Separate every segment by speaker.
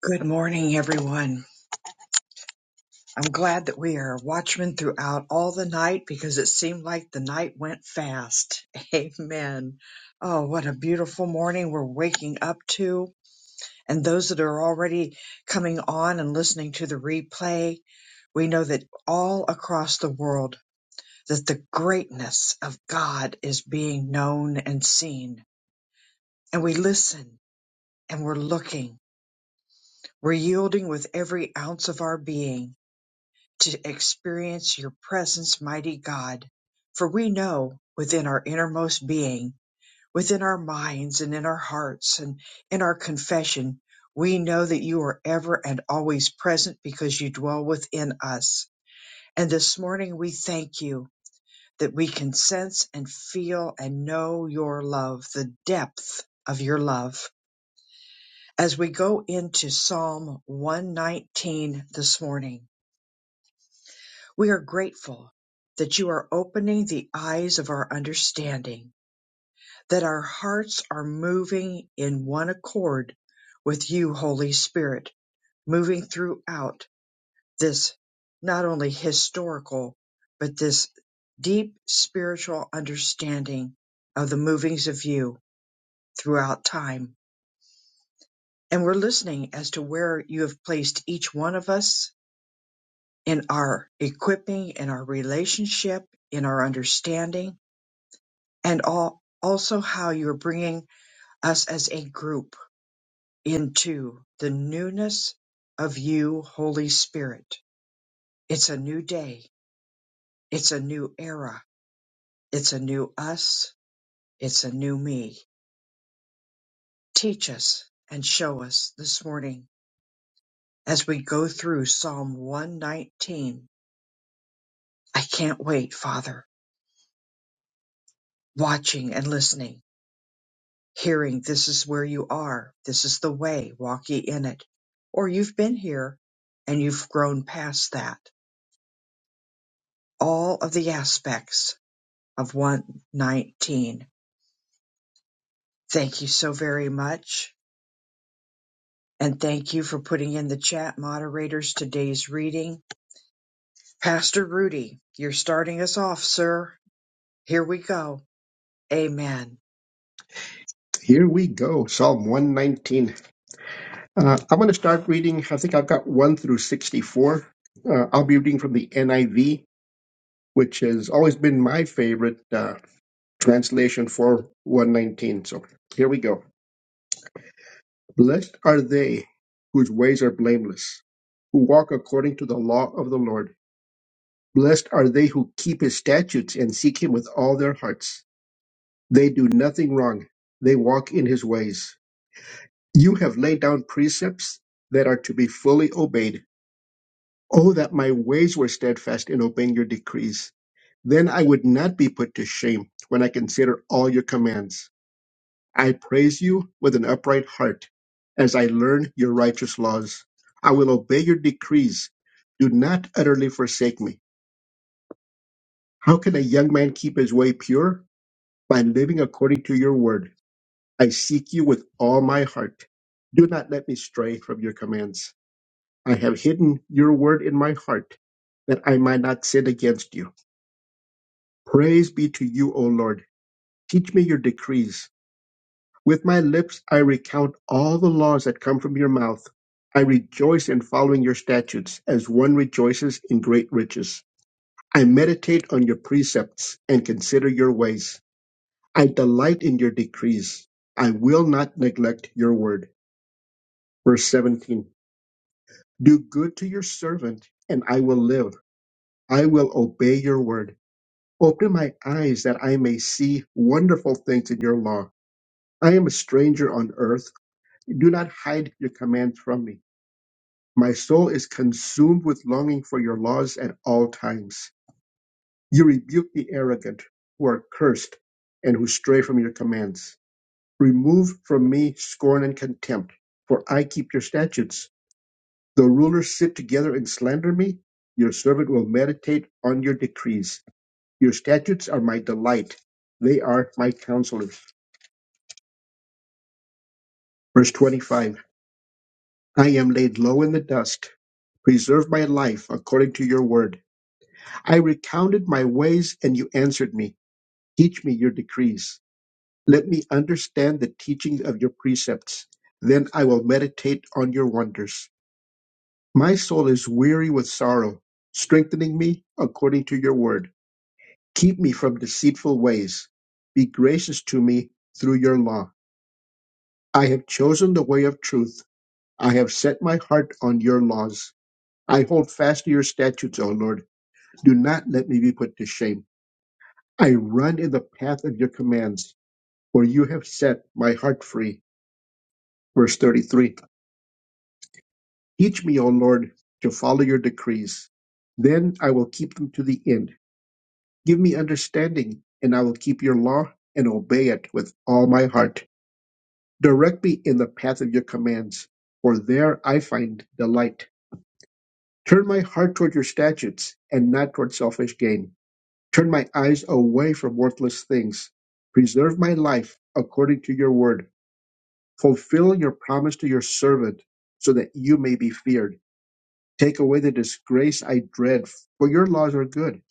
Speaker 1: Good morning, everyone. I'm glad that we are watchmen throughout all the night because it seemed like the night went fast. Amen. Oh, what a beautiful morning we're waking up to. And those that are already coming on and listening to the replay, we know that all across the world that the greatness of God is being known and seen. And we listen and we're looking. We're yielding with every ounce of our being to experience your presence, mighty God. For we know within our innermost being, within our minds and in our hearts and in our confession, we know that you are ever and always present because you dwell within us. And this morning we thank you that we can sense and feel and know your love, the depth of your love. As we go into Psalm 119 this morning, We are grateful that you are opening the eyes of our understanding, that our hearts are moving in one accord with you, Holy Spirit, moving throughout this not only historical, but this deep spiritual understanding of the movings of you throughout time. And we're listening as to where you have placed each one of us in our equipping, in our relationship, in our understanding and all, also how you're bringing us as a group into the newness of you, Holy Spirit. It's a new day. It's a new era. It's a new us. It's a new me. Teach us and show us this morning as we go through Psalm 119. I can't wait, Father, watching and listening. hearing this is where you are, this is the way, walk ye in it. Or you've been here and you've grown past that. All of the aspects of 119. Thank you so very much. And thank you for putting in the chat moderators today's reading. Pastor Rudy, you're starting us off, sir. Here we go. Amen.
Speaker 2: Here we go, Psalm 119. Uh, I'm going to start reading. I think I've got 1 through 64. Uh, I'll be reading from the NIV, which has always been my favorite uh, translation for 119. So here we go. Blessed are they whose ways are blameless, who walk according to the law of the Lord. Blessed are they who keep his statutes and seek him with all their hearts. They do nothing wrong, they walk in his ways. You have laid down precepts that are to be fully obeyed. Oh, that my ways were steadfast in obeying your decrees. Then I would not be put to shame when I consider all your commands. I praise you with an upright heart as I learn your righteous laws. I will obey your decrees. Do not utterly forsake me. How can a young man keep his way pure? By living according to your word. I seek you with all my heart. Do not let me stray from your commands. I have hidden your word in my heart, that I might not sin against you. Praise be to you, O Lord. Teach me your decrees. With my lips I recount all the laws that come from your mouth. I rejoice in following your statutes, as one rejoices in great riches. I meditate on your precepts and consider your ways. I delight in your decrees. I will not neglect your word. Verse 17 Do good to your servant, and I will live. I will obey your word. Open my eyes that I may see wonderful things in your law. I am a stranger on earth. Do not hide your commands from me. My soul is consumed with longing for your laws at all times. You rebuke the arrogant who are cursed and who stray from your commands. Remove from me scorn and contempt, for I keep your statutes. Though rulers sit together and slander me, your servant will meditate on your decrees. Your statutes are my delight. They are my counselors. Verse 25 I am laid low in the dust. Preserve my life according to your word. I recounted my ways, and you answered me. Teach me your decrees. Let me understand the teaching of your precepts. Then I will meditate on your wonders. My soul is weary with sorrow. Strengthening me according to your word. Keep me from deceitful ways. Be gracious to me through your law. I have chosen the way of truth. I have set my heart on your laws. I hold fast to your statutes, O Lord. Do not let me be put to shame. I run in the path of your commands, for you have set my heart free. Verse 33. Teach me, O Lord, to follow your decrees. Then I will keep them to the end. Give me understanding, and I will keep your law and obey it with all my heart. Direct me in the path of your commands, for there I find delight. Turn my heart toward your statutes and not toward selfish gain. Turn my eyes away from worthless things. Preserve my life according to your word. Fulfill your promise to your servant so that you may be feared. Take away the disgrace I dread, for your laws are good.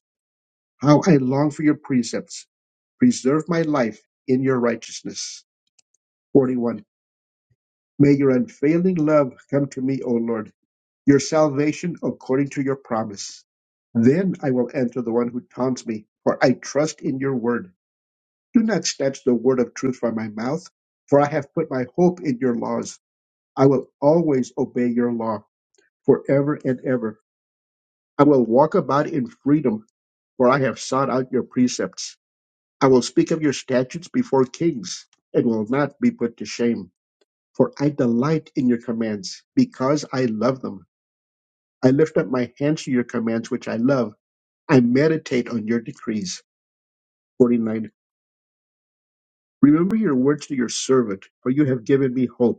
Speaker 2: How I long for your precepts. Preserve my life in your righteousness. 41. May your unfailing love come to me, O Lord, your salvation according to your promise. Then I will answer the one who taunts me, for I trust in your word. Do not snatch the word of truth from my mouth, for I have put my hope in your laws. I will always obey your law forever and ever. I will walk about in freedom, for I have sought out your precepts. I will speak of your statutes before kings and will not be put to shame, for I delight in your commands because I love them. I lift up my hands to your commands, which I love. I meditate on your decrees. 49. Remember your words to your servant, for you have given me hope.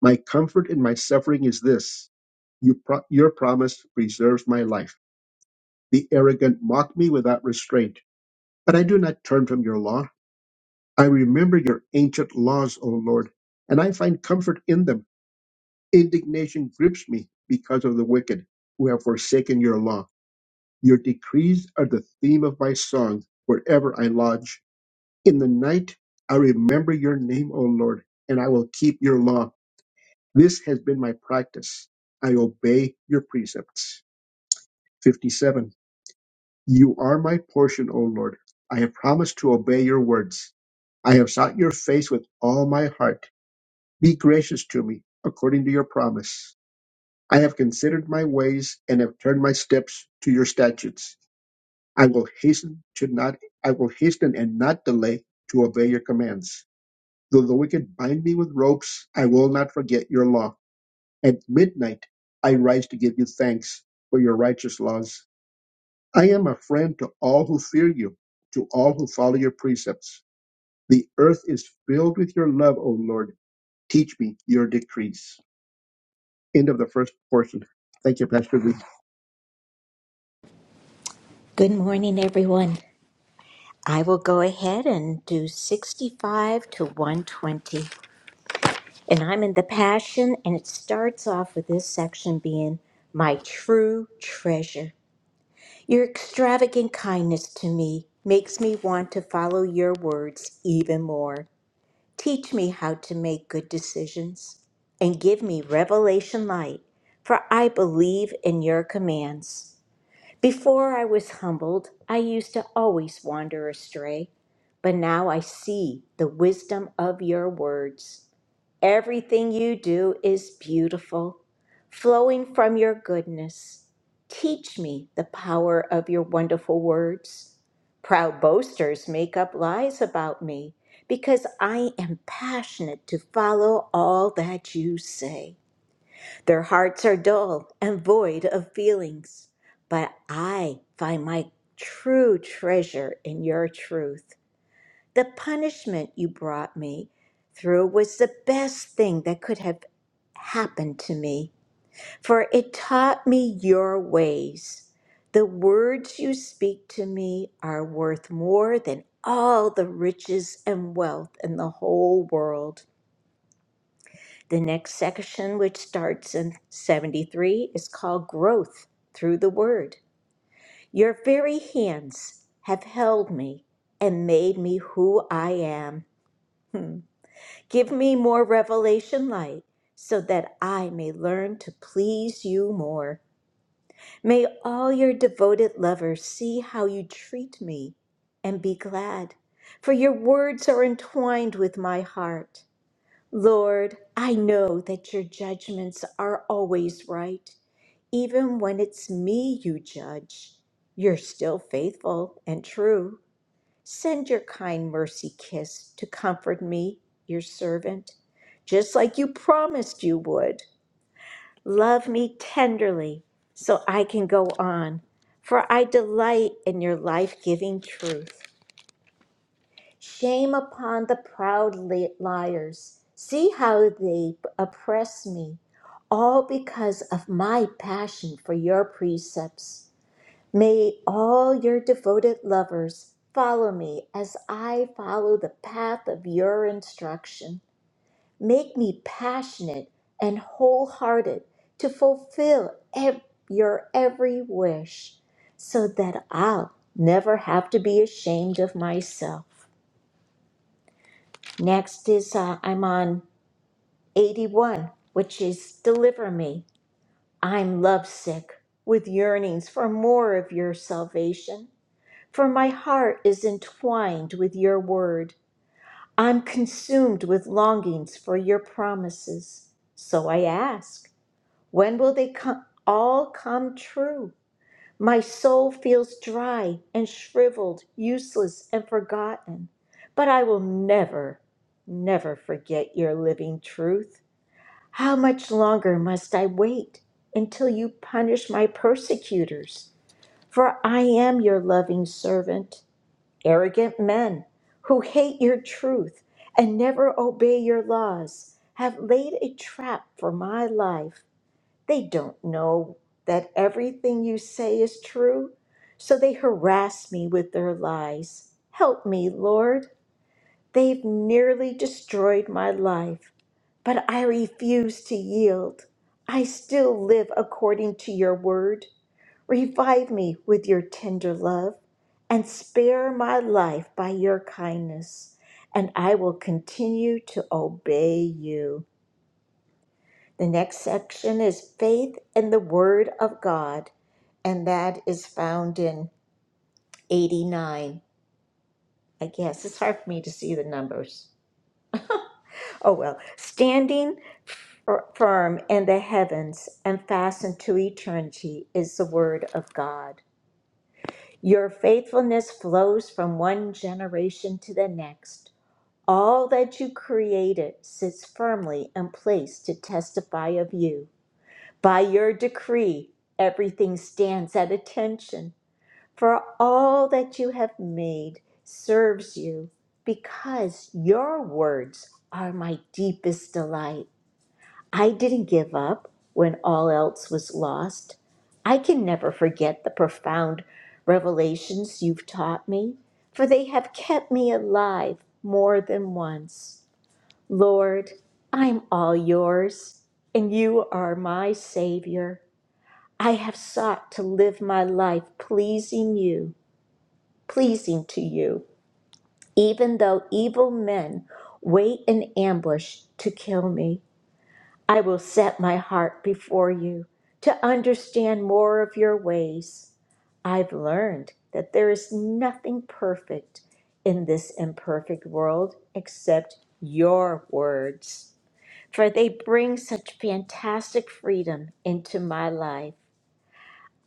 Speaker 2: My comfort in my suffering is this you pro- your promise preserves my life. The arrogant mock me without restraint, but I do not turn from your law. I remember your ancient laws, O Lord, and I find comfort in them. Indignation grips me because of the wicked who have forsaken your law. Your decrees are the theme of my song wherever I lodge. In the night, I remember your name, O Lord, and I will keep your law. This has been my practice. I obey your precepts. 57. You are my portion, O Lord. I have promised to obey your words. I have sought your face with all my heart. Be gracious to me, according to your promise. I have considered my ways and have turned my steps to your statutes. I will hasten to not I will hasten and not delay to obey your commands. Though the wicked bind me with ropes, I will not forget your law. At midnight I rise to give you thanks for your righteous laws. I am a friend to all who fear you, to all who follow your precepts. The earth is filled with your love, O Lord. Teach me your decrees. End of the first portion. Thank you, Pastor V.
Speaker 3: Good morning, everyone. I will go ahead and do 65 to 120. And I'm in the Passion, and it starts off with this section being My True Treasure. Your extravagant kindness to me makes me want to follow your words even more. Teach me how to make good decisions and give me revelation light, for I believe in your commands. Before I was humbled, I used to always wander astray, but now I see the wisdom of your words. Everything you do is beautiful, flowing from your goodness. Teach me the power of your wonderful words. Proud boasters make up lies about me because I am passionate to follow all that you say. Their hearts are dull and void of feelings, but I find my true treasure in your truth. The punishment you brought me through was the best thing that could have happened to me, for it taught me your ways. The words you speak to me are worth more than all the riches and wealth in the whole world. The next section, which starts in 73, is called Growth Through the Word. Your very hands have held me and made me who I am. Hmm. Give me more revelation light so that I may learn to please you more. May all your devoted lovers see how you treat me and be glad, for your words are entwined with my heart. Lord, I know that your judgments are always right. Even when it's me you judge, you're still faithful and true. Send your kind mercy kiss to comfort me, your servant, just like you promised you would. Love me tenderly so I can go on, for I delight in your life giving truth. Shame upon the proud li- liars. See how they oppress me, all because of my passion for your precepts. May all your devoted lovers follow me as I follow the path of your instruction. Make me passionate and wholehearted to fulfill ev- your every wish so that I'll never have to be ashamed of myself. Next is uh, I'm on 81, which is Deliver Me. I'm lovesick with yearnings for more of your salvation, for my heart is entwined with your word. I'm consumed with longings for your promises. So I ask, when will they come, all come true? My soul feels dry and shriveled, useless and forgotten, but I will never, never forget your living truth. How much longer must I wait until you punish my persecutors? For I am your loving servant. Arrogant men who hate your truth and never obey your laws have laid a trap for my life. They don't know that everything you say is true, so they harass me with their lies. Help me, Lord. They've nearly destroyed my life, but I refuse to yield. I still live according to your word. Revive me with your tender love, and spare my life by your kindness, and I will continue to obey you. The next section is faith in the Word of God, and that is found in 89. I guess it's hard for me to see the numbers. Oh well, standing firm in the heavens and fastened to eternity is the Word of God. Your faithfulness flows from one generation to the next. All that you created sits firmly in place to testify of you. By your decree, everything stands at attention, for all that you have made serves you, because your words are my deepest delight. I didn't give up when all else was lost. I can never forget the profound revelations you've taught me, for they have kept me alive more than once. Lord, I'm all yours, and you are my Savior. I have sought to live my life pleasing you, pleasing to you, even though evil men wait in ambush to kill me. I will set my heart before you to understand more of your ways. I've learned that there is nothing perfect in this imperfect world except your words, for they bring such fantastic freedom into my life.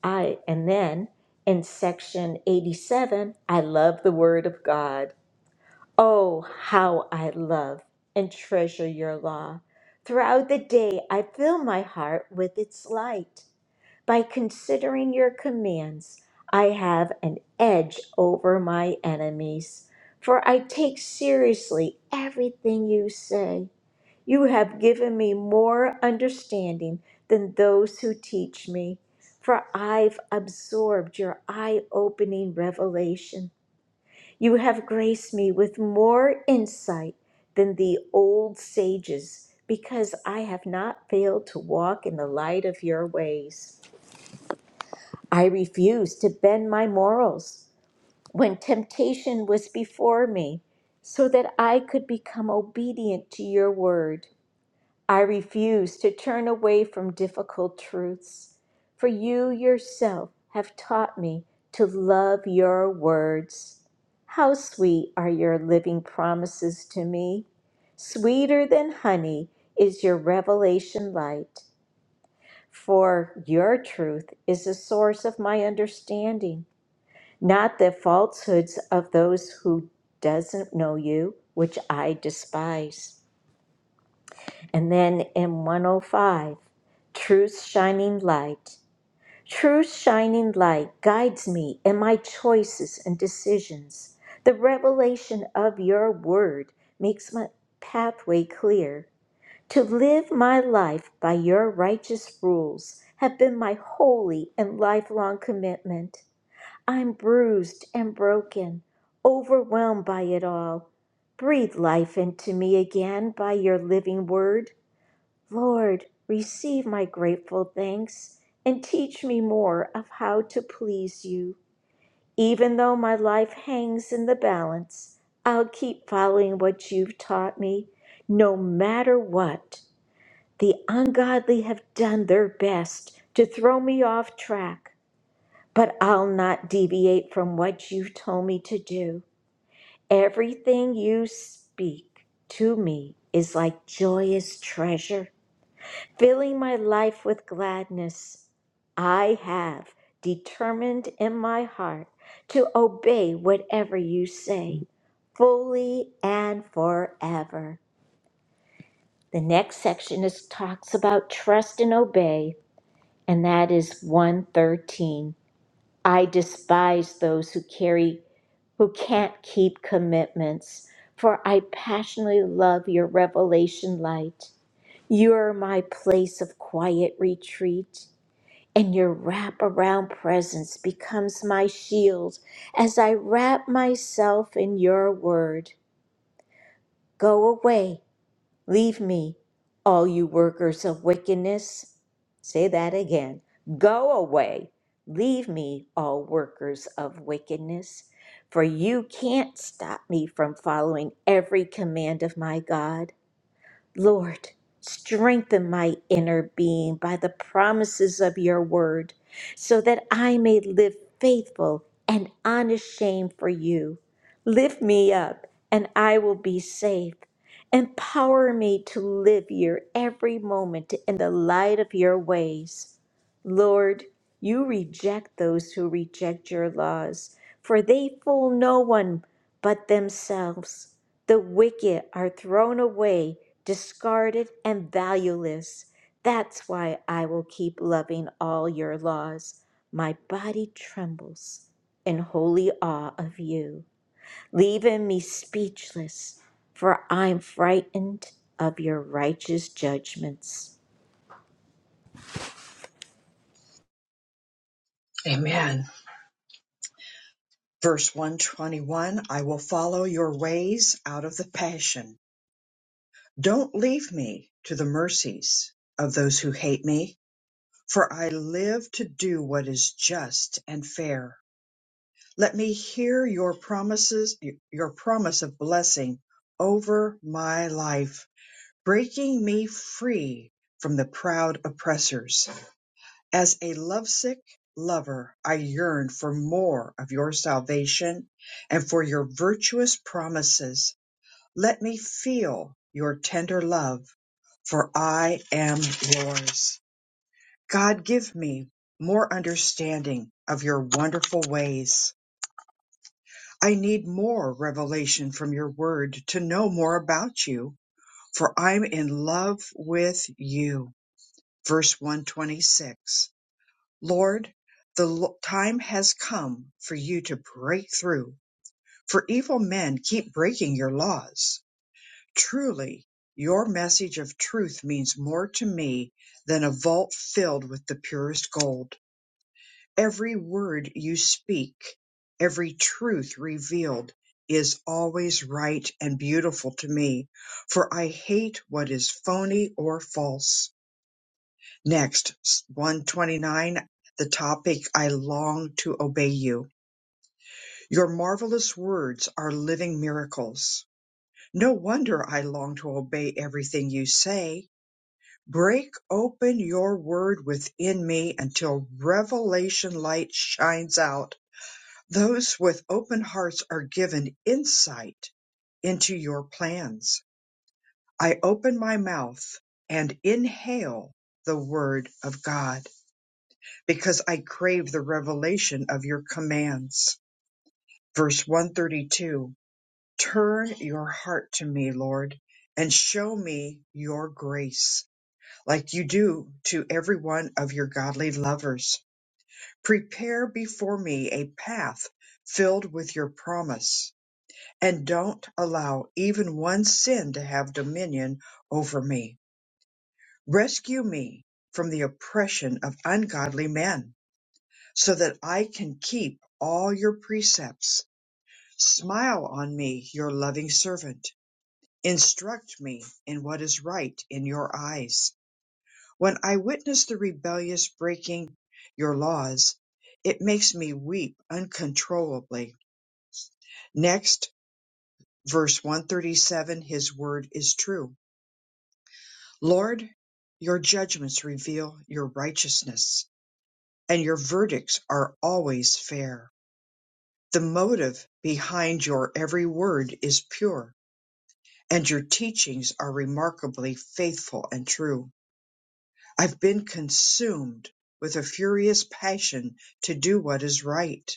Speaker 3: I and then in section 87, I love the word of God. Oh, how I love and treasure your law. Throughout the day, I fill my heart with its light. By considering your commands, I have an edge over my enemies, for I take seriously everything you say. You have given me more understanding than those who teach me, for I've absorbed your eye opening revelation. You have graced me with more insight than the old sages, because I have not failed to walk in the light of your ways. I refused to bend my morals when temptation was before me, so that I could become obedient to your word. I refuse to turn away from difficult truths, for you yourself have taught me to love your words. How sweet are your living promises to me! Sweeter than honey is your revelation light, for your truth is the source of my understanding, not the falsehoods of those who doesn't know you, which I despise. And then in 105, Truth's shining light. Truth's shining light guides me in my choices and decisions. The revelation of your word makes my pathway clear. To live my life by your righteous rules have been my holy and lifelong commitment. I'm bruised and broken, overwhelmed by it all. Breathe life into me again by your living word. Lord, receive my grateful thanks and teach me more of how to please you. Even though my life hangs in the balance, I'll keep following what you've taught me, no matter what. The ungodly have done their best to throw me off track, but I'll not deviate from what you've told me to do. Everything you speak to me is like joyous treasure filling my life with gladness. I have determined in my heart to obey whatever you say, fully and forever. The next section is talks about trust and obey, and that is 113. I despise those who carry who can't keep commitments, for I passionately love your revelation light. You are my place of quiet retreat and your wraparound presence becomes my shield as I wrap myself in your word. Go away, leave me, all you workers of wickedness. Say that again. Go away, leave me, all workers of wickedness, for you can't stop me from following every command of my God. Lord, strengthen my inner being by the promises of your word, so that I may live faithful and unashamed for you. Lift me up, and I will be safe. Empower me to live your every moment in the light of your ways. Lord, you reject those who reject your laws, for they fool no one but themselves. The wicked are thrown away, discarded, and valueless. That's why I will keep loving all your laws. My body trembles in holy awe of you, leaving me speechless, for I'm frightened of your righteous judgments.
Speaker 1: Amen. Verse 121 I will follow your ways out of the passion. Don't leave me to the mercies of those who hate me, for I live to do what is just and fair. Let me hear your promises, your promise of blessing over my life, breaking me free from the proud oppressors. As a lovesick lover, I yearn for more of your salvation and for your virtuous promises. Let me feel your tender love, for I am yours. God, give me more understanding of your wonderful ways. I need more revelation from your word to know more about you, for I'm in love with you. Verse 126. Lord, the l- time has come for you to break through, for evil men keep breaking your laws. Truly, your message of truth means more to me than a vault filled with the purest gold. Every word you speak, every truth revealed is always right and beautiful to me, for I hate what is phony or false. Next, 129, the topic I long to obey you. Your marvelous words are living miracles. No wonder I long to obey everything you say Break open your word within me until revelation light shines out. Those with open hearts are given insight into your plans. I open my mouth and inhale the word of God because I crave the revelation of your commands. Verse 132 Turn your heart to me, Lord, and show me your grace. like you do to every one of your godly lovers. Prepare before me a path filled with your promise, and don't allow even one sin to have dominion over me. Rescue me from the oppression of ungodly men, so that I can keep all your precepts. Smile on me, your loving servant. Instruct me in what is right in your eyes When I witness the rebellious breaking your laws, it makes me weep uncontrollably. Next, verse 137 His word is true. Lord, your judgments reveal your righteousness, and your verdicts are always fair. The motive behind your every word is pure, and your teachings are remarkably faithful and true. I've been consumed with a furious passion to do what is right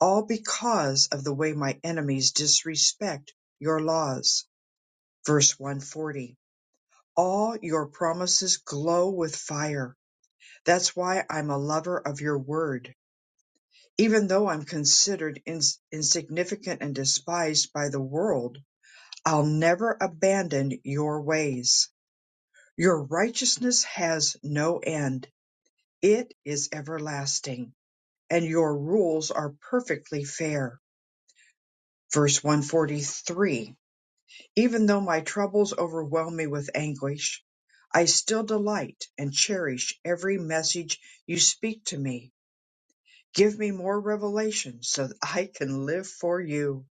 Speaker 1: all because of the way my enemies disrespect your laws. Verse 140. All your promises glow with fire. That's why I'm a lover of your word. Even though I'm considered ins- insignificant and despised by the world, I'll never abandon your ways. Your righteousness has no end. It is everlasting, and your rules are perfectly fair. Verse 143 Even though my troubles overwhelm me with anguish, I still delight and cherish every message you speak to me. Give me more revelation so that I can live for you.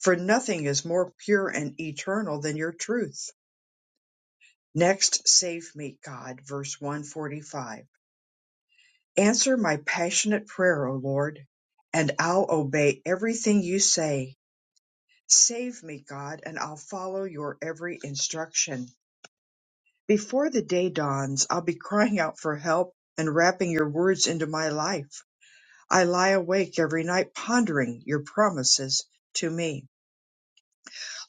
Speaker 1: For nothing is more pure and eternal than your truth. Next, save me, God, verse 145. Answer my passionate prayer, O Lord, and I'll obey everything you say. Save me, God, and I'll follow your every instruction. Before the day dawns, I'll be crying out for help and wrapping your words into my life. I lie awake every night pondering your promises to me.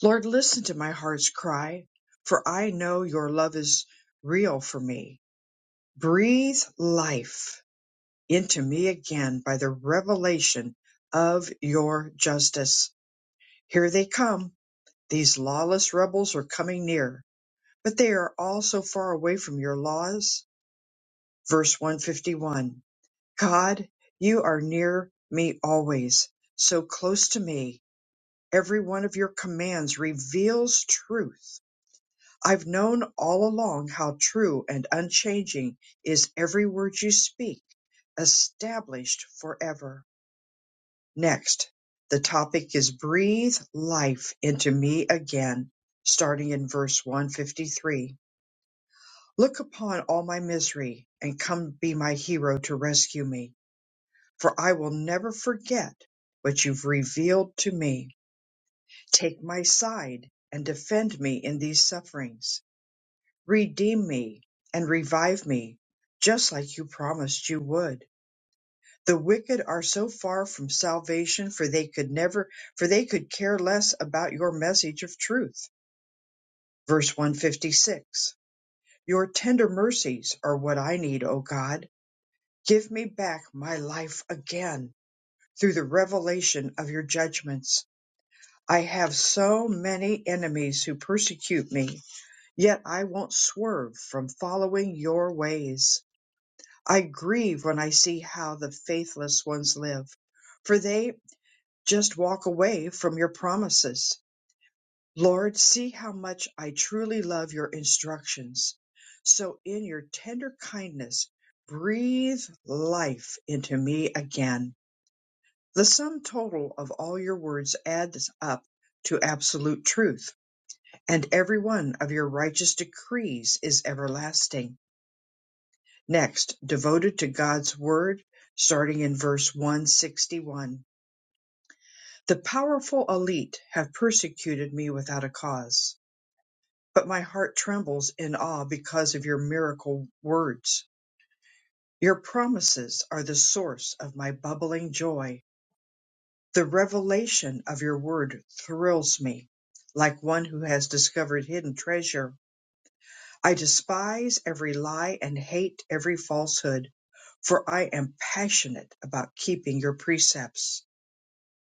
Speaker 1: Lord, listen to my heart's cry, for I know your love is real for me. Breathe life into me again by the revelation of your justice. Here they come. These lawless rebels are coming near, but they are all so far away from your laws. Verse 151. God, you are near me always, so close to me. Every one of your commands reveals truth. I've known all along how true and unchanging is every word you speak, established forever. Next, the topic is breathe life into me again, starting in verse 153. Look upon all my misery and come be my hero to rescue me. for I will never forget what you've revealed to me. Take my side and defend me in these sufferings. Redeem me and revive me, just like you promised you would. The wicked are so far from salvation, for they could never, for they could care less about your message of truth. Verse 156 Your tender mercies are what I need, O God. Give me back my life again through the revelation of your judgments I have so many enemies who persecute me, yet I won't swerve from following your ways. I grieve when I see how the faithless ones live, for they just walk away from your promises. Lord, see how much I truly love your instructions. So in your tender kindness, breathe life into me again. The sum total of all your words adds up to absolute truth and every one of your righteous decrees is everlasting. Next, devoted to God's word, starting in verse 161. The powerful elite have persecuted me without a cause, but my heart trembles in awe because of your miracle words. Your promises are the source of my bubbling joy. The revelation of your word thrills me, like one who has discovered hidden treasure I despise every lie and hate every falsehood, for I am passionate about keeping your precepts.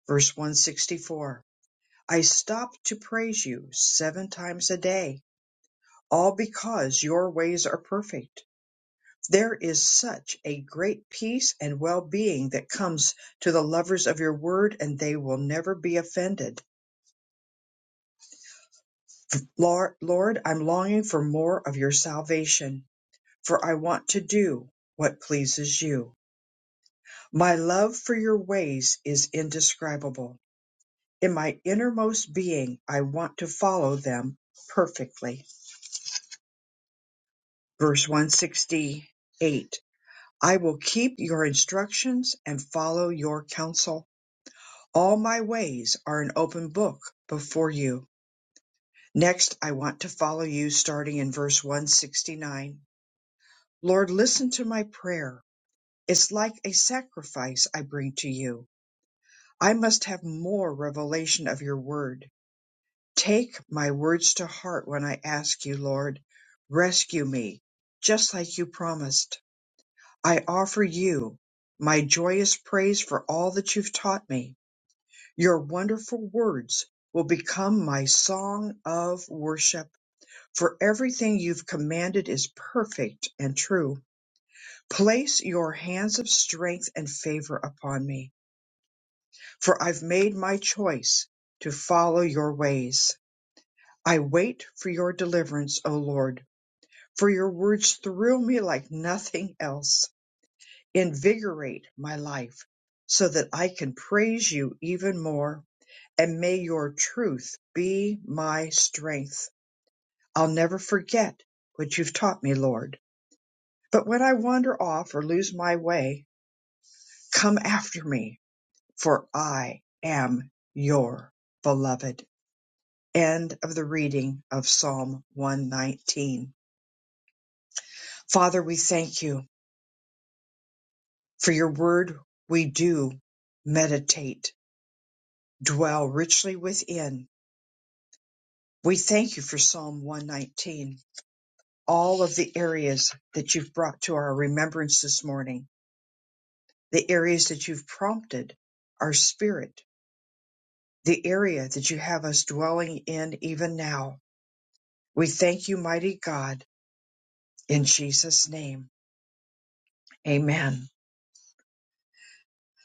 Speaker 1: Verse 164. I stop to praise you seven times a day, all because your ways are perfect. There is such a great peace and well being that comes to the lovers of your word, and they will never be offended. Lord, Lord, I'm longing for more of your salvation, for I want to do what pleases you. My love for your ways is indescribable. In my innermost being, I want to follow them perfectly. Verse 168 I will keep your instructions and follow your counsel. All my ways are an open book before you. Next, I want to follow you starting in verse 169. Lord, listen to my prayer. It's like a sacrifice I bring to you. I must have more revelation of your word. Take my words to heart when I ask you, Lord. Rescue me, just like you promised. I offer you my joyous praise for all that you've taught me. Your wonderful words will become my song of worship, for everything you've commanded is perfect and true. Place your hands of strength and favor upon me, for I've made my choice to follow your ways. I wait for your deliverance, O Lord. for your words thrill me like nothing else. Invigorate my life so that I can praise you even more. And may your truth be my strength. I'll never forget what you've taught me, Lord. But when I wander off or lose my way, come after me, for I am your beloved. End of the reading of Psalm 119. Father, we thank you. For your word we do meditate, dwell richly within. We thank you for Psalm 119, all of the areas that you've brought to our remembrance this morning, the areas that you've prompted our spirit, the area that you have us dwelling in even now. We thank you, mighty God, in Jesus' name. Amen.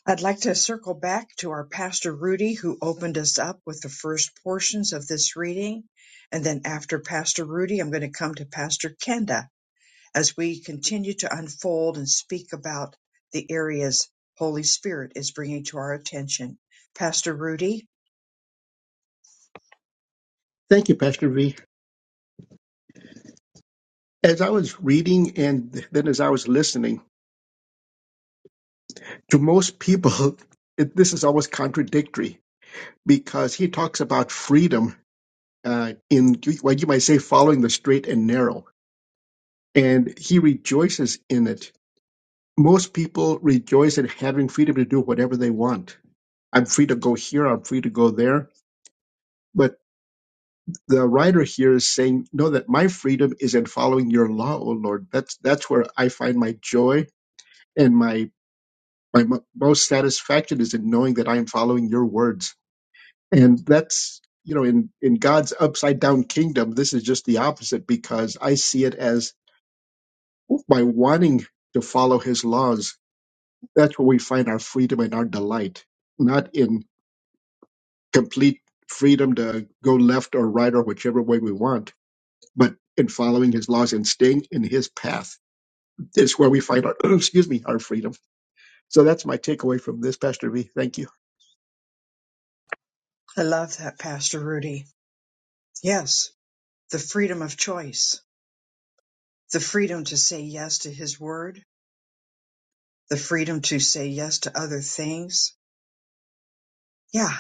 Speaker 1: I'd like to circle back to our Pastor Rudy, who opened us up with the first portions of this reading. And then after Pastor Rudy, I'm going to come to Pastor Kenda as we continue to unfold and speak about the areas Holy Spirit is bringing to our attention. Pastor Rudy,
Speaker 2: Thank you, Pastor V. As I was reading and then as I was listening, to most people, it, this is almost contradictory because he talks about freedom uh, in what you might say following the straight and narrow and he rejoices in it. Most people rejoice at having freedom to do whatever they want. I'm free to go here, I'm free to go there. But the writer here is saying, No, that my freedom is in following your law, O Lord. That's that's where I find my joy and my my mo- most satisfaction is in knowing that I am following your words. And that's you know, in, in God's upside down kingdom, this is just the opposite because I see it as my wanting to follow his laws That's where we find our freedom and our delight, not in complete freedom to go left or right or whichever way we want, but in following his laws and staying in his path. It's where we find our, excuse me, our freedom. So that's my takeaway from this, Pastor V. Thank you.
Speaker 1: I love that, Pastor Rudy. Yes, the freedom of choice, the freedom to say yes to His Word, the freedom to say yes to other things. Yeah,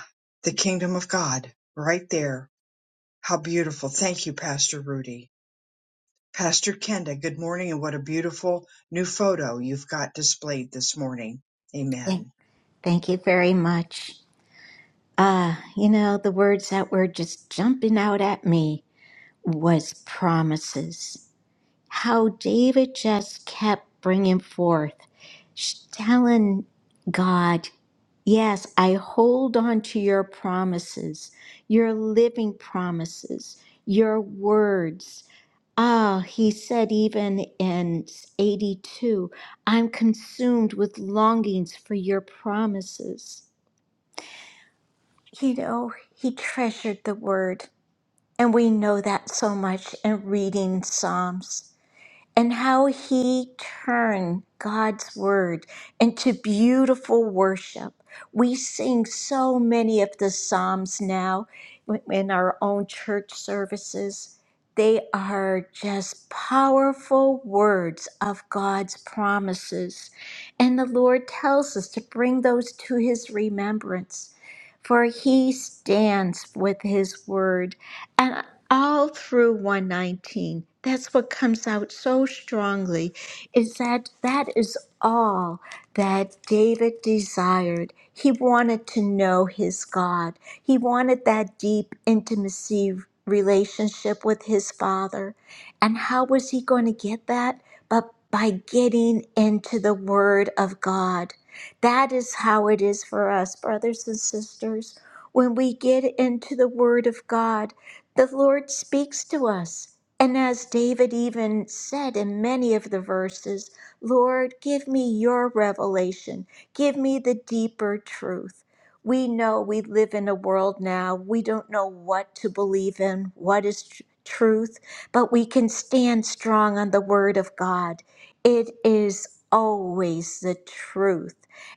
Speaker 1: the kingdom of God right there How beautiful. Thank you, Pastor Rudy. Pastor Kenda, good morning, and what a beautiful new photo you've got displayed this morning.
Speaker 3: Thank,
Speaker 1: Amen.
Speaker 3: thank you very much. Ah, you know, the words that were just jumping out at me was promises. how David just kept bringing forth, sh- telling God, Yes, I hold on to your promises, your living promises, your words. Ah, he said even in 82, I'm consumed with longings for your promises. You know, he treasured the word, and we know that so much in reading Psalms and how he turned God's word into beautiful worship. We sing so many of the Psalms now in our own church services. They are just powerful words of God's promises. And the Lord tells us to bring those to his remembrance, for he stands with his word. and all through 119 that's what comes out so strongly is that that is all that david desired he wanted to know his god he wanted that deep intimacy relationship with his father and how was he going to get that but by getting into the word of god that is how it is for us brothers and sisters when we get into the word of god the Lord speaks to us. And as David even said in many of the verses, Lord, give me your revelation, give me the deeper truth. We know we live in a world now, we don't know what to believe in, what is tr- truth, but we can stand strong on the word of God. It is always the truth.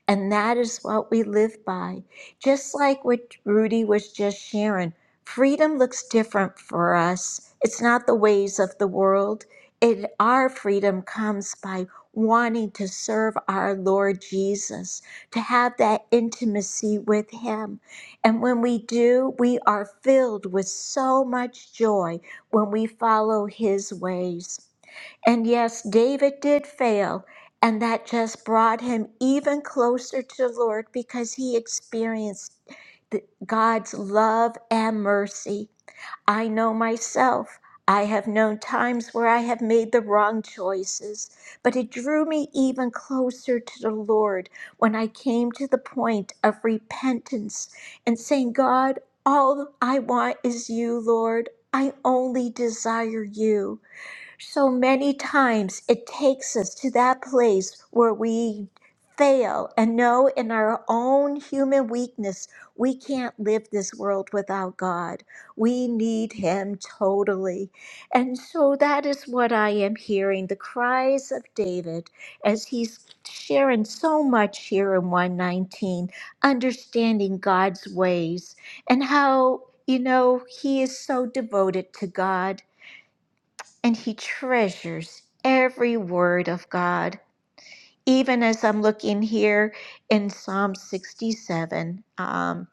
Speaker 3: And that is what we live by. Just like what Rudy was just sharing freedom looks different for us. It's not the ways of the world. It, our freedom comes by wanting to serve our Lord Jesus, to have that intimacy with Him. And when we do, we are filled with so much joy when we follow His ways. And yes, David did fail, and that just brought him even closer to the Lord because he experienced the- God's love and mercy. I know myself. I have known times where I have made the wrong choices, but it drew me even closer to the Lord when I came to the point of repentance and saying, God, all I want is you, Lord. I only desire you. So many times it takes us to that place where we fail and know in our own human weakness we can't live this world without God. We need Him totally. And so that is what I am hearing the cries of David as he's sharing so much here in 119, understanding God's ways and how. You know, he is so devoted to God and he treasures every word of God. Even as I'm looking here in Psalm 67, um,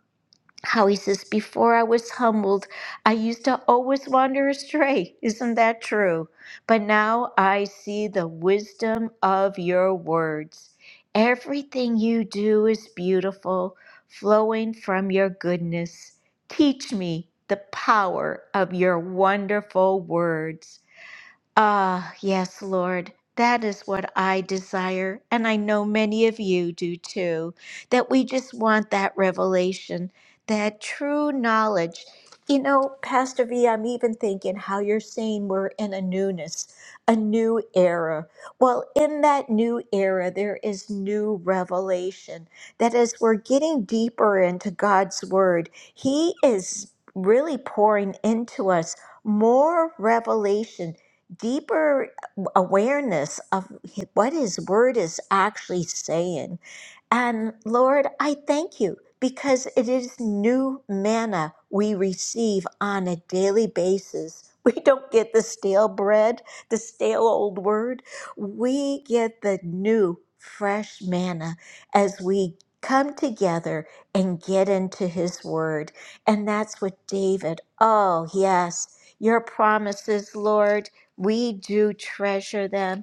Speaker 3: how he says, Before I was humbled, I used to always wander astray. Isn't that true? But now I see the wisdom of your words. Everything you do is beautiful, flowing from your goodness. Teach me the power of your wonderful words. Ah, yes, Lord, that is what I desire. And I know many of you do too, that we just want that revelation, that true knowledge. You know, Pastor V, I'm even thinking how you're saying we're in a newness, a new era. Well, in that new era, there is new revelation. That as we're getting deeper into God's Word, He is really pouring into us more revelation deeper awareness of what his word is actually saying and Lord, I thank you because it is new manna we receive on a daily basis. We don't get the stale bread, the stale old word. We get the new, fresh manna as we come together and get into his word. And that's what David, oh, yes, your promises, Lord, we do treasure them.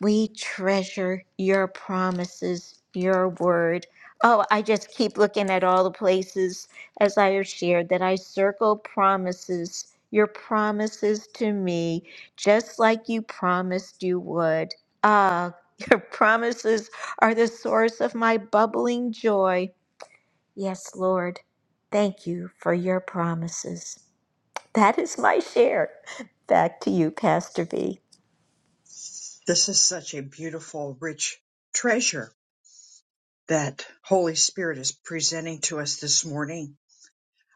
Speaker 3: We treasure your promises, your word. Oh, I just keep looking at all the places, as I have shared, that I circle promises, your promises to me, just like you promised you would. Ah, your promises are the source of my bubbling joy. Yes, Lord, thank you for your promises. That is my share. Back to you, Pastor B.
Speaker 1: This is such a beautiful, rich treasure that Holy Spirit is presenting to us this morning.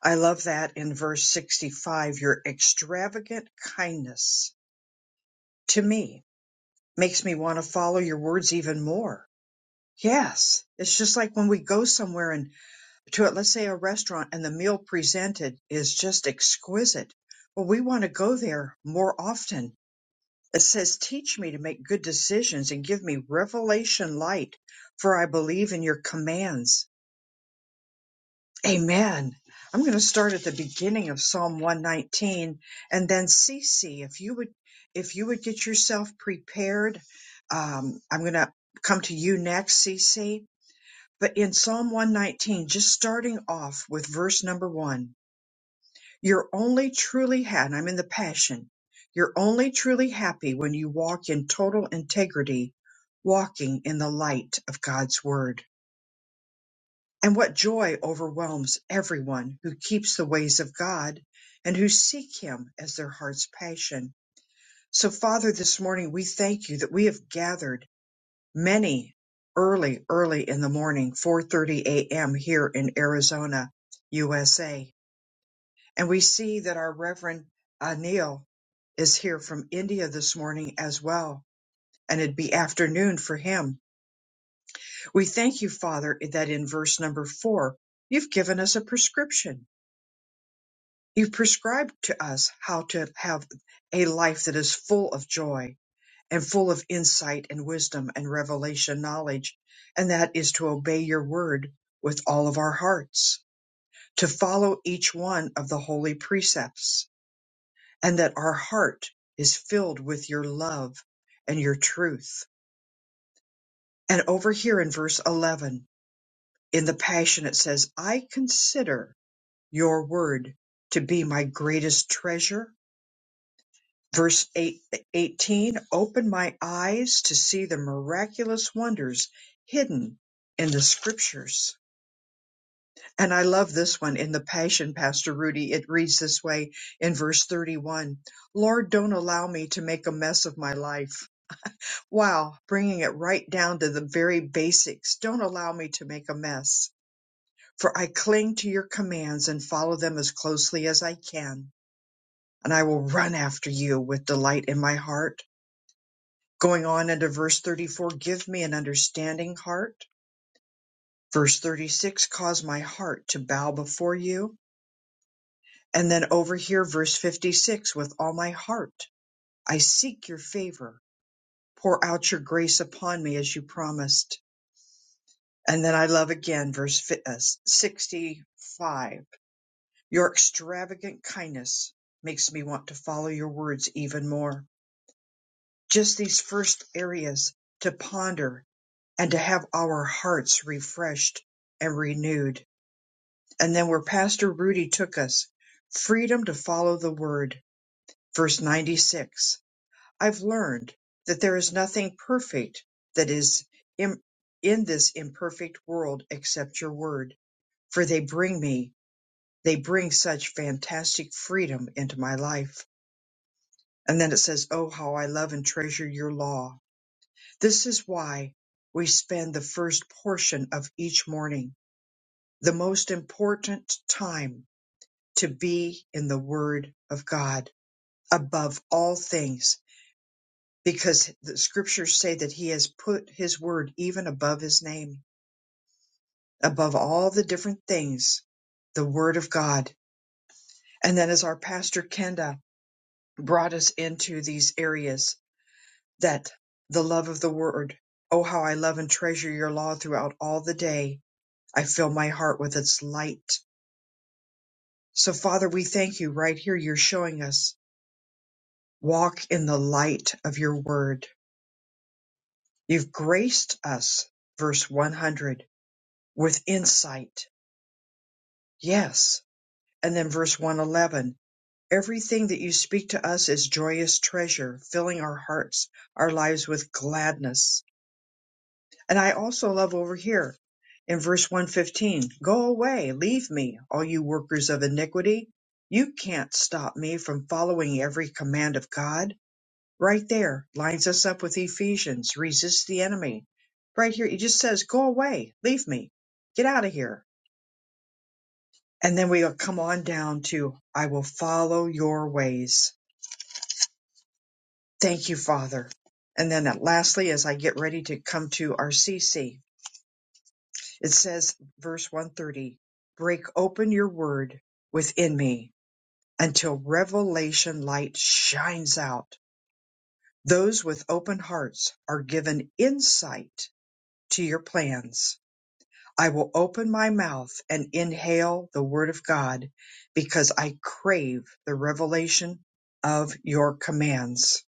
Speaker 1: I love that in verse 65 your extravagant kindness to me makes me want to follow your words even more. Yes, it's just like when we go somewhere and. to let's say a restaurant and the meal presented is just exquisite. Well, we want to go there more often. It says, teach me to make good decisions and give me revelation light for I believe in your commands. Amen. I'm going to start at the beginning of Psalm 119 and then Cece, if you would, if you would get yourself prepared, um, I'm going to come to you next, Cece. But in Psalm 119, just starting off with verse number one, You're only truly happy, and I'm in the passion. You're only truly happy when you walk in total integrity, walking in the light of God's word. And what joy overwhelms everyone who keeps the ways of God and who seek him as their heart's passion. So Father, this morning we thank you that we have gathered many early, early in the morning, 4.30 a.m. here in Arizona, USA And we see that our Reverend Anil is here from India this morning as well, and it'd be afternoon for him. We thank you, Father, that in verse number four, you've given us a prescription. You've prescribed to us how to have a life that is full of joy and full of insight and wisdom and revelation knowledge, and that is to obey your word with all of our hearts, to follow each one of the holy precepts and that our heart is filled with your love and your truth. And over here in verse 11, in the Passion, it says, I consider your word to be my greatest treasure. Verse eight, eighteen, open my eyes to see the miraculous wonders hidden in the scriptures. And I love this one in the Passion, Pastor Rudy. It reads this way in verse 31 Lord, don't allow me to make a mess of my life Wow, bringing it right down to the very basics. Don't allow me to make a mess, for I cling to your commands and follow them as closely as I can. And I will run after you with delight in my heart. Going on into verse 34, give me an understanding heart. Verse 36, cause my heart to bow before you. And then over here, verse 56, with all my heart, I seek your favor. Pour out your grace upon me as you promised. And then I love again verse fi- uh, 65. Your extravagant kindness makes me want to follow your words even more. Just these first areas to ponder and to have our hearts refreshed and renewed. And then where Pastor Rudy took us, freedom to follow the word. Verse 96. I've learned that there is nothing perfect that is im- in this imperfect world except your word, for they bring me they bring such fantastic freedom into my life. And then it says, Oh, how I love and treasure your law. This is why we spend the first portion of each morning, the most important time to be in the Word of God above all things, because the scriptures say that He has put His Word even above His name, above all the different things, the Word of God. And then as our pastor Kenda brought us into these areas, that the love of the word, oh, how I love and treasure your law throughout all the day. I fill my heart with its light. So, Father, we thank you right here. You're showing us walk in the light of your word. You've graced us, verse 100, with insight. Yes. And then verse 111 everything that you speak to us is joyous treasure, filling our hearts, our lives with gladness And I also love over here in verse 115 Go away, leave me, all you workers of iniquity. You can't stop me from following every command of God. Right there lines us up with Ephesians resist the enemy. Right here, it just says, Go away, leave me, get out of here. And then we'll come on down to, I will follow your ways. Thank you, Father. And then lastly, as I get ready to come to our CC, It says, verse 130, break open your word within me until revelation light shines out. Those with open hearts are given insight to your plans. I will open my mouth and inhale the word of God because I crave the revelation of your commands.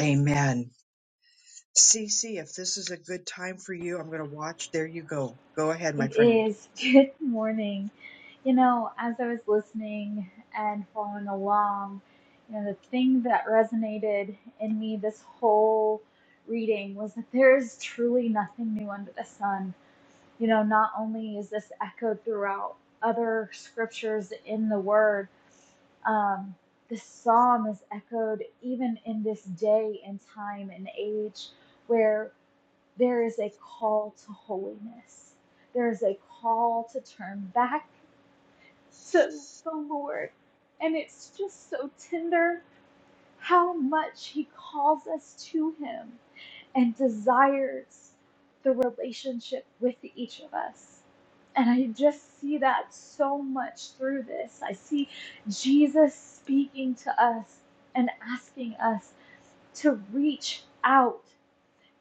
Speaker 1: Amen. Cece, if this is a good time for you, I'm going to watch. There you go. Go ahead, my
Speaker 4: It
Speaker 1: friend.
Speaker 4: is. Good morning. You know, as I was listening and following along, you know, the thing that resonated in me this whole reading was that there is truly nothing new under the sun. You know, not only is this echoed throughout other scriptures in the Word, um, this psalm is echoed even in this day and time and age. where. There is a call to holiness. There is a call to turn back to the Lord. And it's just so tender how much He calls us to Him and desires the relationship with each of us. And I just see that so much through this. I see Jesus speaking to us and asking us to reach out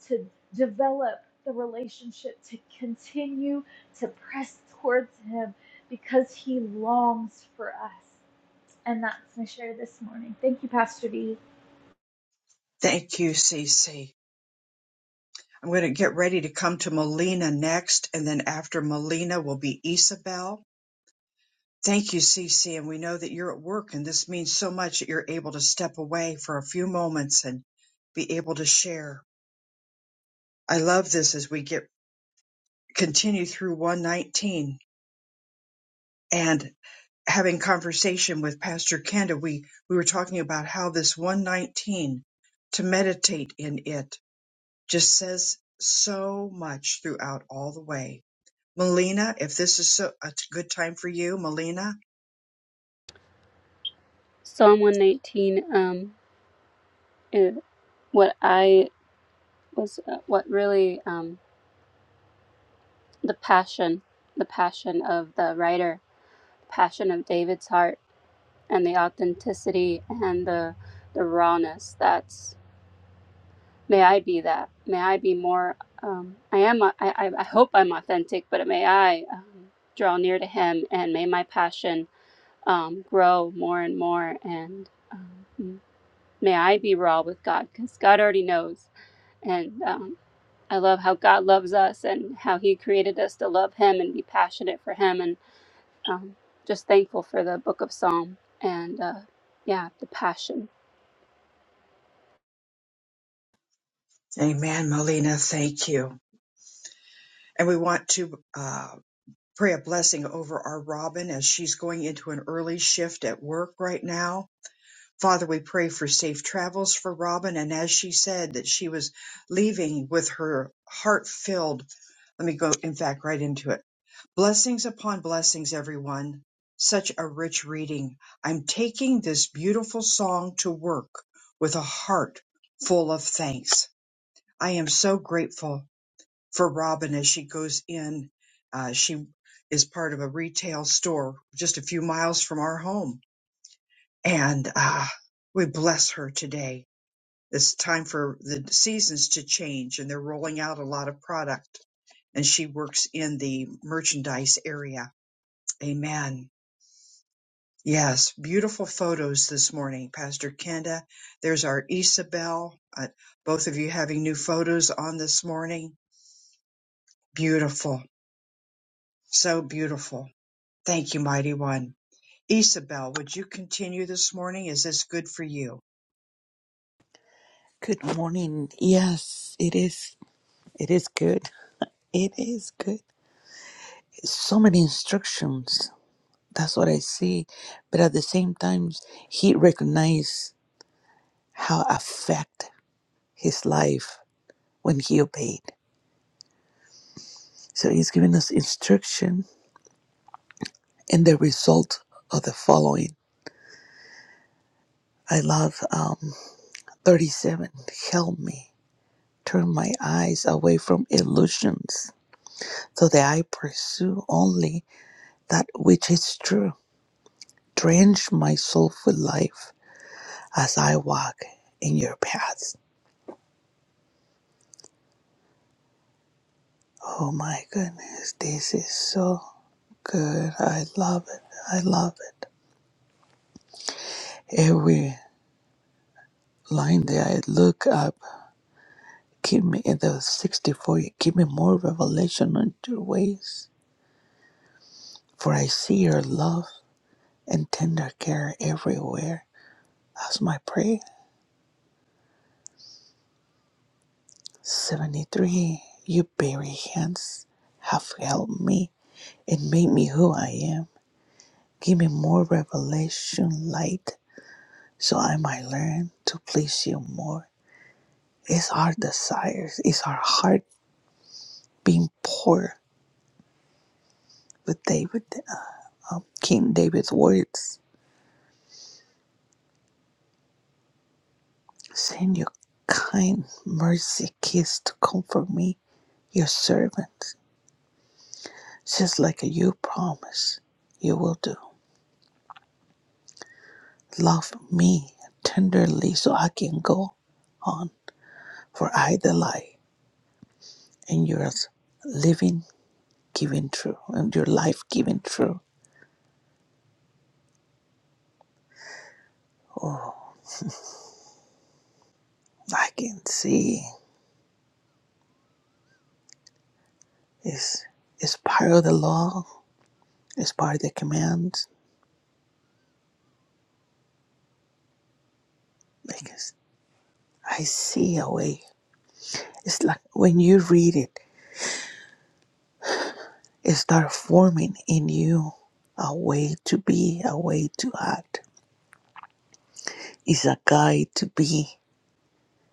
Speaker 4: to develop the relationship, to continue to press towards Him because He longs for us. And that's my share this morning. Thank you, Pastor D.
Speaker 1: Thank you, Cece. I'm going to get ready to come to Melina next, and then after Melina will be Isabel. Thank you, Cece, and we know that you're at work, and this means so much that you're able to step away for a few moments and be able to share. I love this as we get continue through 119 and having conversation with Pastor Kenda. We we were talking about how this 119 to meditate in it just says so much throughout all the way Melina, if this is so, a t- good time for you, Melina.
Speaker 5: Psalm 119, um, eh, what I was, uh, what really, um, the passion, the passion of the writer, passion of David's heart, and the authenticity and the, the rawness. That's, may I be that. May I be more, um, I am, uh, I, I I hope I'm authentic, but may I um, draw near to him and may my passion um, grow more and more. And um, may I be raw with God because God already knows. And um, I love how God loves us and how He created us to love Him and be passionate for Him, and um, just thankful for the Book of Psalm and uh, yeah, the passion.
Speaker 1: Amen, Melina. Thank you. And we want to uh, pray a blessing over our Robin as she's going into an early shift at work right now. Father, we pray for safe travels for Robin. And as she said that she was leaving with her heart filled, let me go, in fact, right into it Blessings upon blessings, everyone. Such a rich reading. I'm taking this beautiful song to work with a heart full of thanks. I am so grateful for Robin as she goes in. Uh, she is part of a retail store just a few miles from our home. And uh, we bless her today. It's time for the seasons to change, and they're rolling out a lot of product. And she works in the merchandise area. Amen. Yes, beautiful photos this morning, Pastor Kenda. There's our Isabel. Uh, both of you having new photos on this morning. Beautiful. So beautiful. Thank you, Mighty One. Isabel, would you continue this morning? Is this good for you?
Speaker 6: Good morning. Yes, it is. It is good. It is good. So many instructions. That's what I see. But at the same time, he recognized how affect his life when he obeyed. So he's giving us instruction and the result of the following. I love um, 37. Help me turn my eyes away from illusions so that I pursue only that which is true. Drench my soul with life as I walk in your paths. Oh my goodness, this is so good. I love it. I love it. Every line that I look up, give me in the 64, give me more revelation on your ways. For I see your love and tender care everywhere. That's my prayer. 73. Your very hands have helped me and made me who I am. Give me more revelation light so I might learn to please you more. It's our desires, it's our heart being poor with David, um, King David's words. Send your kind mercy kiss to comfort me, your servant, just like you promise you will do. Love me tenderly so I can go on, for I delight in your living given through and your life given through. I can see it's it's part of the law, it's part of the command. Because I see a way. It's like when you read it, it starts forming in you a way to be, a way to act. It's a guide to be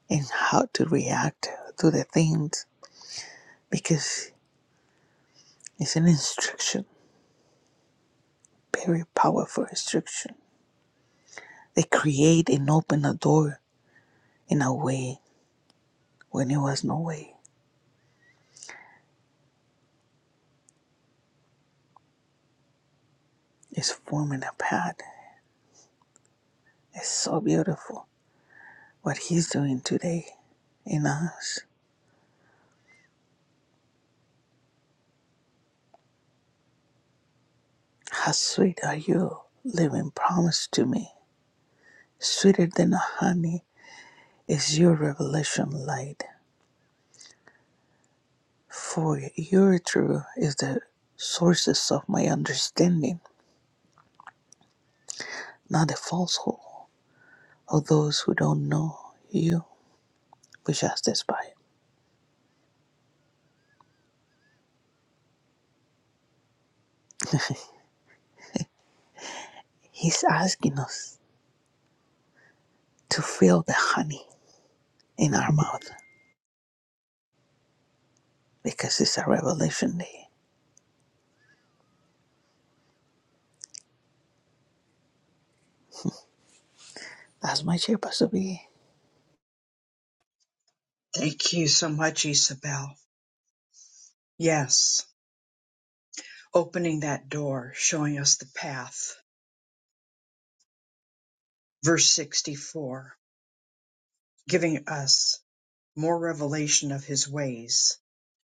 Speaker 6: and how to react to the things because it's an instruction, very powerful instruction. They create and open a door in a way when it was no way. It's forming a path. It's so beautiful what He's doing today in us. How sweet are you, living promise to me. Sweeter than honey is your revelation light. For your truth is the sources of my understanding, not the falsehood of those who don't know you, but just despise. He's asking us to feel the honey in our mouth because it's a revelation day. That's my chairperson to be.
Speaker 1: Thank you so much, Isabel. Yes, opening that door, showing us the path. Verse 64, giving us more revelation of his ways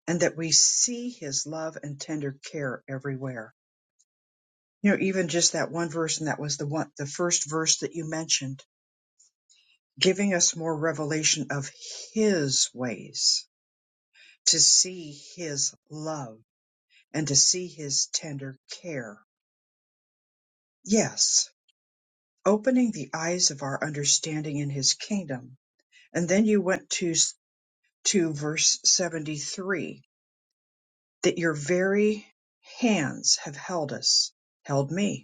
Speaker 1: and that we see his love and tender care everywhere. You know, even just that one verse, and that was the one, the first verse that you mentioned, giving us more revelation of his ways, to see his love and to see his tender care. Yes, opening the eyes of our understanding in his kingdom. And then you went to, to verse 73 that your very hands have held us, held me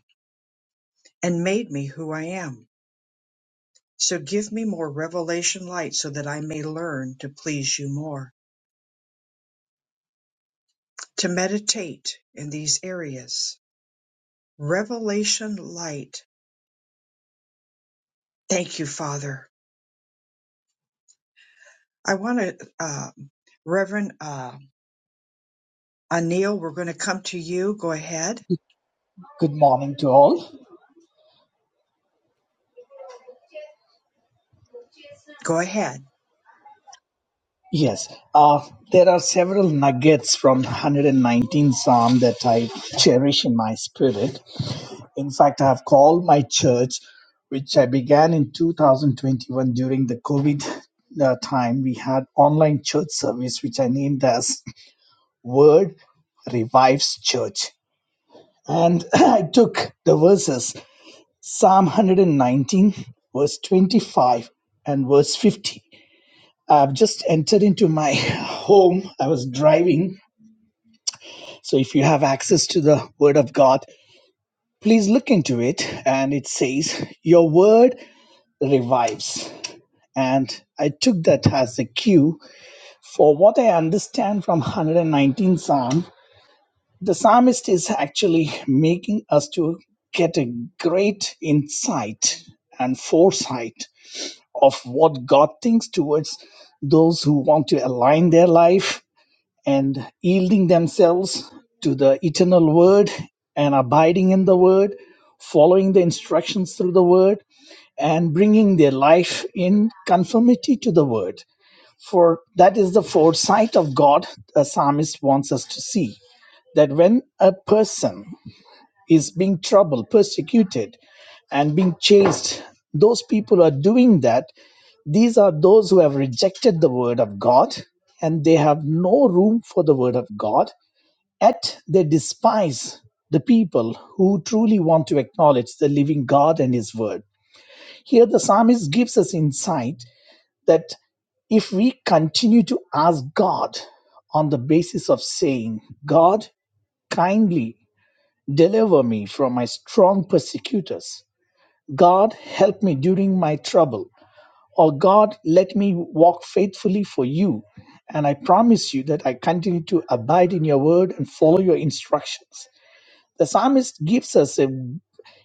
Speaker 1: and made me who I am. So give me more revelation light so that I may learn to please you more, to meditate in these areas. Revelation light. Thank you, Father. I want to, uh, Reverend uh, Anil, we're going to come to you. Go ahead.
Speaker 7: Good morning to all.
Speaker 1: Go ahead.
Speaker 7: Yes, uh, there are several nuggets from 119 Psalm that I cherish in my spirit. In fact, I have called my church, which I began in 2021 during the COVID uh, time. We had online church service, which I named as Word Revives Church. And I took the verses Psalm 119, verse 25, and verse 50 I've just entered into my home. I was driving. So if you have access to the Word of God, please look into it. And it says, Your Word revives. And I took that as a cue for what I understand from 119 Psalm. The psalmist is actually making us to get a great insight and foresight of what God thinks towards those who want to align their life and yielding themselves to the eternal word and abiding in the word, following the instructions through the word, and bringing their life in conformity to the word. For that is the foresight of God the psalmist wants us to see. That when a person is being troubled, persecuted, and being chased, those people are doing that. These are those who have rejected the word of God and they have no room for the word of God Yet they despise the people who truly want to acknowledge the living God and His Word. Here, the psalmist gives us insight that if we continue to ask God on the basis of saying, God, kindly deliver me from my strong persecutors, God, help me during my trouble, or God, let me walk faithfully for you, and I promise you that I continue to abide in your word and follow your instructions the psalmist gives us a,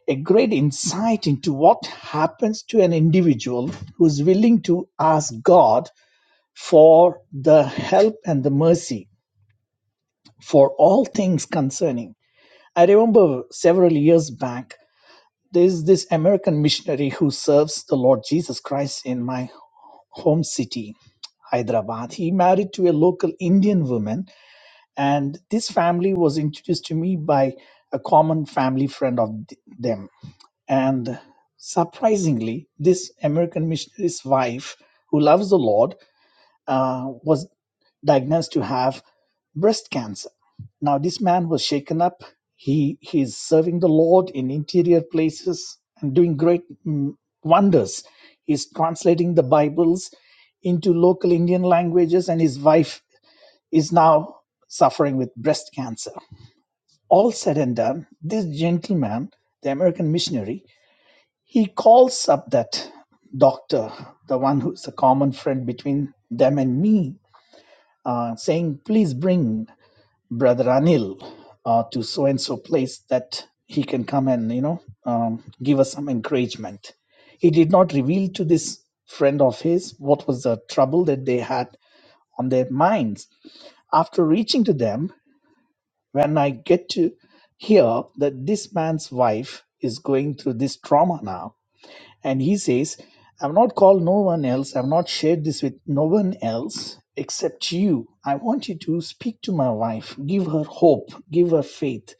Speaker 7: a great insight into what happens to an individual who is willing to ask God for the help and the mercy for all things concerning. I remember several years back, there's this American missionary who serves the Lord Jesus Christ in my home city, Hyderabad. He married to a local Indian woman, and this family was introduced to me by a common family friend of them And surprisingly, this American missionary's wife, who loves the Lord, uh, was diagnosed to have breast cancer. Now, this man was shaken up. He he is serving the Lord in interior places and doing great mm, wonders. He's translating the Bibles into local Indian languages, and his wife is now suffering with breast cancer. All said and done, this gentleman, the American missionary, he calls up that doctor, the one who's a common friend between them and me, uh, saying, Please bring Brother Anil uh, to so and so place that he can come and, you know, um, give us some encouragement. He did not reveal to this friend of his what was the trouble that they had on their minds. After reaching to them, when I get to hear that this man's wife is going through this trauma now, and he says, I've not called no one else, I've not shared this with no one else except you. I want you to speak to my wife, give her hope, give her faith,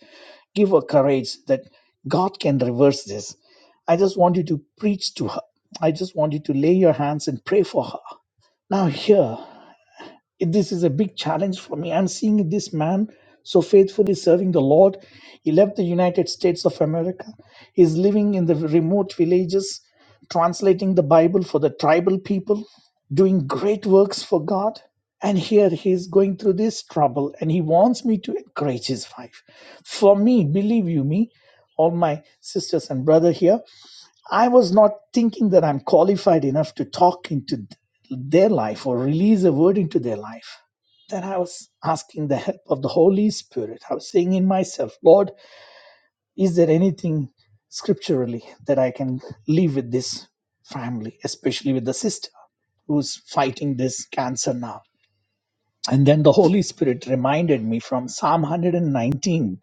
Speaker 7: give her courage that God can reverse this. I just want you to preach to her. I just want you to lay your hands and pray for her. Now, here, this is a big challenge for me. I'm seeing this man so faithfully serving the Lord. He left the United States of America. He's living in the remote villages, translating the Bible for the tribal people, doing great works for God. And here he is going through this trouble, and he wants me to encourage his wife. For me, believe you me, all my sisters and brother here, I was not thinking that I'm qualified enough to talk into their life or release a word into their life. Then I was asking the help of the Holy Spirit. I was saying in myself, Lord, is there anything scripturally that I can leave with this family, especially with the sister who's fighting this cancer now? And then the Holy Spirit reminded me from Psalm 119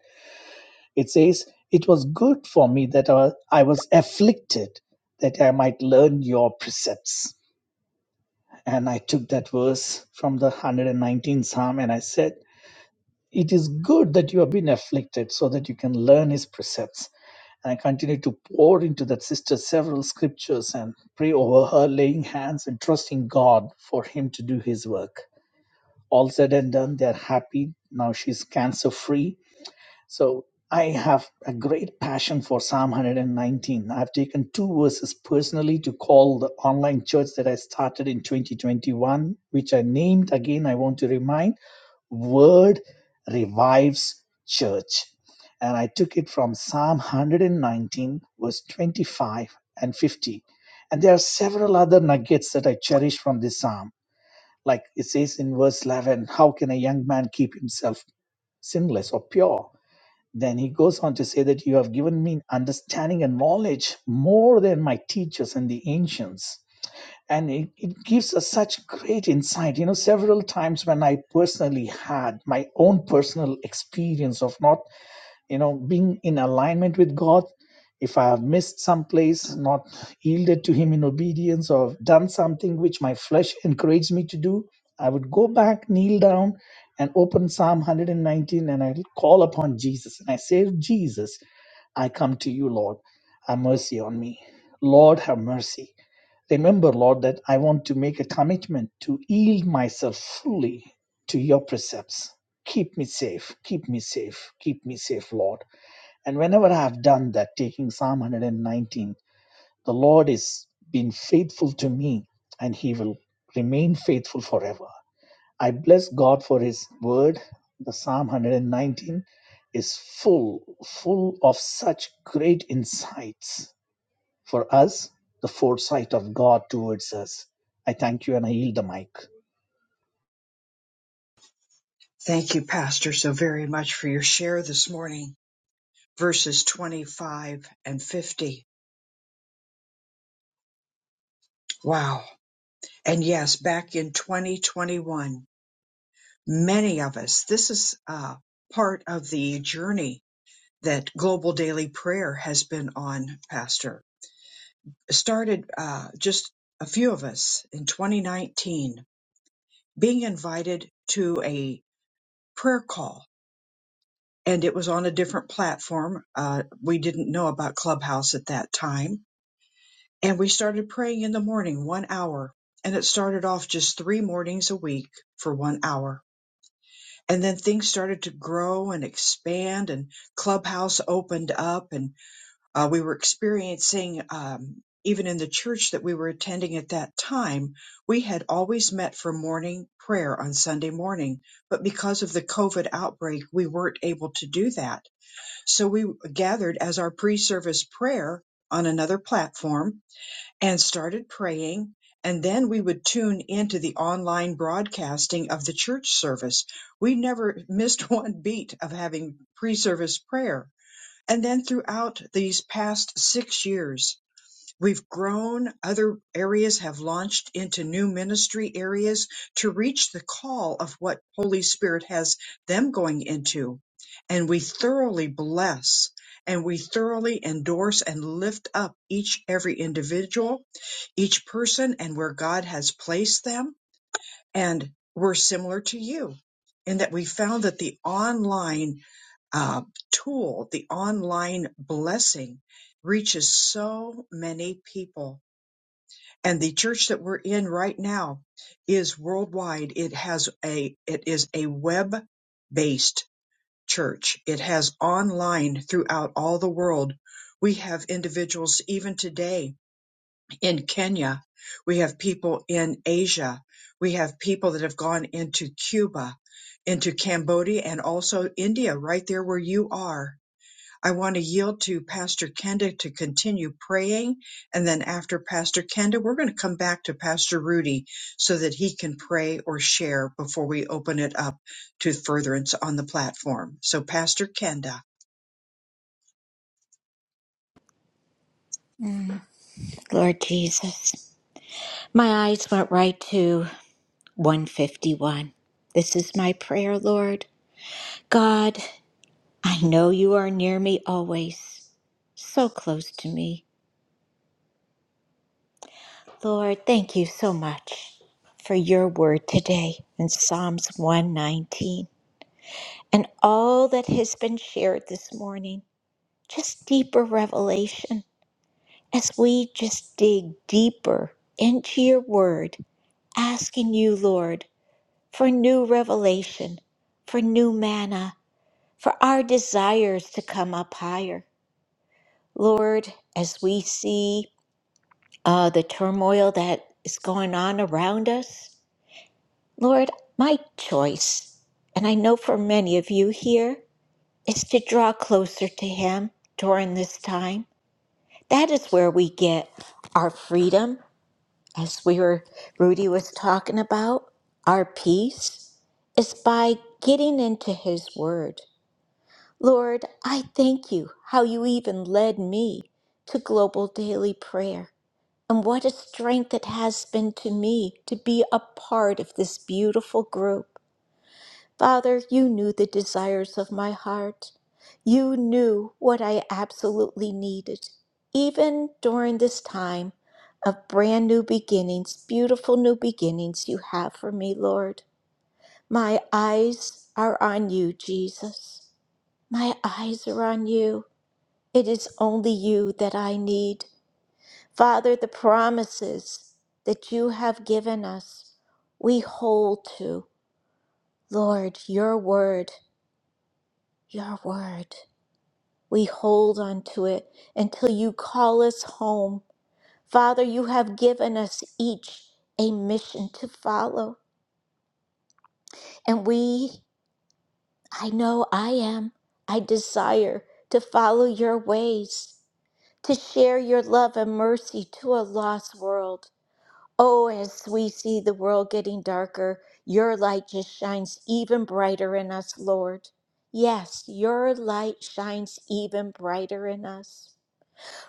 Speaker 7: it says, It was good for me that I I was afflicted, that I might learn your precepts. And I took that verse from the 119th Psalm and I said, It is good that you have been afflicted so that you can learn his precepts. And I continued to pour into that sister several scriptures and pray over her, laying hands and trusting God for him to do his work. All said and done, they're happy. Now she's cancer free So I have a great passion for Psalm 119. I've taken two verses personally to call the online church that I started in 2021, which I named again, I want to remind Word Revives Church. And I took it from Psalm 119, verse 25 and 50. And there are several other nuggets that I cherish from this psalm. Like it says in verse 11, how can a young man keep himself sinless or pure? Then he goes on to say that you have given me understanding and knowledge more than my teachers and the ancients. And it, it gives us such great insight. You know, several times when I personally had my own personal experience of not you know being in alignment with god if i have missed some place not yielded to him in obedience or done something which my flesh encouraged me to do i would go back kneel down and open psalm 119 and i call upon jesus and i say jesus i come to you lord have mercy on me lord have mercy remember lord that i want to make a commitment to yield myself fully to your precepts keep me safe keep me safe keep me safe lord and whenever I have done that, taking Psalm 119, the Lord is been faithful to me and he will remain faithful forever. I bless God for his word. The Psalm 119 is full, full of such great insights for us, the foresight of God towards us. I thank you and I yield the mic.
Speaker 1: Thank you, Pastor, so very much for your share this morning. Verses 25 and 50. Wow. And yes, back in 2021. many of us, this is uh, part of the journey that Global Daily Prayer has been on, Pastor. started uh, just a few of us in 2019 being invited to a prayer call, and it was on a different platform. Uh, we didn't know about Clubhouse at that time, and we started praying in the morning, one hour. And it started off just three mornings a week for one hour and then things started to grow and expand and clubhouse opened up and uh, we were experiencing um, even in the church that we were attending at that time we had always met for morning prayer on sunday morning but because of the covid outbreak we weren't able to do that so we gathered as our pre-service prayer on another platform and started praying. And then we would tune into the online broadcasting of the church service. We never missed one beat of having pre service prayer. And then throughout these past six years, We've grown. Other areas have launched into new ministry areas to reach the call of what Holy Spirit has them going into. And we thoroughly bless and we thoroughly endorse and lift up each, every individual, each person and where God has placed them. And we're similar to you in that we found that the online uh, tool, the online blessing reaches so many people and the church that we're in right now is worldwide it has a it is a web based church it has online throughout all the world we have individuals even today in Kenya we have people in Asia we have people that have gone into Cuba into Cambodia and also India right there where you are I want to yield to Pastor Kenda to continue praying. And then after Pastor Kenda, we're going to come back to Pastor Rudy so that he can pray or share before we open it up to furtherance on the platform. So, Pastor Kenda.
Speaker 3: Lord Jesus. My eyes went right to 151. This is my prayer, Lord. God, I know you are near me always, so close to me. Lord, thank you so much for your word today in Psalms 119 and all that has been shared this morning. Just deeper revelation as we just dig deeper into your word, asking you, Lord. for new revelation, for new manna, for our desires to come up higher. Lord, as we see uh, the turmoil that is going on around us, Lord, my choice, and I know for many of you here, is to draw closer to Him during this time. That is where we get our freedom, as we were Rudy was talking about, our peace is by getting into His Word Lord, I thank you how you even led me to global daily prayer. And what a strength it has been to me to be a part of this beautiful group. Father, you knew the desires of my heart. You knew what I absolutely needed, even during this time of brand new beginnings, beautiful new beginnings you have for me, Lord. My eyes are on you, Jesus. My eyes are on you. It is only you that I need. Father, the promises that you have given us, we hold to. Lord, your word, your word. We hold on to it until you call us home. Father, you have given us each a mission to follow. And we, I know I am, I desire to follow your ways, to share your love and mercy to a lost world. Oh, as we see the world getting darker, your light just shines even brighter in us, Lord. Yes, your light shines even brighter in us.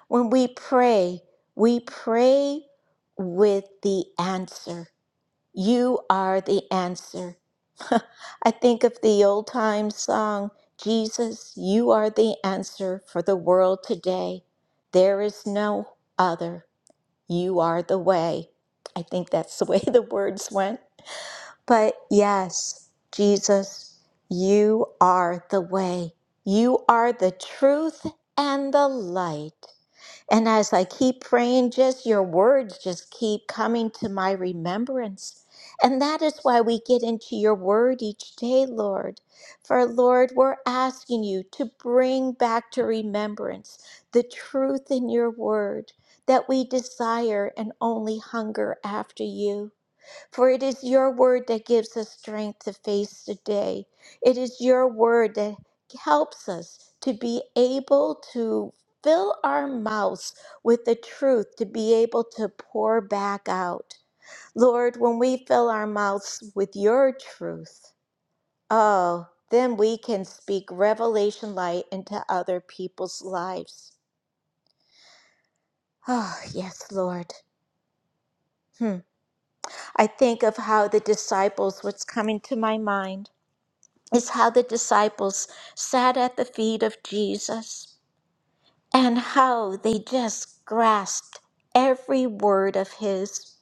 Speaker 3: When we pray, we pray with the answer. You are the answer. I think of the old time song, Jesus, you are the answer for the world today. There is no other. You are the way. I think that's the way the words went. But yes, Jesus, you are the way. You are the truth and the light. And as I keep praying, just your words just keep coming to my remembrance. And that is why we get into your word each day, Lord. For, Lord, we're asking you to bring back to remembrance the truth in your word that we desire and only hunger after you. For it is your word that gives us strength to face the day. It is your word that helps us to be able to fill our mouths with the truth, to be able to pour back out. Lord, when we fill our mouths with your truth, oh, then we can speak revelation light into other people's lives. Oh, yes, Lord. Hmm. I think of how the disciples, what's coming to my mind is how the disciples sat at the feet of Jesus and how they just grasped every word of his.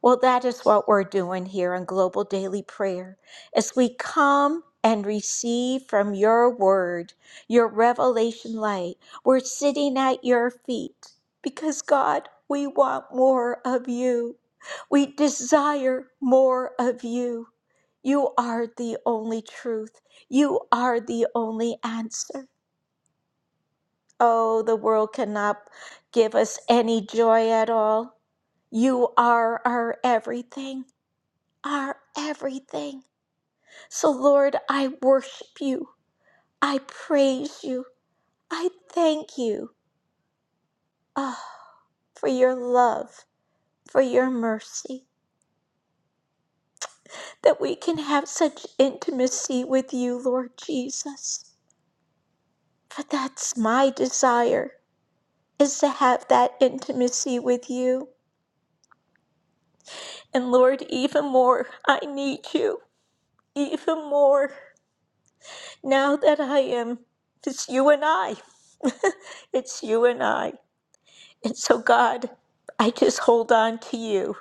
Speaker 3: Well, that is what we're doing here on Global Daily Prayer as we come and receive from your word, your revelation light. We're sitting at your feet because, God, we want more of you. We desire more of you. You are the only truth. You are the only answer. Oh, the world cannot give us any joy at all. You are our everything, our everything. So, Lord, I worship you. I praise you. I thank you ah, for your love, for your mercy, that we can have such intimacy with you, Lord Jesus. For that's my desire, is to have that intimacy with you. And Lord, even more, I need you. even more now that I am. It's you and I. it's you and I. And so, God, I just hold on to you.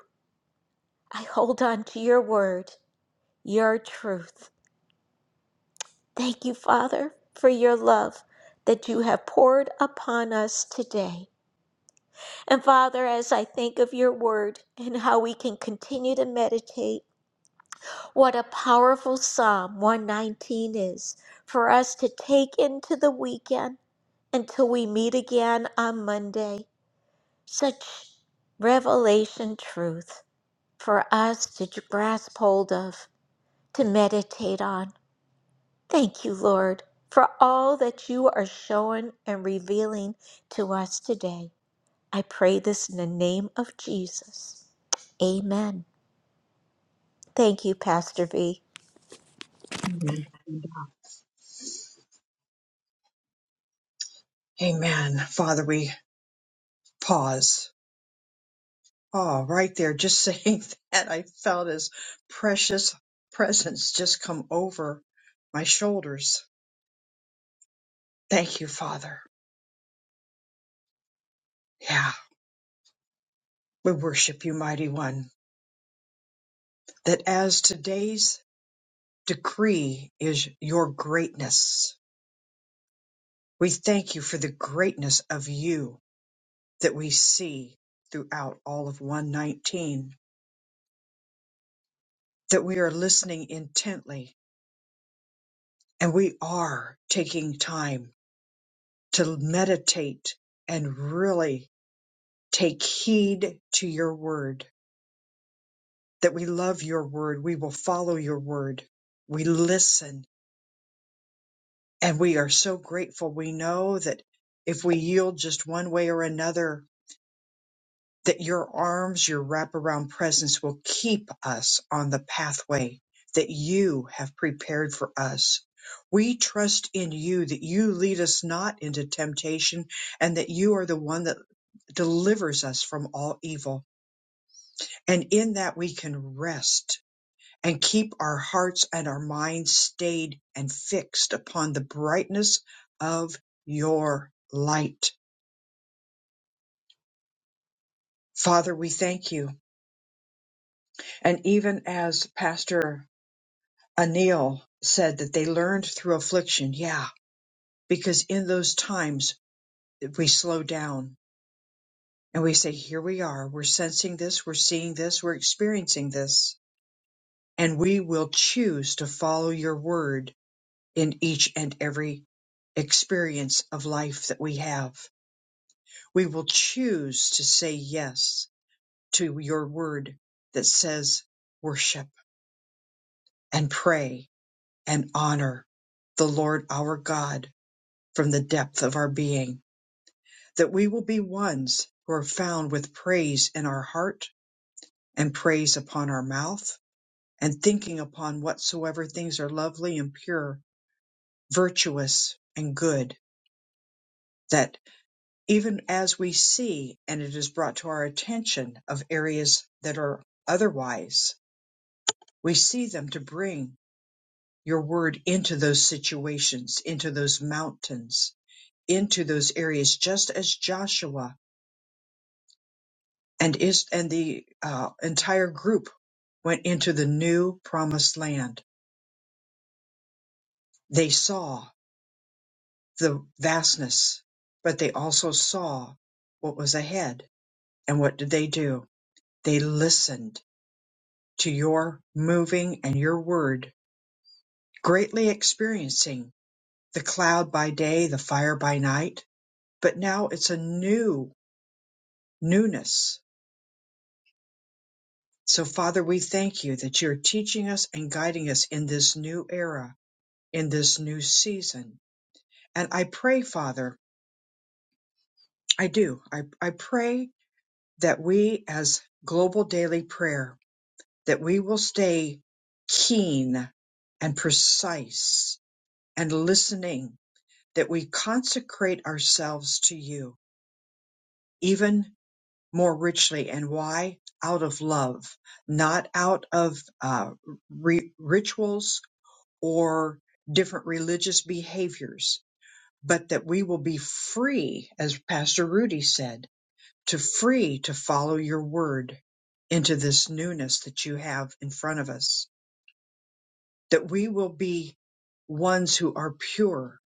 Speaker 3: I hold on to your word, your truth. Thank you, Father, for your love that you have poured upon us today. And Father, as I think of your word and how we can continue to meditate, what a powerful Psalm 119 is for us to take into the weekend Until we meet again on Monday, such revelation truth for us to grasp hold of, to meditate on. Thank you, Lord, for all that you are showing and revealing to us today. I pray this in the name of Jesus. Amen. Thank you, Pastor V.
Speaker 1: Amen. Amen. Father, we pause. Oh, right there, just saying that, I felt his precious presence just come over my shoulders. Thank you, Father. Yeah, we worship you, mighty one. that as today's decree is your greatness, we thank you for the greatness of you that we see throughout all of 119, that we are listening intently and we are taking time to meditate and really take heed to your word, that we love your word, we will follow your word, we listen And we are so grateful. We know that if we yield just one way or another, that your arms, your wraparound presence will keep us on the pathway that you have prepared for us. We trust in you that you lead us not into temptation and that you are the one that delivers us from all evil. And in that we can rest and keep our hearts and our minds stayed and fixed upon the brightness of your light. Father, we thank you. And even as Pastor Anil said that they learned through affliction, yeah, because in those times we slow down and we say, here we are, we're sensing this, we're seeing this, we're experiencing this, and we will choose to follow your word in each and every experience of life that we have. We will choose to say yes to your word that says worship and pray and honor the Lord our God from the depth of our being, that we will be ones who are found with praise in our heart and praise upon our mouth and thinking upon whatsoever things are lovely and pure, virtuous and good, that even as we see and it is brought to our attention of areas that are otherwise We see them to bring your word into those situations, into those mountains, into those areas, just as Joshua and is and the uh, entire group went into the new promised land. They saw the vastness, but they also saw what was ahead. And what did they do? They listened to your moving and your word, greatly experiencing the cloud by day, the fire by night but now it's a new newness. So, Father, we thank you that you're teaching us and guiding us in this new era, in this new season. And I pray, Father, I do, I, I pray that we as global daily prayer, that we will stay keen and precise and listening, that we consecrate ourselves to you, even more richly. And why? Out of love, not out of uh, ri- rituals or different religious behaviors, but that we will be free, as Pastor Rudy said, to free to follow your word into this newness that you have in front of us, that we will be ones who are pure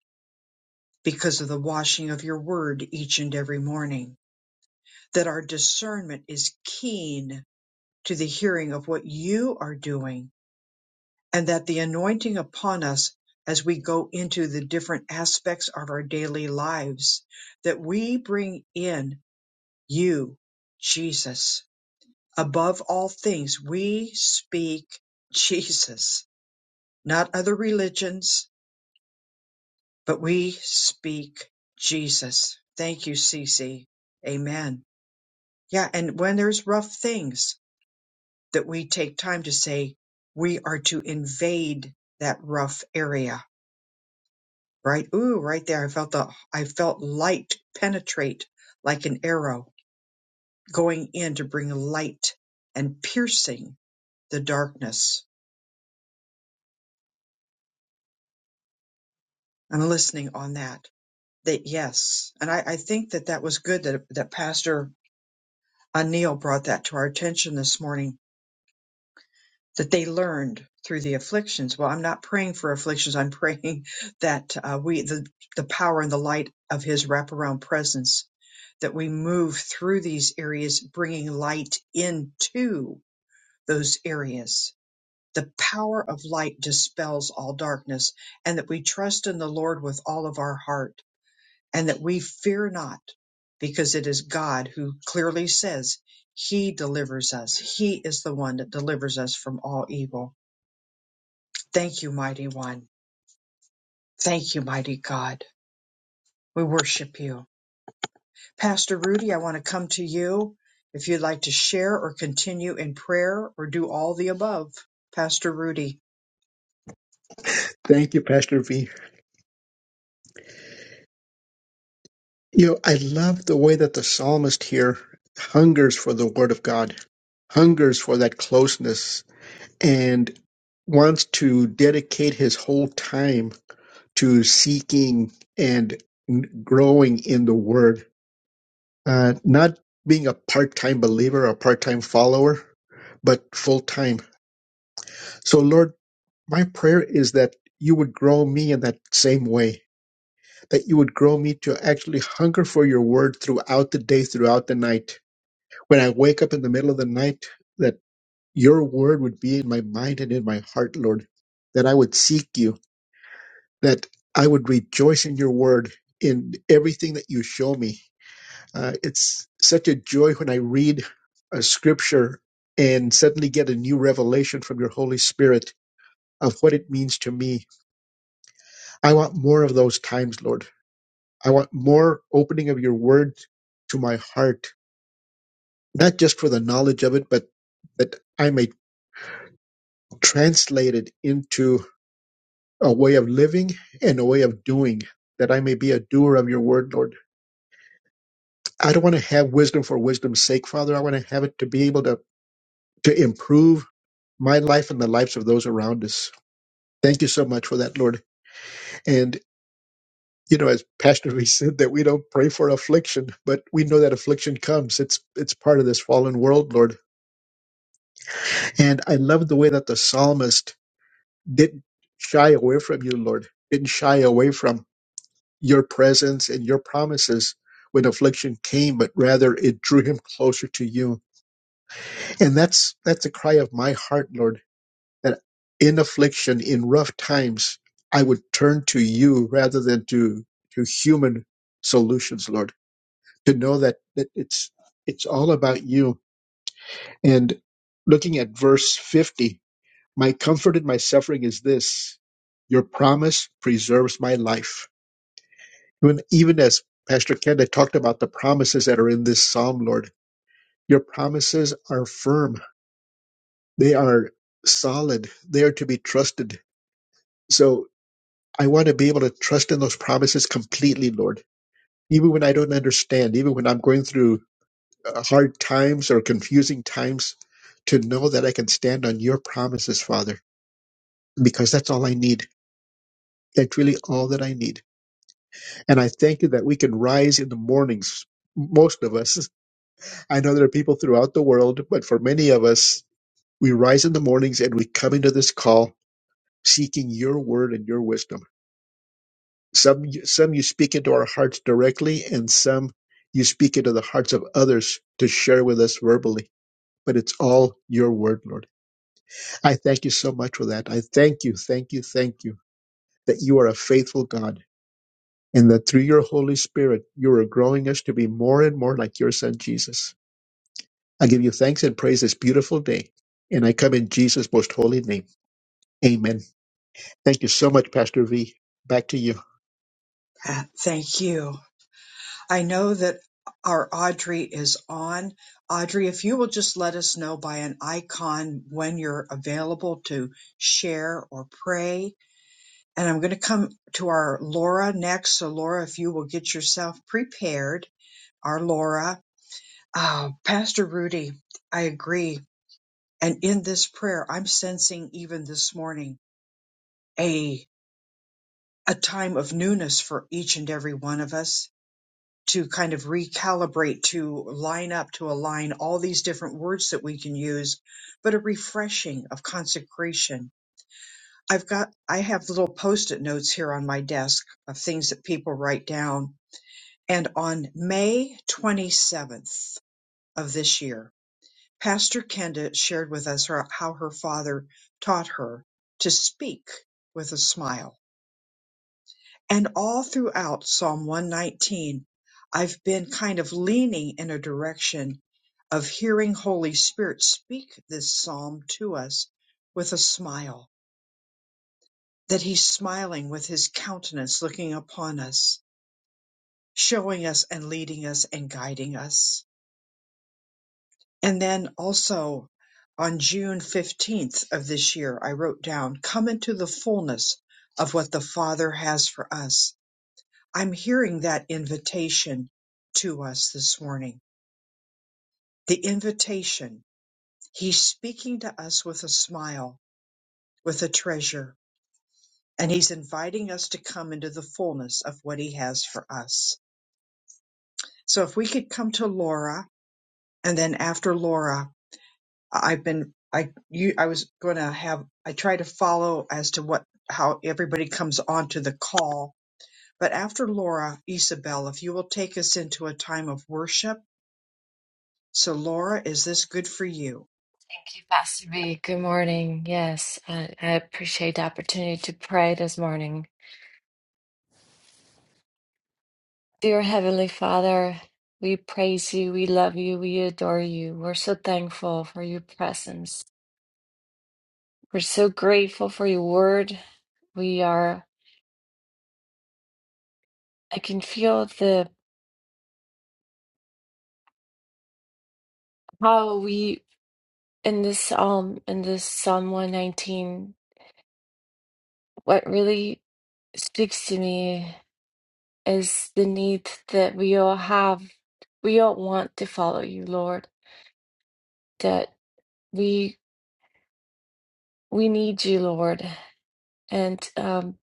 Speaker 1: because of the washing of your word each and every morning, that our discernment is keen to the hearing of what you are doing and that the anointing upon us as we go into the different aspects of our daily lives, that we bring in you, Jesus. Above all things, we speak Jesus, not other religions, but we speak Jesus. Thank you, Cece. Amen. Yeah. And when there's rough things, that we take time to say we are to invade that rough area, right? Ooh, right there. I felt the, I felt light penetrate like an arrow going in to bring light and piercing the darkness. I'm listening on that. That yes. And I, I think that that was good that, that Pastor Anil brought that to our attention this morning that they learned through the afflictions. Well, I'm not praying for afflictions. I'm praying that uh, we, the, the power and the light of His wraparound presence, that we move through these areas, bringing light into those areas. The power of light dispels all darkness, and that we trust in the Lord with all of our heart, and that we fear not, because it is God who clearly says, He delivers us. He is the one that delivers us from all evil. Thank you, mighty one. Thank you, mighty God. We worship you. Pastor Rudy, I want to come to you if you'd like to share or continue in prayer or do all the above. Pastor Rudy,
Speaker 2: Thank you, Pastor V. You know, I love the way that the psalmist here hungers for the word of God, hungers for that closeness, and wants to dedicate his whole time to seeking and n- growing in the word, uh, not being a part time believer or part time follower, but full time. So, Lord, my prayer is that you would grow me in that same way, that you would grow me to actually hunger for your word throughout the day, throughout the night. When I wake up in the middle of the night, that your word would be in my mind and in my heart, Lord, that I would seek you that I would rejoice in your word in everything that you show me. Uh, it's such a joy when I read a scripture and suddenly get a new revelation from your Holy Spirit of what it means to me. I want more of those times, Lord. I want more opening of your word to my heart, not just for the knowledge of it, but that I may translate it into a way of living and a way of doing, that I may be a doer of your word, Lord I don't want to have wisdom for wisdom's sake, Father. I want to have it to be able to, to improve my life and the lives of those around us. Thank you so much for that, Lord. And, you know, as Pastor V said, that we don't pray for affliction, but we know that affliction comes. It's, it's part of this fallen world, Lord. And I love the way that the psalmist didn't shy away from you, Lord, didn't shy away from your presence and your promises when affliction came, but rather it drew him closer to you. And that's, that's the cry of my heart, Lord that in affliction, in rough times, I would turn to you rather than to, to human solutions, Lord, to know that, that it's, it's all about you. And looking at verse 50, my comfort in my suffering is this, your promise preserves my life. Even, even as Pastor Ken had talked about the promises that are in this Psalm, Lord, your promises are firm. They are solid. They are to be trusted. So I want to be able to trust in those promises completely, Lord. Even when I don't understand, even when I'm going through uh, hard times or confusing times, to know that I can stand on your promises, Father, because that's all I need. That's really all that I need. And I thank you that we can rise in the mornings, most of us. I know there are people throughout the world, but for many of us, we rise in the mornings and we come into this call seeking your word and your wisdom. Some some you speak into our hearts directly, and some you speak into the hearts of others to share with us verbally. But it's all your word, Lord. I thank you so much for that. I thank you, thank you, thank you that you are a faithful God and that through your Holy Spirit, you are growing us to be more and more like your son, Jesus. I give you thanks and praise this beautiful day. And I come in Jesus' most holy name. Amen. Thank you so much, Pastor V. Back to you.
Speaker 1: uh, thank you. I know that our Audrey is on. Audrey, if you will just let us know by an icon when you're available to share or pray. And I'm going to come to our Laura next. So, Laura, if you will get yourself prepared, our Laura. Oh, Pastor Rudy, I agree. And in this prayer, I'm sensing even this morning a a time of newness for each and every one of us to kind of recalibrate, to line up, to align all these different words that we can use, but a refreshing of consecration. I've got I have little post-it notes here on my desk of things that people write down. And on May 27th of this year, Pastor Kenda shared with us her- how her father taught her to speak with a smile. And all throughout Psalm 119, I've been kind of leaning in a direction of hearing Holy Spirit speak this psalm to us with a smile, that He's smiling with His countenance looking upon us, showing us and leading us and guiding us. And then also on June 15th of this year, I wrote down, come into the fullness of what the Father has for us. I'm hearing that invitation to us this morning. The invitation. He's speaking to us with a smile, with a treasure, and he's inviting us to come into the fullness of what he has for us. So if we could come to Laura and then after Laura, I've been I you I was going to have I try to follow as to what how everybody comes onto the call. But after Laura, Isabel, if you will take us into a time of worship. So Laura, is this good for you?
Speaker 8: Thank you, Pastor B. Good morning. Yes, I, I appreciate the opportunity to pray this morning. Dear Heavenly Father, we praise you, we love you, we adore you. We're so thankful for your presence. We're so grateful for your word. We are, I can feel the, how we, in this psalm, in this Psalm 119, what really speaks to me is the need that we all have. We all want to follow you, Lord. that we we need you, Lord. And um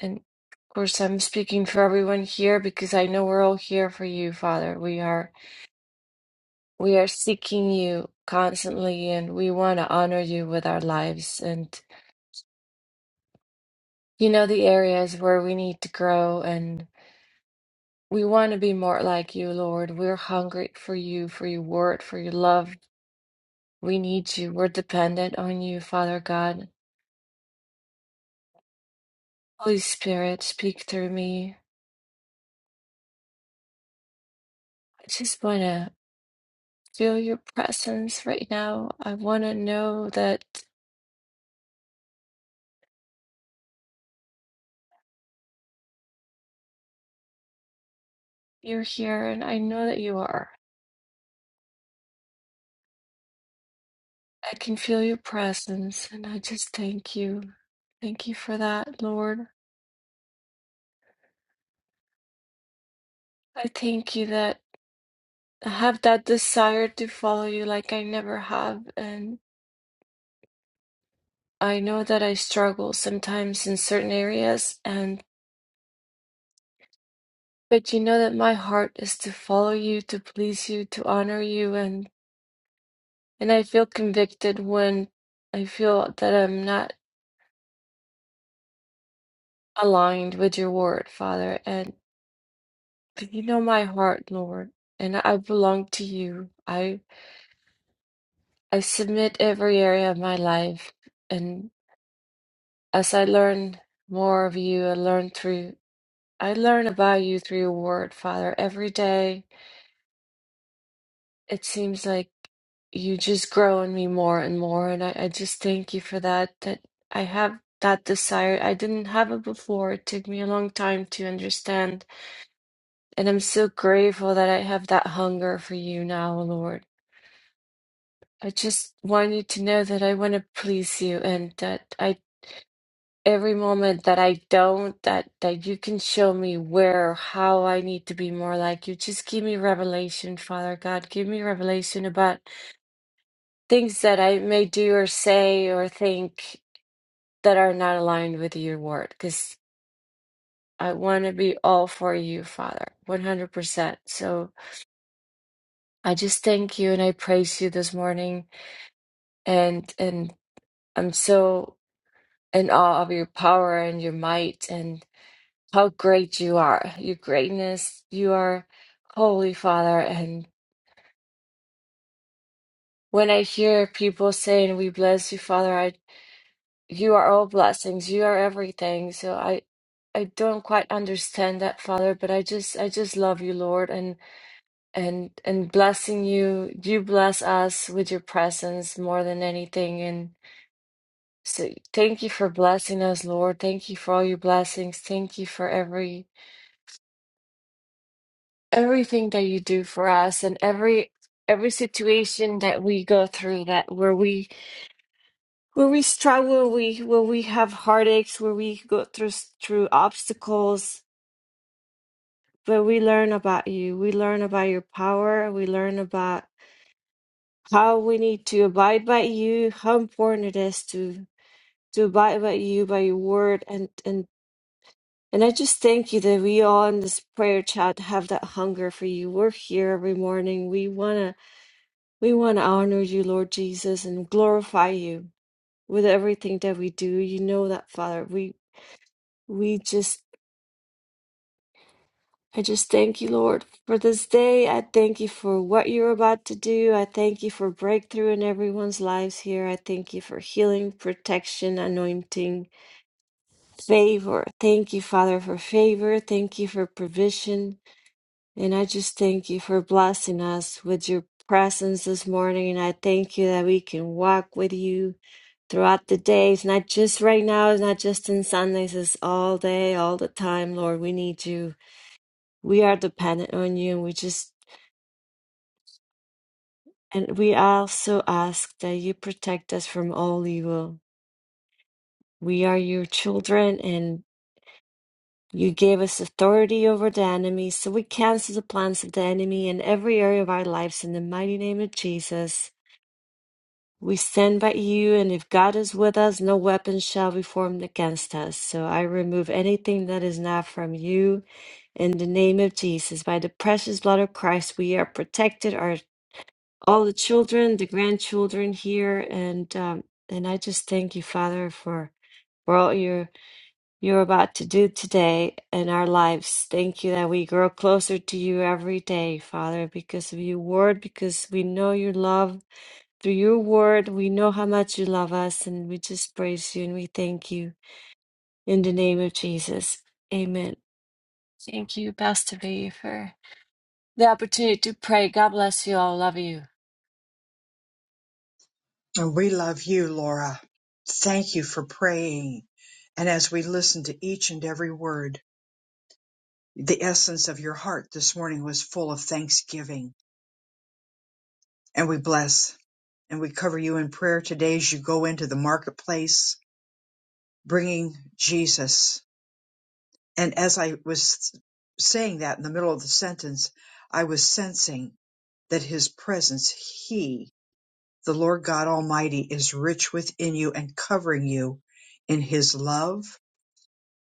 Speaker 8: and of course I'm speaking for everyone here because I know we're all here for you, Father. We are we are seeking you constantly and we want to honor you with our lives and you know the areas where we need to grow and we want to be more like you, Lord. We're hungry for you, for your word, for your love. We need you. We're dependent on you, Father God. Holy Spirit, speak through me. I just want to. feel your presence right now. I want to know that you're here, and I know that you are. I can feel your presence, and I just thank you. Thank you for that, Lord. I thank you that I have that desire to follow you like I never have. And I know that I struggle sometimes in certain areas, and but you know that my heart is to follow you, to please you, to honor you, and and I feel convicted when I feel that I'm not aligned with your word, Father, and you know my heart, Lord, and I belong to you. I I submit every area of my life, and as I learn more of you, I learn through I learn about you through your word, Father. Every day it seems like you just grow in me more and more, and I, I just thank you for that. That I have that desire. I didn't have it before. It took me a long time to understand And I'm so grateful that I have that hunger for you now, Lord. I just want you to know that I want to please you and that I every moment that I don't that that you can show me where how I need to be more like you. Just give me revelation, Father God. Give me revelation about things that I may do or say or think that are not aligned with your word cuz I want to be all for you, Father. 100%. So I just thank you and I praise you this morning. and and I'm so in awe of your power and your might and how great you are, your greatness. You are holy, Father. And when I hear people saying, "We bless you, Father," I you are all blessings. You are everything. So I I don't quite understand that, Father, but I just I just love you, Lord, and and and blessing you. You bless us with your presence more than anything, And. So thank you for blessing us, Lord. Thank you for all your blessings. Thank you for every everything that you do for us and every every situation that we go through that where we where we struggle, where we where we have heartaches, where we go through through obstacles, but we learn about you. We learn about your power. We learn about how we need to abide by you, how important it is to to abide by you, by your word, and and And I just thank you that we all in this prayer chat have that hunger for you. We're here every morning. We wanna we wanna honor you, Lord Jesus, and glorify you with everything that we do. You know that, Father. We we just I just thank you, Lord, for this day. I thank you for what you're about to do. I thank you for breakthrough in everyone's lives here. I thank you for healing, protection, anointing, favor. Thank you, Father, for favor. Thank you for provision. And I just thank you for blessing us with your presence this morning. And I thank you that we can walk with you throughout the days, not just right now, not just in Sundays, it's all day, all the time, Lord. We need you. We are dependent on you, and we just and we also ask that you protect us from all evil. We are your children, and you gave us authority over the enemy, so we cancel the plans of the enemy in every area of our lives in the mighty name of Jesus. We stand by you, and if God is with us, no weapon shall be formed against us. So I remove anything that is not from you. In the name of Jesus, by the precious blood of Christ, we are protected. Our all the children, the grandchildren here, and um, and I just thank you, Father, for for all you're you're about to do today in our lives. Thank you that we grow closer to you every day, Father, because of your word, because we know your love through your word, we know how much you love us, and we just praise you and we thank you in the name of Jesus. Amen. Thank you, Pastor B, for the opportunity to pray. God bless you all. Love you.
Speaker 1: And we love you, Laura. Thank you for praying. And as we listen to each and every word, the essence of your heart this morning was full of thanksgiving. And we bless and we cover you in prayer today as you go into the marketplace bringing Jesus. And as I was saying that in the middle of the sentence, I was sensing that his presence, he, the Lord God Almighty, is rich within you and covering you in his love,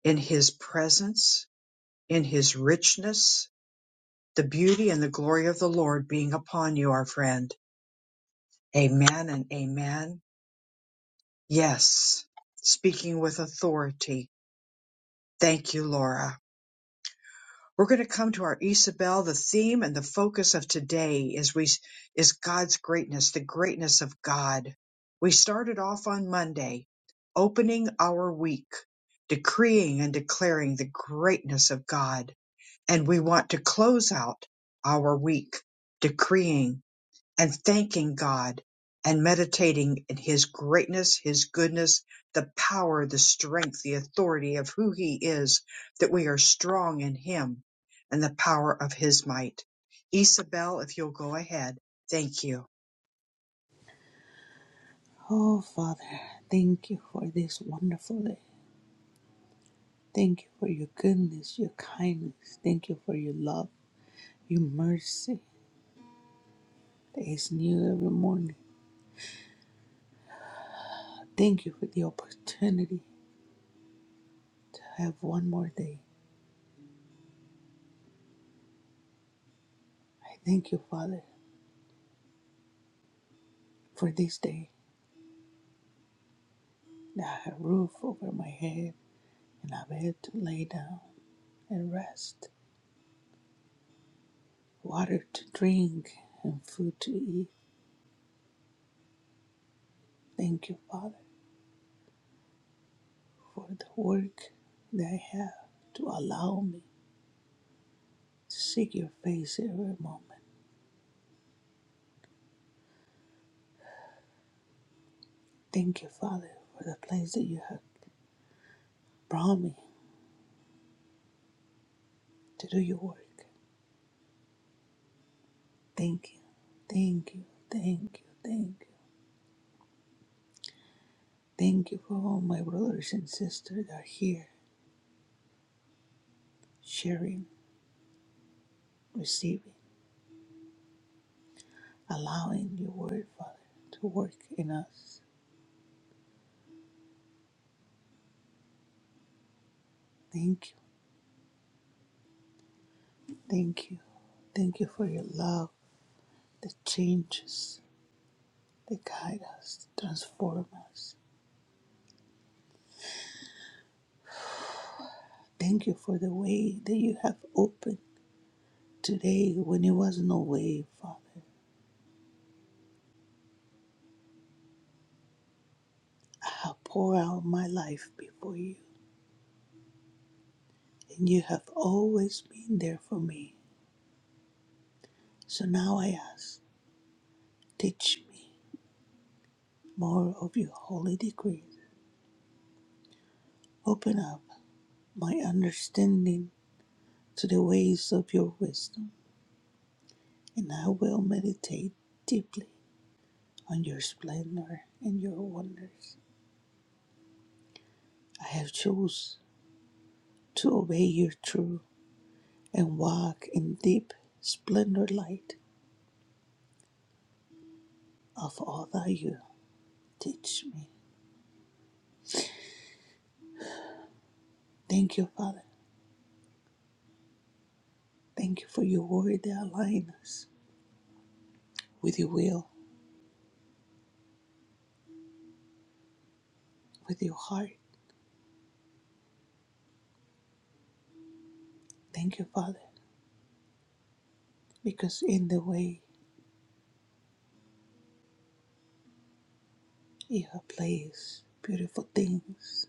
Speaker 1: in his presence, in his richness, the beauty and the glory of the Lord being upon you, our friend. Amen and amen. Yes. Speaking with authority. Thank you, Laura. We're going to come to our Isabel. The theme and the focus of today is we is God's greatness, the greatness of God. We started off on Monday, opening our week, decreeing and declaring the greatness of God, and we want to close out our week decreeing and thanking God and meditating in His greatness, His goodness, the power, the strength, the authority of who He is, that we are strong in Him and the power of His might. Isabel, if you'll go ahead, thank you.
Speaker 6: Oh, Father, thank you for this wonderful day. Thank you for your goodness, your kindness. Thank you for your love, your mercy that is new every morning. Thank you for the opportunity to have one more day. I thank you, Father, for this day that I have a roof over my head and a bed to lay down and rest, water to drink, and food to eat. Thank you, Father. for the work that I have to allow me to seek your face every moment. Thank you, Father, for the place that you have brought me to do your work. Thank you. Thank you. Thank you. Thank you. Thank you for all my brothers and sisters that are here sharing, receiving, allowing your word, Father, to work in us. Thank you. Thank you. Thank you for your love that changes, that guides us, transforms us. Thank you for the way that you have opened today when it was no way, Father. I have poured out my life before you, and you have always been there for me. So now I ask, teach me more of your holy decrees. Open up my understanding to the ways of your wisdom, and I will meditate deeply on your splendor and your wonders. I have chosen to obey your truth and walk in deep splendor light of all that you teach me. Thank you, Father. Thank you for your word that aligns us with your will, with your heart. Thank you, Father, because in the way you have placed beautiful things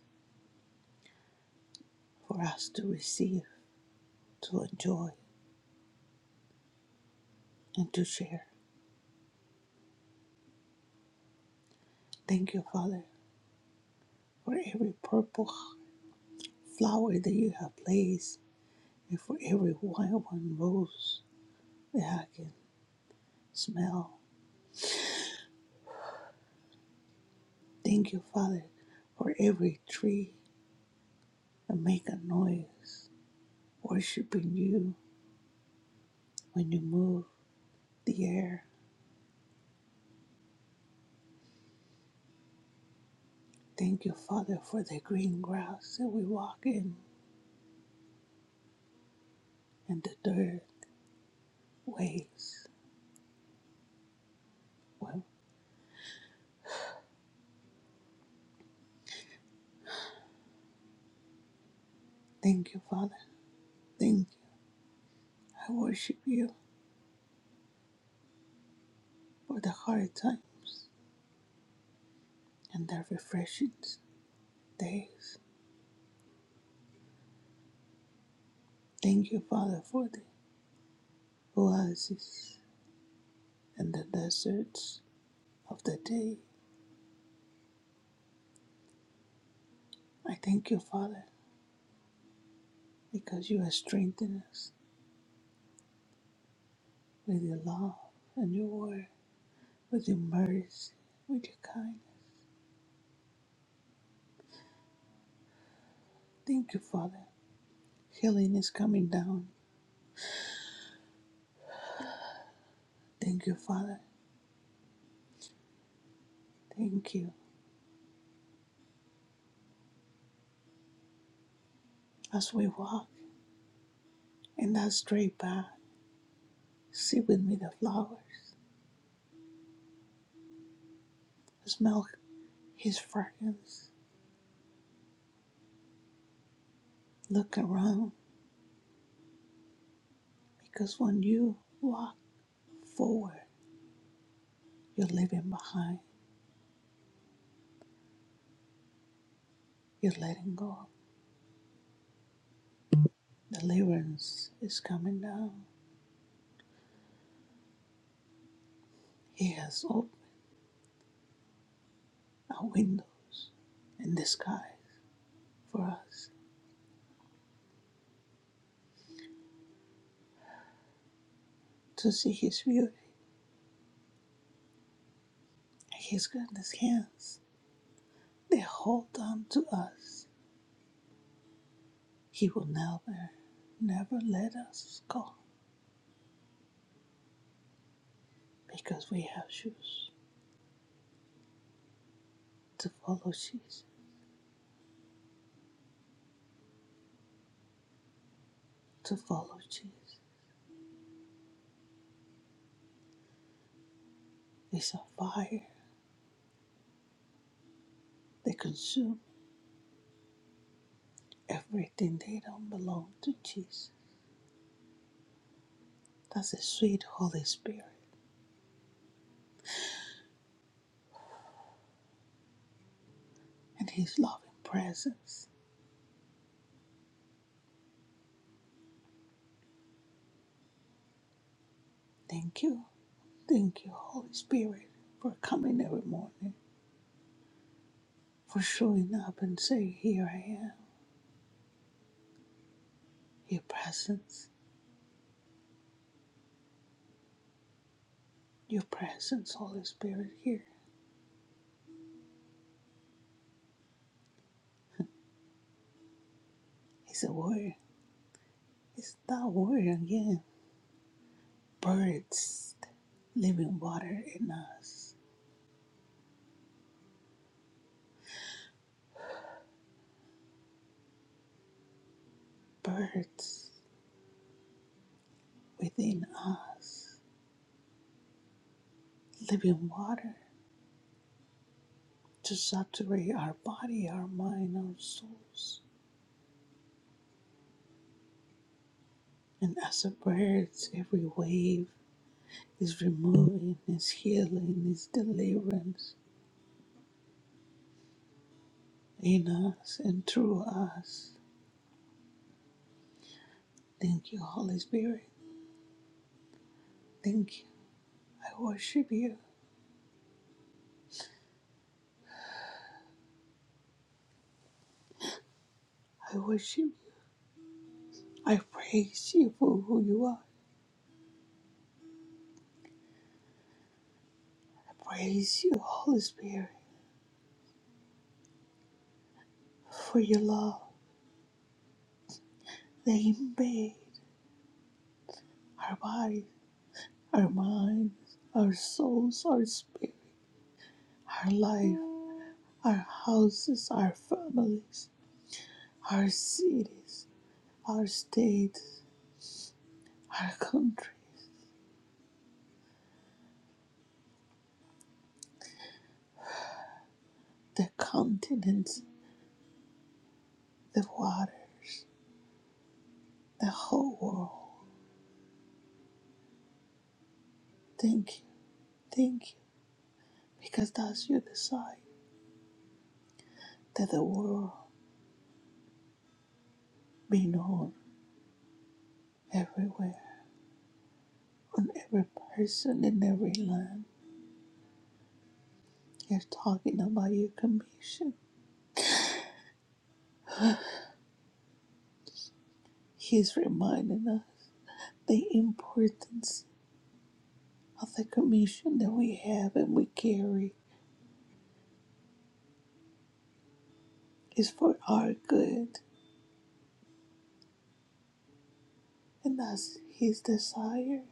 Speaker 6: for us to receive, to enjoy, and to share. Thank you, Father, for every purple flower that you have placed and for every white one rose that I can smell Thank you, Father, for every tree that make a noise, worshiping you when you move the air. Thank you, Father, for the green grass that we walk in and the dirt ways. Well, thank you, Father. Thank you. I worship you for the hard time and the refreshing days. Thank you, Father, for the oases and the deserts of the day. I thank you, Father, because you have strengthened us with your love and your word, with your mercy, with your kindness. Thank you, Father. Healing is coming down. Thank you, Father. Thank you. As we walk in that straight path, see with me the flowers, smell His fragrance, look around, because when you walk forward, you're leaving behind, you're letting go. Deliverance is coming down. He has opened our windows in the sky for us. to see His beauty and His goodness hands they hold on to us. He will never, never let us go because we have shoes to follow Jesus, to follow Jesus. It's a fire They consume everything they don't belong to Jesus. That's the sweet Holy Spirit and His loving presence. Thank you, thank you, Holy Spirit, for coming every morning, for showing up and saying, Here I am, your presence Your presence, Holy Spirit, here is a word. It's that word again. Birds, living water in us. Birds within us. Living water to saturate our body, our mind, our souls. And as a bird, every wave is removing, is healing, is deliverance in us and through us. Thank you, Holy Spirit. Thank you. I worship you. I worship I praise you for who you are. I praise you, Holy Spirit, for your love that invade our bodies, our minds, our souls, our spirit, our life, our houses, our families, our cities, our states, our countries, the continents, the waters, the whole world. Thank you, thank you, because that's your desire that the world be known everywhere on every person in every line. He's talking about your commission. He's reminding us the importance of the commission that we have and we carry is for our good. And that's his desire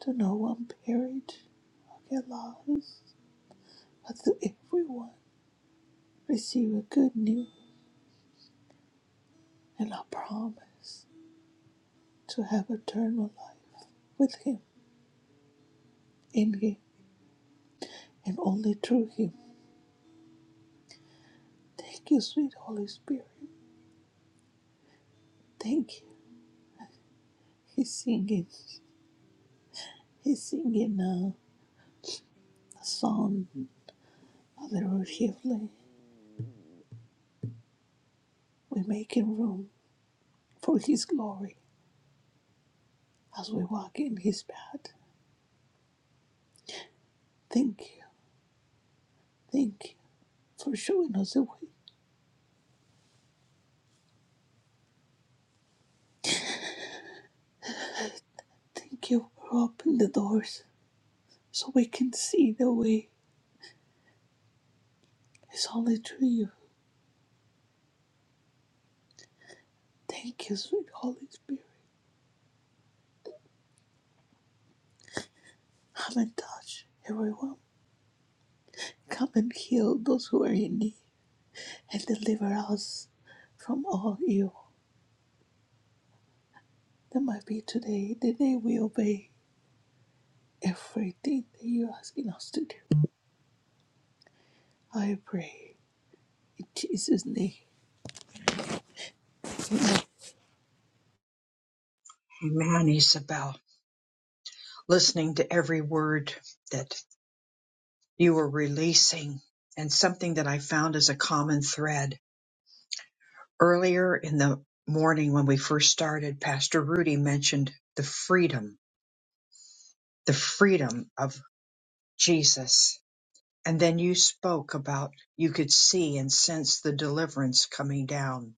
Speaker 6: to no one perish or get lost, but to everyone receive a good news and a promise to have eternal life with him, in him, and only through him. Thank you, sweet Holy Spirit. Thank you. He's singing. He's singing uh, a song, Mother of Heavenly. We're making room for His glory as we walk in His path. Thank you. Thank you for showing us the way. Thank you for opening the doors so we can see the way. It's only through you. Thank you, sweet Holy Spirit. Come and touch everyone. Come and heal those who are in need and deliver us from all evil. That might be today the day we obey everything that you ask in us to do. I pray in Jesus' name.
Speaker 1: Amen, Isabel. Listening to every word that you were releasing and something that I found as a common thread earlier in the morning when we first started, Pastor Rudy mentioned the freedom the freedom of Jesus. And then you spoke about you could see and sense the deliverance coming down.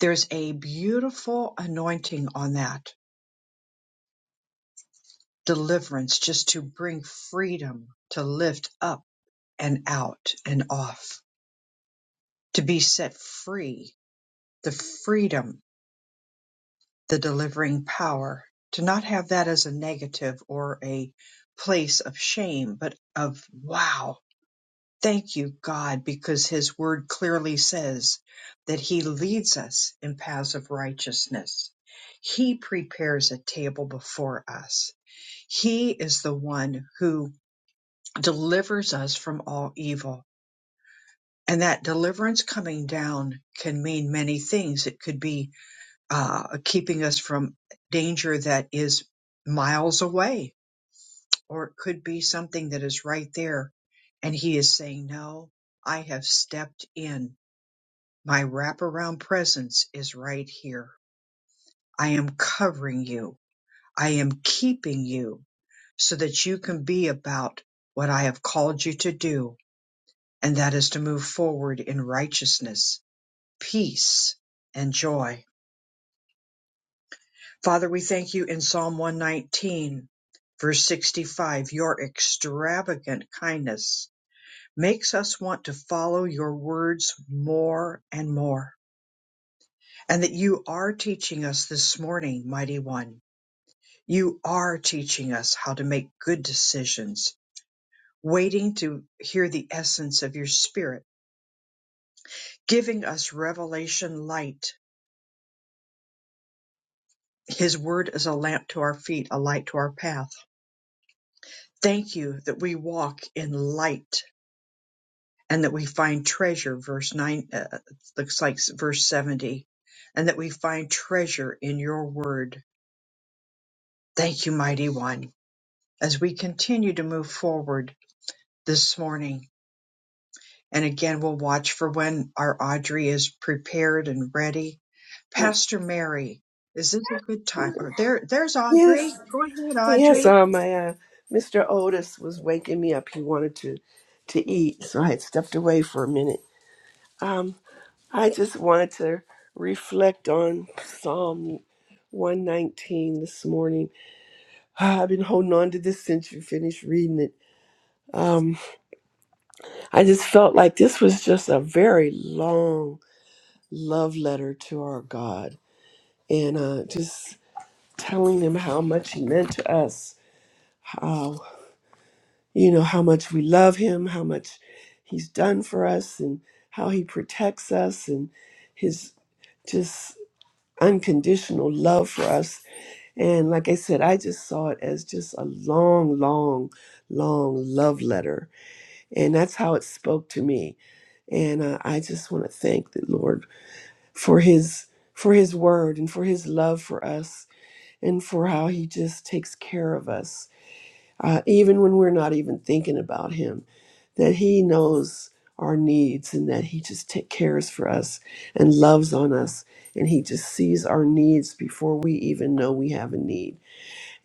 Speaker 1: There's a beautiful anointing on that deliverance just to bring freedom, to lift up and out and off, to be set free, the freedom, the delivering power, to not have that as a negative or a place of shame, but of wow Thank you, God, because His word clearly says that He leads us in paths of righteousness. He prepares a table before us. He is the one who delivers us from all evil. And that deliverance coming down can mean many things. It could be uh, keeping us from danger that is miles away, or it could be something that is right there. And He is saying, No, I have stepped in My wraparound presence is right here. I am covering you. I am keeping you so that you can be about what I have called you to do, and that is to move forward in righteousness, peace, and joy. Father, we thank you in Psalm 119, verse 65. Your extravagant kindness makes us want to follow your words more and more, and that you are teaching us this morning, mighty one You are teaching us how to make good decisions, waiting to hear the essence of your spirit, giving us revelation light. His word is a lamp to our feet, a light to our path. Thank you that we walk in light and that we find treasure, verse 9, uh, looks like verse 70, and that we find treasure in your word. Thank you, mighty one. As we continue to move forward this morning, And again, we'll watch for when our Audrey is prepared and ready. Pastor Mary, is this a good time? Or there, there's
Speaker 9: Yes,
Speaker 1: Audrey. Go ahead,
Speaker 9: yes.
Speaker 1: Audrey.
Speaker 9: Uh, my uh, Mr. Otis was waking me up. He wanted to to eat, so I had stepped away for a minute. Um, I just wanted to reflect on Psalm 119 this morning. Ah, I've been holding on to this since you finished reading it. Um, I just felt like this was just a very long love letter to our God, and uh, just telling him how much he meant to us. you know, how much we love him, how much he's done for us, and how he protects us, and his just unconditional love for us. And like I said, I just saw it as just a long, long, long love letter. And that's how it spoke to me. And uh, I just want to thank the Lord for his for his word and for his love for us and for how he just takes care of us uh, even when we're not even thinking about him that he knows our needs and that he just take cares for us and loves on us and he just sees our needs before we even know we have a need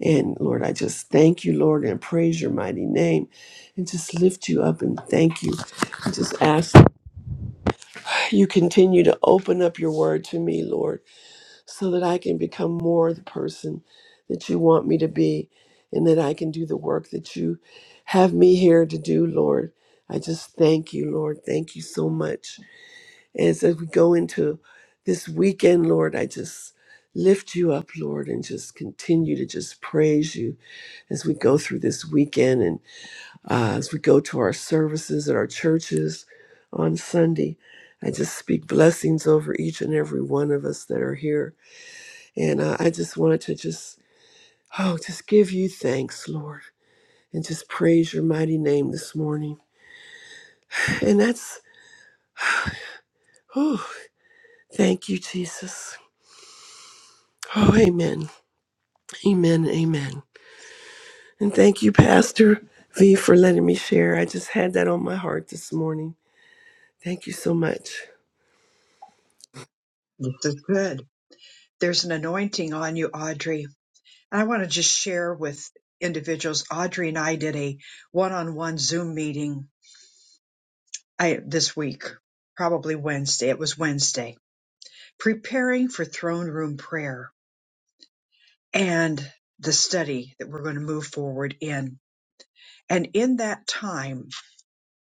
Speaker 9: and lord i just thank you lord and praise your mighty name and just lift you up and thank you and just ask you continue to open up your word to me lord so that I can become more the person that you want me to be and that I can do the work that you have me here to do, Lord. I just thank you, Lord. Thank you so much. As, as we go into this weekend, Lord, I just lift you up, Lord, and just continue to just praise you as we go through this weekend and uh, as we go to our services at our churches on Sunday. I just speak blessings over each and every one of us that are here and uh, I just wanted to just, oh, just give you thanks, Lord, and just praise your mighty name this morning. And that's, oh, thank you, Jesus. Oh, amen. Amen. Amen. And thank you, Pastor V, for letting me share. I just had that on my heart this morning. Thank you so much.
Speaker 1: This is good. There's an anointing on you, Audrey. And I want to just share with individuals. Audrey and I did a one-on-one Zoom meeting I, this week, probably Wednesday. It was Wednesday, preparing for throne room prayer and the study that we're going to move forward in. And in that time,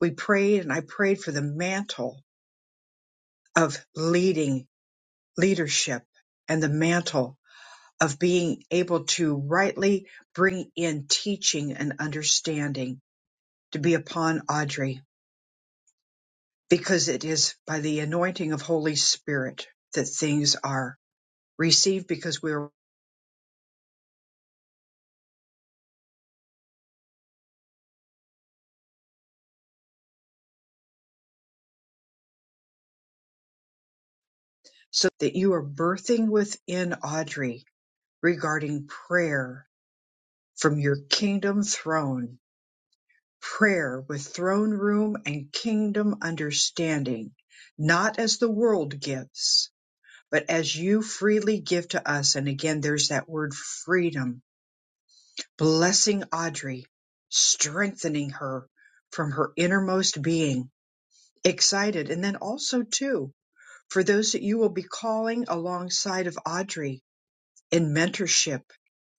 Speaker 1: we prayed and I prayed for the mantle of leading leadership and the mantle of being able to rightly bring in teaching and understanding to be upon Audrey because it is by the anointing of Holy Spirit that things are received because we're so that you are birthing within Audrey regarding prayer from your kingdom throne prayer with throne room and kingdom understanding, not as the world gives, but as you freely give to us. And again, there's that word freedom, blessing Audrey, strengthening her from her innermost being, excited. And then also, too, for those that you will be calling alongside of Audrey in mentorship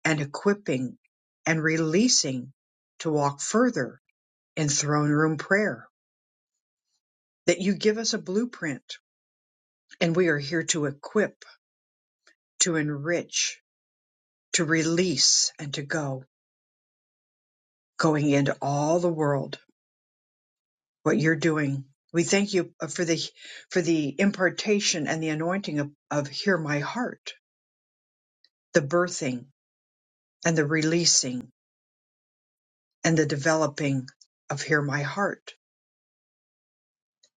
Speaker 1: and equipping and releasing to walk further in throne room prayer. that you give us a blueprint, and we are here to equip, to enrich, to release, and to go, going into all the world, what you're doing. We thank you for the for the impartation and the anointing of, of hear my heart, the birthing and the releasing and the developing of hear my heart.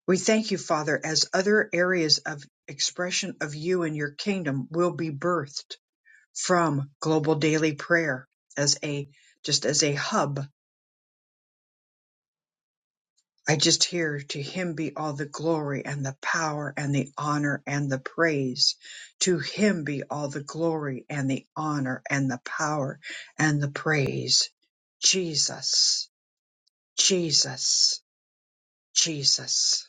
Speaker 1: We thank you, Father, as other areas of expression of you and your kingdom will be birthed from Global Daily Prayer as a just as a hub. I just hear to him be all the glory and the power and the honor and the praise. To him be all the glory and the honor and the power and the praise. Jesus, Jesus, Jesus.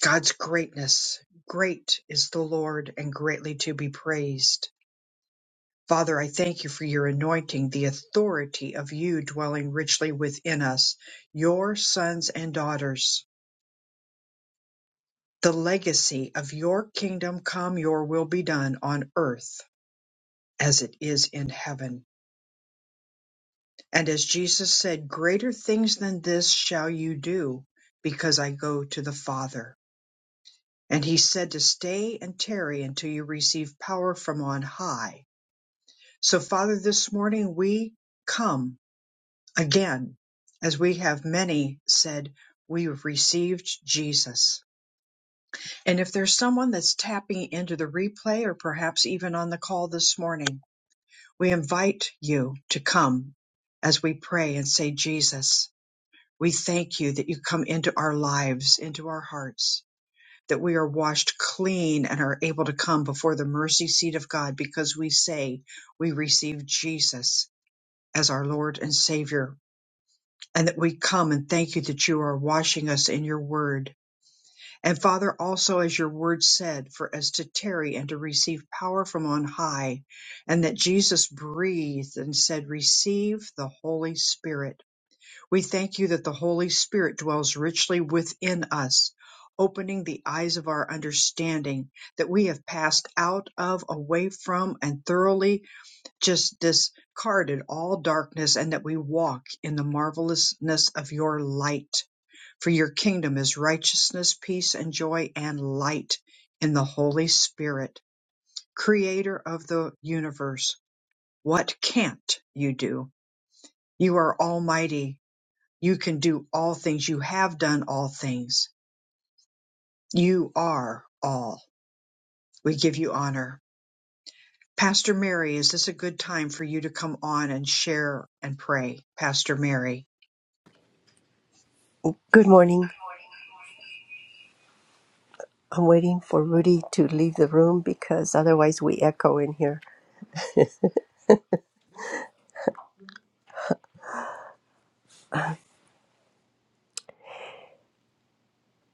Speaker 1: God's greatness. Great is the Lord and greatly to be praised. Father, I thank you for your anointing, the authority of you dwelling richly within us, your sons and daughters, the legacy of your kingdom come, your will be done on earth as it is in heaven. And as Jesus said, greater things than this shall you do because I go to the Father. And he said to stay and tarry until you receive power from on high. So Father, this morning we come Again, as we have many said, we've received Jesus. And if there's someone that's tapping into the replay or perhaps even on the call this morning, we invite you to come as we pray and say, Jesus, we thank you that you come into our lives, into our hearts, that we are washed clean and are able to come before the mercy seat of God because we say we receive Jesus as our Lord and Savior and that we come and thank you that you are washing us in your word. And Father, also as your word said, for us to tarry and to receive power from on high, and that Jesus breathed and said, Receive the Holy Spirit. We thank you that the Holy Spirit dwells richly within us. Opening the eyes of our understanding that we have passed out of, away from, and thoroughly just discarded all darkness and that we walk in the marvelousness of your light. For your kingdom is righteousness, peace, and joy, and light in the Holy Spirit, creator of the universe. What can't you do? You are almighty. You can do all things. You have done all things. You are all. We give you honor. Pastor Mary, is this a good time for you to come on and share and pray? Pastor Mary.
Speaker 10: Good morning. I'm waiting for Rudy to leave the room because otherwise we echo in here.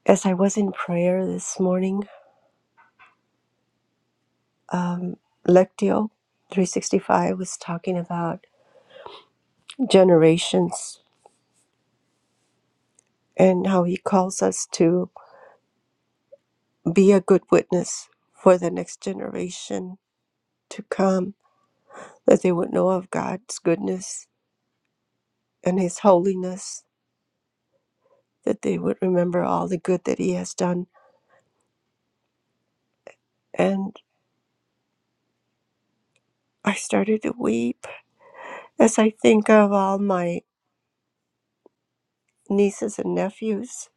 Speaker 10: As I was in prayer this morning, Lectio 365 was talking about generations and how he calls us to be a good witness for the next generation to come, that they would know of God's goodness and his holiness, that they would remember all the good that he has done. And I started to weep as I think of all my nieces and nephews.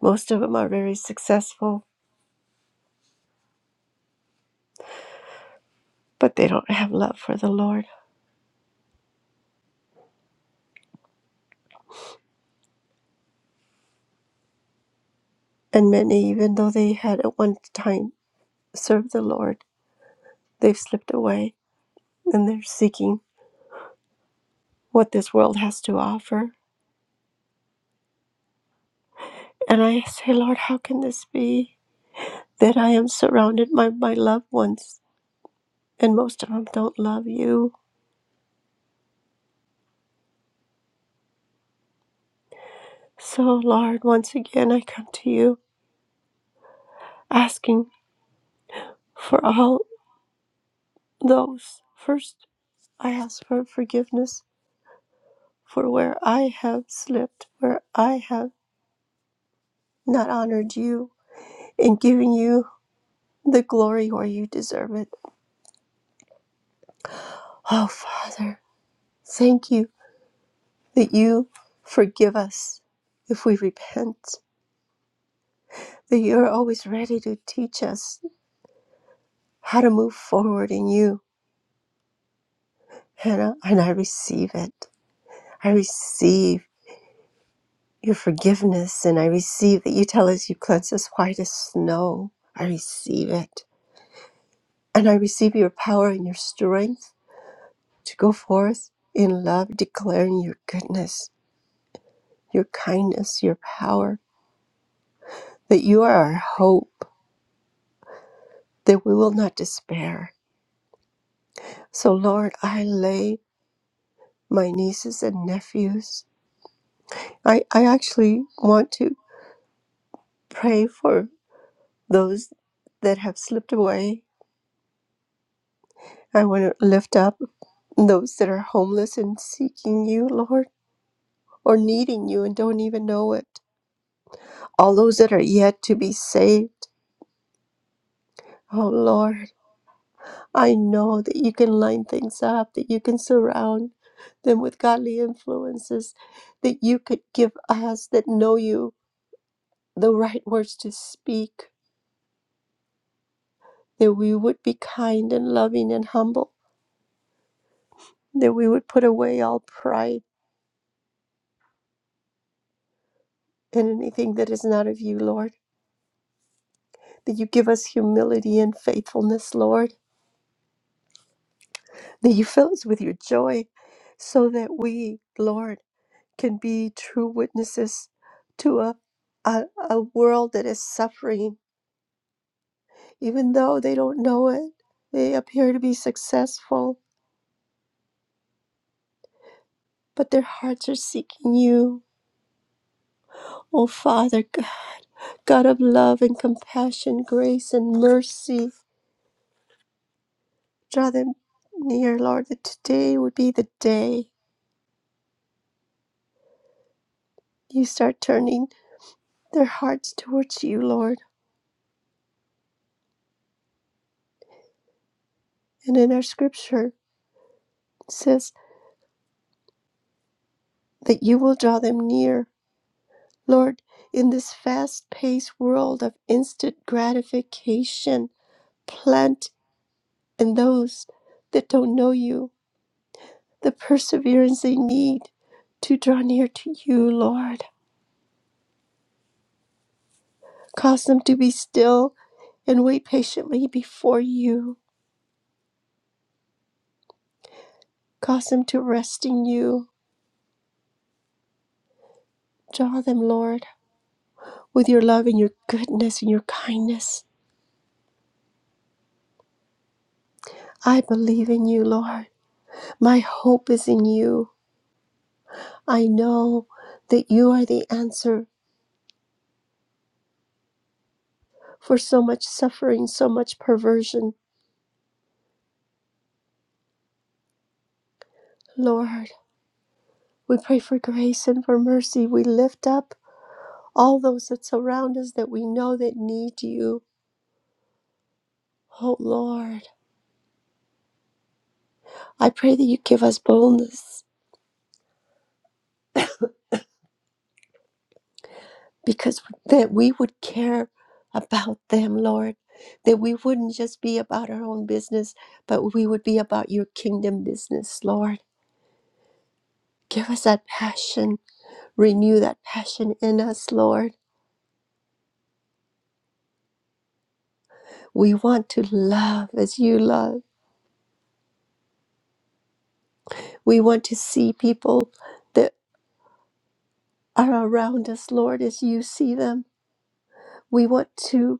Speaker 10: Most of them are very successful, but they don't have love for the Lord. And many, even though they had at one time served the Lord, they've slipped away and they're seeking what this world has to offer. And I say, Lord, how can this be that I am surrounded by my loved ones and most of them don't love you? So, Lord, once again, I come to you asking for all those. First, I ask for forgiveness for where I have slipped, where I have not honored you and giving you the glory where you deserve it. Oh, Father, thank you that you forgive us if we repent, that you're always ready to teach us how to move forward in you, Hannah, and I receive it. I receive your forgiveness, and I receive that you tell us you cleanse us white as snow. I receive it. And I receive your power and your strength to go forth in love, declaring your goodness, your kindness, your power, that you are our hope, that we will not despair. So, Lord, I lay my nieces and nephews. I, I actually want to pray for those that have slipped away. I want to lift up those that are homeless and seeking you, Lord, or needing you and don't even know it. All those that are yet to be saved. Oh, Lord. I know that you can line things up, that you can surround them with godly influences, that you could give us that know you the right words to speak, that we would be kind and loving and humble, that we would put away all pride and anything that is not of you, Lord, that you give us humility and faithfulness, Lord, that you fill us with your joy so that we, Lord, can be true witnesses to a, a, a world that is suffering Even though they don't know it, they appear to be successful, but their hearts are seeking you. Oh, Father, G- God of love and compassion, grace and mercy, draw them near, Lord, that today would be the day you start turning their hearts towards you, Lord. And in our scripture, it says that you will draw them near. Lord, in this fast paced world of instant gratification, plant and those that don't know you the perseverance they need to draw near to you, Lord. Cause them to be still and wait patiently before you. Cause them to rest in you. Draw them, Lord, with your love and your goodness and your kindness. I believe in you, Lord. My hope is in you. I know that you are the answer for so much suffering, so much perversion, Lord. We pray for grace and for mercy. We lift up all those that surround us that we know that need you. Oh Lord, I pray that you give us boldness because that we would care about them, Lord, that we wouldn't just be about our own business, but we would be about your kingdom business, Lord. Give us that passion, renew that passion in us, Lord. We want to love as you love. We want to see people that are around us, Lord, as you see them. We want to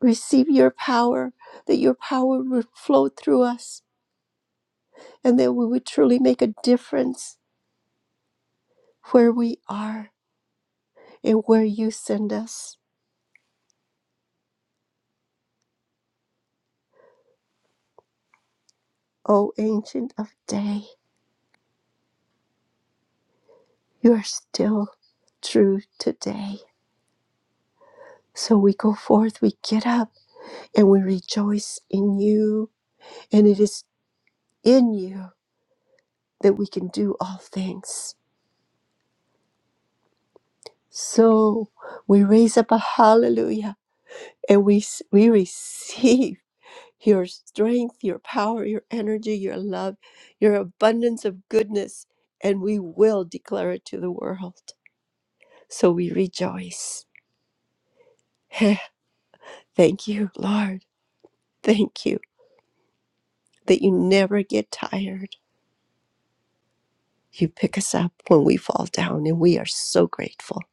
Speaker 10: receive your power, that your power would flow through us, and that we would truly make a difference where we are and where you send us. O Ancient of Day, you are still true today. So we go forth, we get up, and we rejoice in you. And it is in you that we can do all things. So we raise up a hallelujah and we, we receive. your strength, your power, your energy, your love, your abundance of goodness, and we will declare it to the world. So we rejoice. Heh, Thank you, Lord. Thank you that you never get tired. You pick us up when we fall down, and we are so grateful.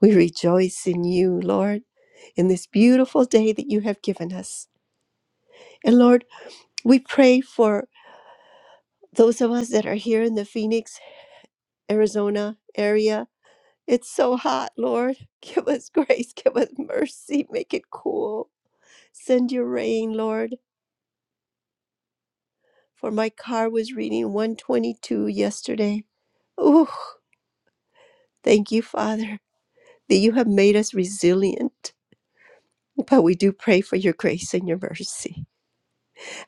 Speaker 10: We rejoice in you, Lord, in this beautiful day that you have given us. And Lord, we pray for those of us that are here in the Phoenix, Arizona area It's so hot, Lord. Give us grace, give us mercy, make it cool. Send your rain, Lord, for my car was reading 122 yesterday. Ooh, thank you, Father, that you have made us resilient. But we do pray for your grace and your mercy.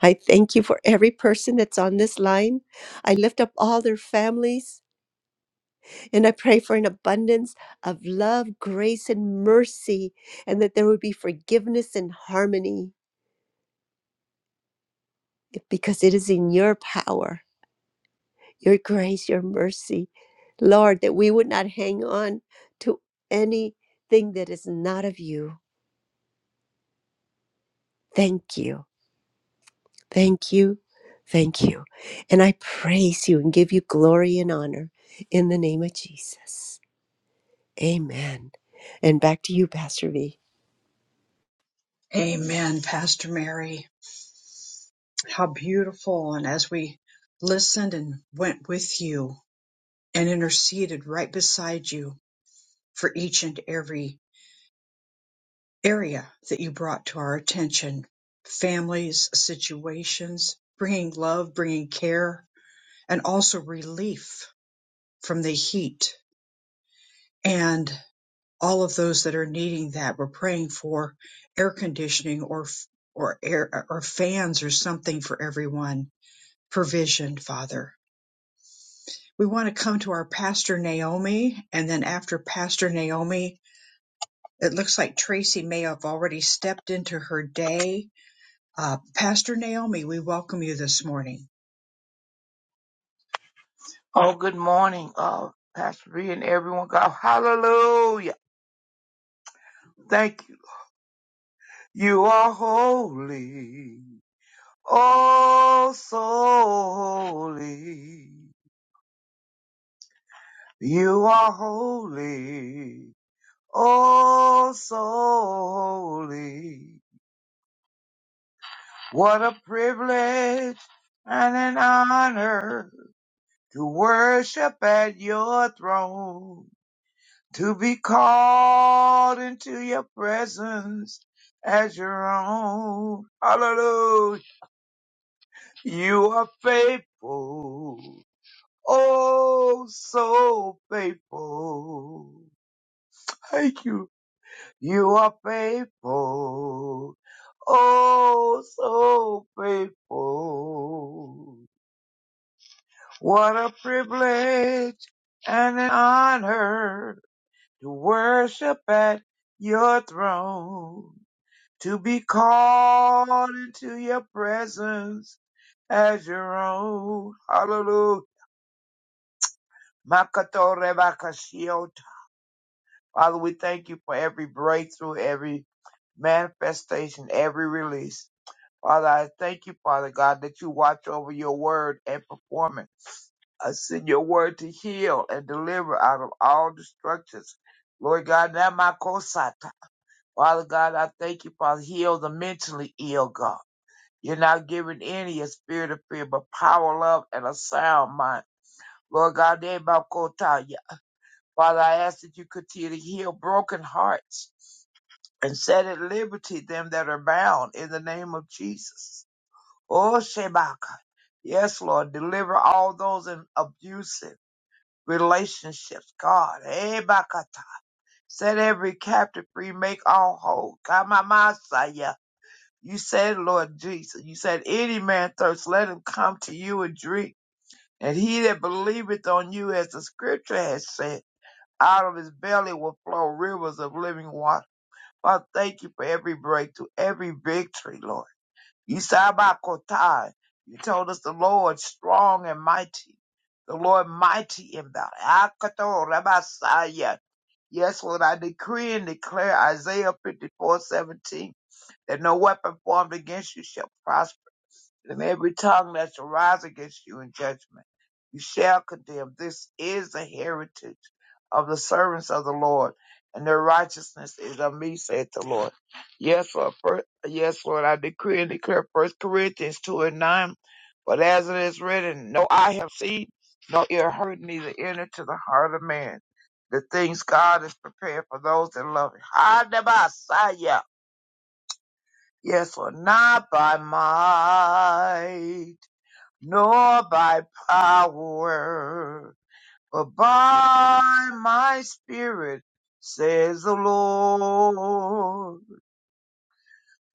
Speaker 10: I thank you for every person that's on this line. I lift up all their families and I pray for an abundance of love, grace, and mercy, and that there would be forgiveness and harmony. because it is in your power, your grace, your mercy, Lord, that we would not hang on to anything that is not of you. Thank you. Thank you. Thank you. And I praise you and give you glory and honor in the name of Jesus. Amen. And back to you, Pastor V.
Speaker 1: Amen, Pastor Mary. How beautiful. And as we listened and went with you and interceded right beside you for each and every area that you brought to our attention families, situations, bringing love, bringing care, and also relief from the heat and all of those that are needing that. We're praying for air conditioning or or air or fans or something for everyone provision, Father. We want to come to our pastor Naomi, and then after Pastor Naomi, it looks like Tracy may have already stepped into her day. Uh, pastor Naomi, we welcome you this morning.
Speaker 11: Oh, good morning, uh, Pastor B and everyone. God, hallelujah. Thank you. You are holy. Oh, so holy. You are holy. Oh, so holy. What a privilege and an honor to worship at your throne. to be called into your presence as your own. Hallelujah. You are faithful. Oh, so faithful. Thank you. You are faithful. Oh, so faithful. What a privilege and an honor to worship at your throne. to be called into your presence as your own. Hallelujah. Makato rebakashio. Father, we thank you for every breakthrough, every manifestation, every release. Father, I thank you, Father God, that you watch over your word and perform it. I send your word to heal and deliver out of all destructions. Lord God, now my kosata. Father God, I thank you, Father. Heal the mentally ill, God. You're not giving any a spirit of fear, but power, love, and a sound mind. Lord God, name my Kotaya. Father, I ask that you continue to heal broken hearts and set at liberty them that are bound in the name of Jesus. Oh, Shebaka. Yes, Lord, deliver all those in abusive relationships. God, eh, Bakata. set every captive free, make all whole. Kamamasaya. You said, Lord Jesus, you said, any man thirst, let him come to you and drink. And he that believeth on you, as the scripture has said, out of his belly will flow rivers of living water. Father, thank you for every breakthrough, every victory, Lord. You Sabakotai. You told us the Lord strong and mighty. The Lord mighty in battle. Akato Rabasaya. Yes, Lord, I decree and declare Isaiah fifty-four seventeen that no weapon formed against you shall prosper, and every tongue that shall rise against you in judgment you shall condemn. This is the heritage of the servants of the Lord, and their righteousness is of me, saith the Lord. Yes, Lord, Yes, Lord, I decree and declare First Corinthians two and nine. But as it is written, no eye have seen, no ear heard, neither enter to the heart of man. The things God is prepared for those that love him. Hadabasaya. Yes, Lord, not by might, nor by power, but by my spirit, says the Lord.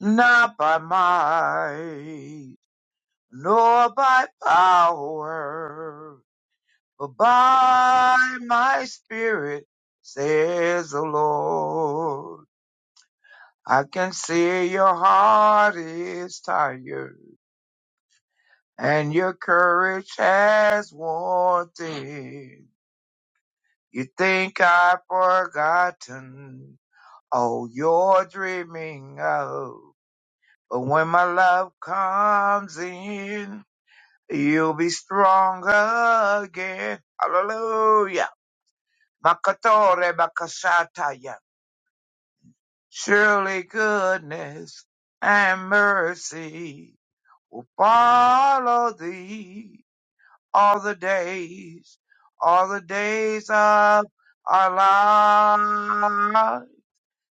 Speaker 11: Not by might nor by power, but by my spirit, says the Lord. I can see your heart is tired and your courage has worn thin. You think I've forgotten all you're dreaming of, but when my love comes in, You'll be strong again. Hallelujah. Makatore bakashataya. Surely goodness and mercy will follow thee all the days, all the days of our life.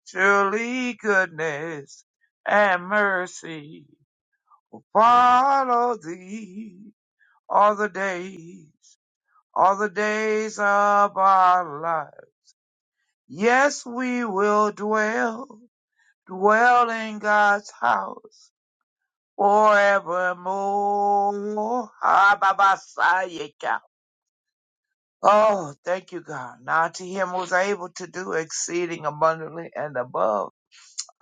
Speaker 11: Surely goodness and mercy will follow thee all the days all the days of our life. Yes, we will dwell, dwell in God's house forevermore. Ah, Oh, thank you, God. Now to him was able to do exceeding abundantly and above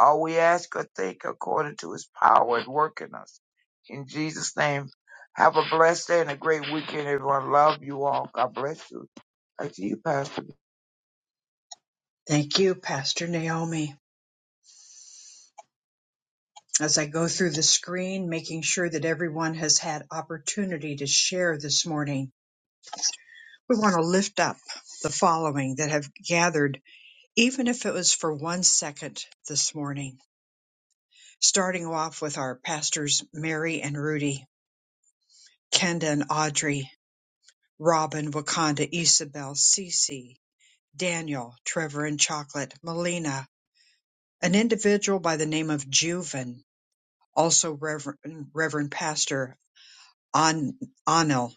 Speaker 11: all we ask or think according to his power at work in us. In Jesus' name, have a blessed day and a great weekend, everyone. Love you all. God bless you. Back to you, Pastor.
Speaker 1: Thank you, Pastor Naomi. As I go through the screen, making sure that everyone has had opportunity to share this morning, we want to lift up the following that have gathered, even if it was for one second this morning. starting off with our pastors Mary and Rudy, Kenda and Audrey, Robin, Wakanda, Isabel, Cece, Daniel, Trevor and Chocolate, Melina, an individual by the name of Juven, also Reverend, Reverend Pastor An, Anil,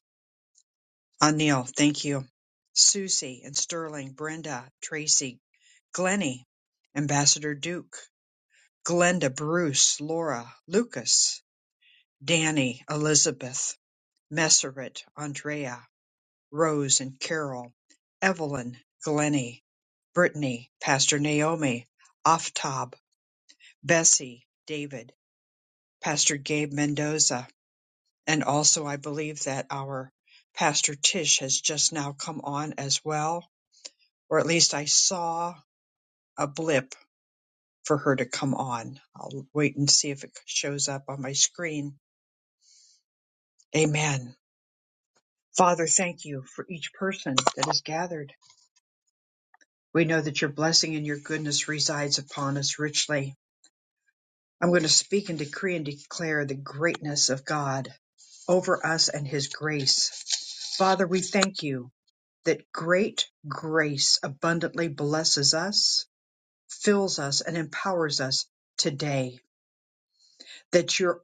Speaker 1: Anil, thank you, Susie and Sterling, Brenda, Tracy, Glennie, Ambassador Duke, Glenda, Bruce, Laura, Lucas, Danny, Elizabeth, Messeret, Andrea, Rose and Carol, Evelyn, Glennie, Brittany, Pastor Naomi, Aftab, Bessie, David, Pastor Gabe Mendoza, and also I believe that our Pastor Tish has just now come on as well, or at least I saw a blip for her to come on. I'll wait and see if it shows up on my screen. Amen. Father, thank you for each person that is gathered. We know that your blessing and your goodness resides upon us richly. I'm going to speak and decree and declare the greatness of God over us and his grace. Father, we thank you that great grace abundantly blesses us, fills us, and empowers us today. That your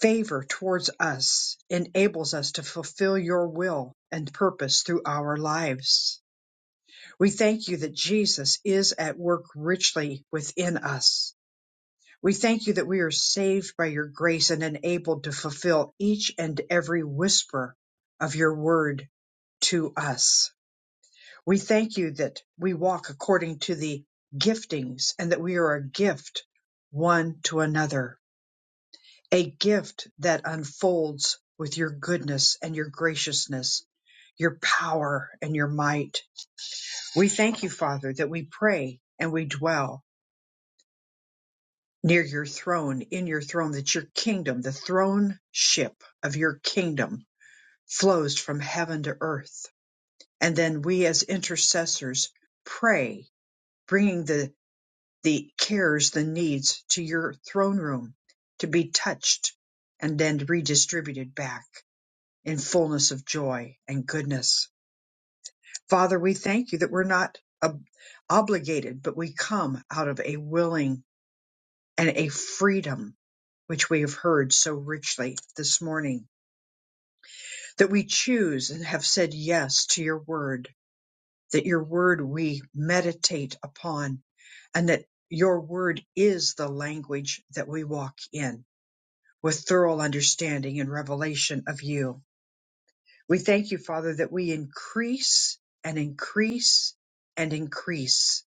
Speaker 1: favor towards us enables us to fulfill your will and purpose through our lives. We thank you that Jesus is at work richly within us We thank you that we are saved by your grace and enabled to fulfill each and every whisper of your word to us. We thank you that we walk according to the giftings and that we are a gift one to another, a gift that unfolds with your goodness and your graciousness, your power and your might. We thank you, Father, that we pray and we dwell near your throne, in your throne, that your kingdom, the throne ship of your kingdom, flows from heaven to earth. And then we as intercessors pray, bringing the, the cares, the needs to your throne room to be touched and then redistributed back in fullness of joy and goodness. Father, we thank you that we're not ob- obligated, but we come out of a willing and a freedom which we have heard so richly this morning that we choose and have said yes to your word, that your word we meditate upon, and that your word is the language that we walk in with thorough understanding and revelation of you. We thank you, Father, that we increase and increase and increase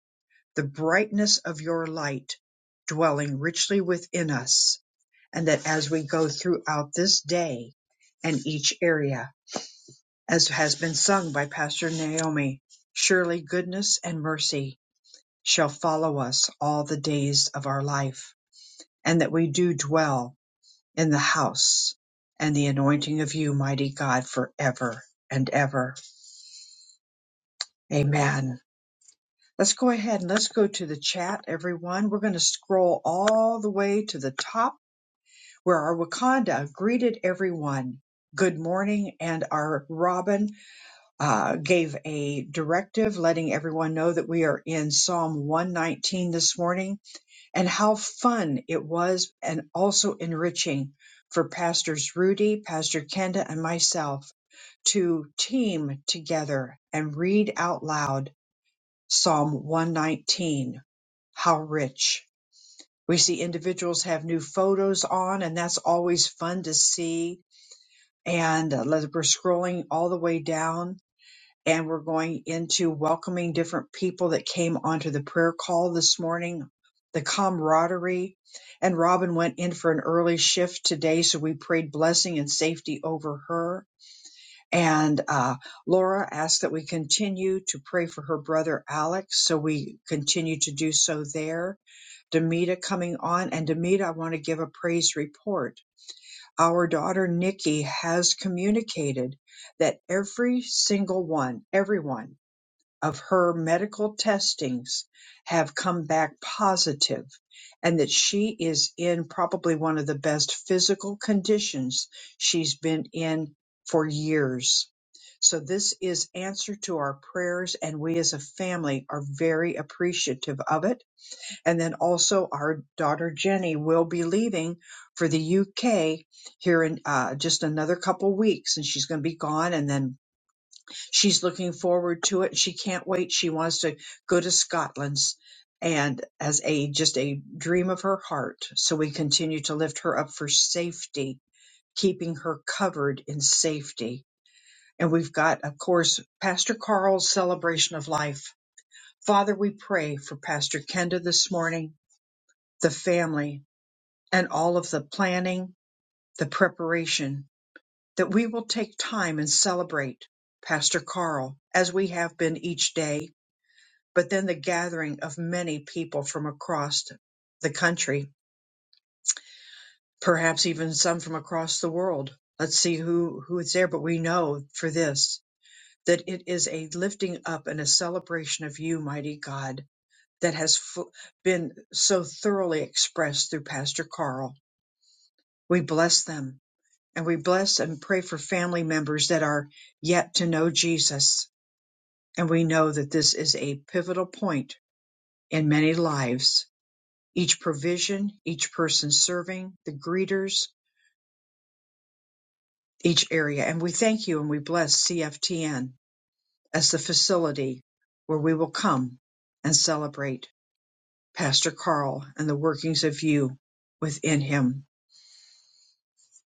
Speaker 1: the brightness of your light dwelling richly within us and that as we go throughout this day and each area, as has been sung by Pastor Naomi, surely goodness and mercy shall follow us all the days of our life, and that we do dwell in the house and the anointing of you, mighty God, forever and ever. Amen. Let's go ahead and let's go to the chat, everyone. We're going to scroll all the way to the top where our Wakanda greeted everyone. Good morning, and our Robin uh, gave a directive letting everyone know that we are in Psalm 119 this morning and how fun it was and also enriching for Pastors Rudy, Pastor Kenda, and myself to team together and read out loud Psalm 119. How rich. We see individuals have new photos on, and that's always fun to see and uh, let- we're scrolling all the way down and we're going into welcoming different people that came onto the prayer call this morning the camaraderie and robin went in for an early shift today so we prayed blessing and safety over her and uh, laura asked that we continue to pray for her brother alex so we continue to do so there demita coming on and demita i want to give a praise report our daughter Nikki has communicated that every single one, everyone of her medical testings have come back positive and that she is in probably one of the best physical conditions she's been in for years. So this is answer to our prayers and we as a family are very appreciative of it and then also our daughter Jenny will be leaving for the UK here in uh, just another couple weeks, and she's going to be gone. And then she's looking forward to it. She can't wait. She wants to go to Scotland, and as a just a dream of her heart. So we continue to lift her up for safety, keeping her covered in safety. And we've got, of course, Pastor Carl's celebration of life. Father, we pray for Pastor Kenda this morning, the family, and all of the planning, the preparation, that we will take time and celebrate Pastor Carl as we have been each day, but then the gathering of many people from across the country, perhaps even some from across the world. Let's see who, who is there, but we know for this that it is a lifting up and a celebration of you, mighty God, that has f- been so thoroughly expressed through Pastor Carl. We bless them and we bless and pray for family members that are yet to know Jesus. And we know that this is a pivotal point in many lives, each provision, each person serving, the greeters, each area. And we thank you and we bless CFTN as the facility where we will come and celebrate Pastor Carl and the workings of you within him.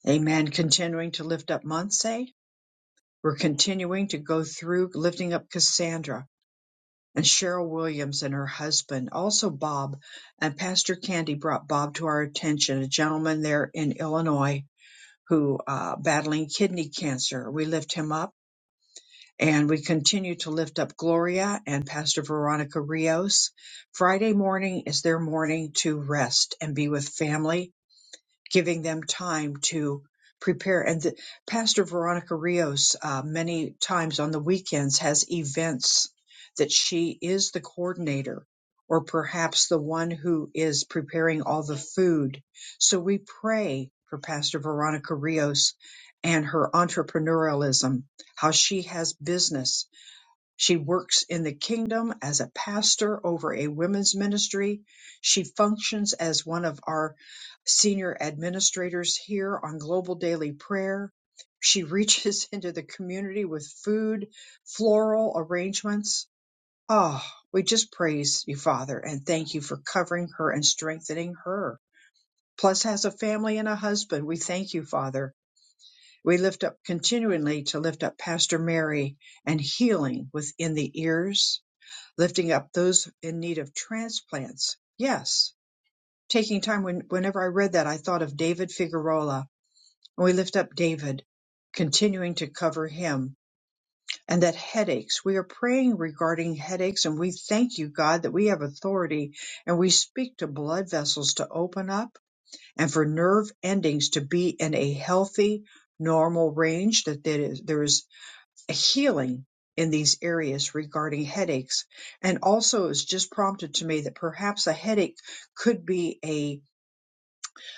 Speaker 1: Amen. Continuing to lift up Monse. We're continuing to go through lifting up Cassandra and Cheryl Williams and her husband, also Bob, and Pastor Candy brought Bob to our attention, a gentleman there in Illinois who uh, battling kidney cancer. We lift him up and we continue to lift up Gloria and Pastor Veronica Rios. Friday morning is their morning to rest and be with family giving them time to prepare. And the, Pastor Veronica Rios, uh, many times on the weekends, has events that she is the coordinator or perhaps the one who is preparing all the food. So we pray for Pastor Veronica Rios and her entrepreneurialism, how she has business she works in the kingdom as a pastor over a women's ministry. She functions as one of our senior administrators here on Global Daily Prayer. She reaches into the community with food, floral arrangements. Oh, we just praise you, Father, and thank you for covering her and strengthening her. Plus, has a family and a husband. We thank you, Father. We lift up continually to lift up Pastor Mary and healing within the ears lifting up those in need of transplants. Yes, taking time. When, whenever I read that, I thought of David Figueroa, and we lift up David, continuing to cover him. And that headaches, we are praying regarding headaches, and we thank you, God, that we have authority and we speak to blood vessels to open up and for nerve endings to be in a healthy, normal range, that there is, there is healing in these areas regarding headaches. And also, it was just prompted to me that perhaps a headache could be a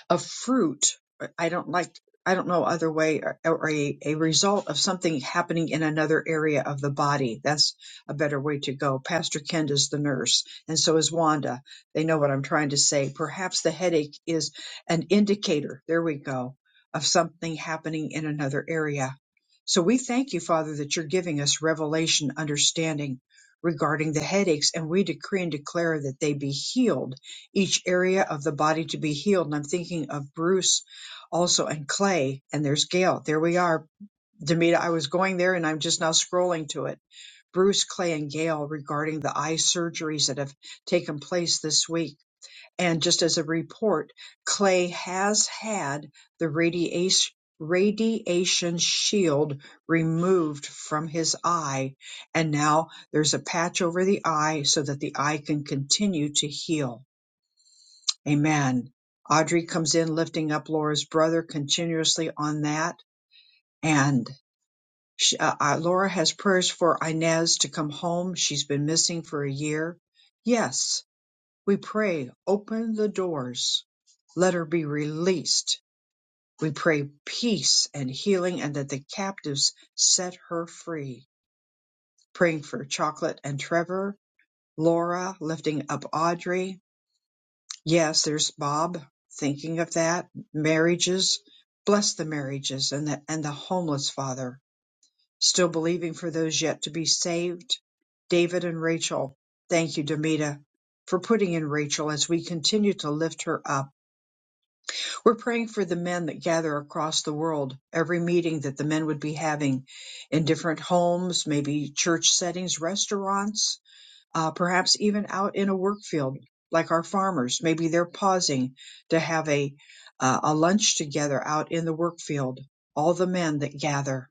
Speaker 1: a fruit. I don't like, I don't know other way or, or a, a result of something happening in another area of the body. That's a better way to go. Pastor Kent is the nurse and so is Wanda. They know what I'm trying to say. Perhaps the headache is an indicator. There we go of something happening in another area. So we thank you, Father, that you're giving us revelation understanding regarding the headaches and we decree and declare that they be healed each area of the body to be healed. And I'm thinking of Bruce also and Clay, and there's Gail. There we are. Demita, I was going there and I'm just now scrolling to it. Bruce, Clay, and Gail regarding the eye surgeries that have taken place this week. And just as a report, Clay has had the radiation radiation shield removed from his eye and now there's a patch over the eye so that the eye can continue to heal Amen. Audrey comes in lifting up Laura's brother continuously on that. And she, uh, uh, Laura has prayers for Inez to come home. She's been missing for a year. Yes, we pray, open the doors. Let her be released. We pray peace and healing and that the captives set her free. Praying for Chocolate and Trevor, Laura lifting up Audrey, Yes, there's Bob thinking of that marriages, bless the marriages, and the and the homeless father still believing for those yet to be saved. David and Rachel, thank you, Demita, for putting in Rachel as we continue to lift her up. We're praying for the men that gather across the world. Every meeting that the men would be having in different homes, maybe church settings, restaurants uh, perhaps even out in a work field like our farmers maybe they're pausing to have a uh, a lunch together out in the work field all the men that gather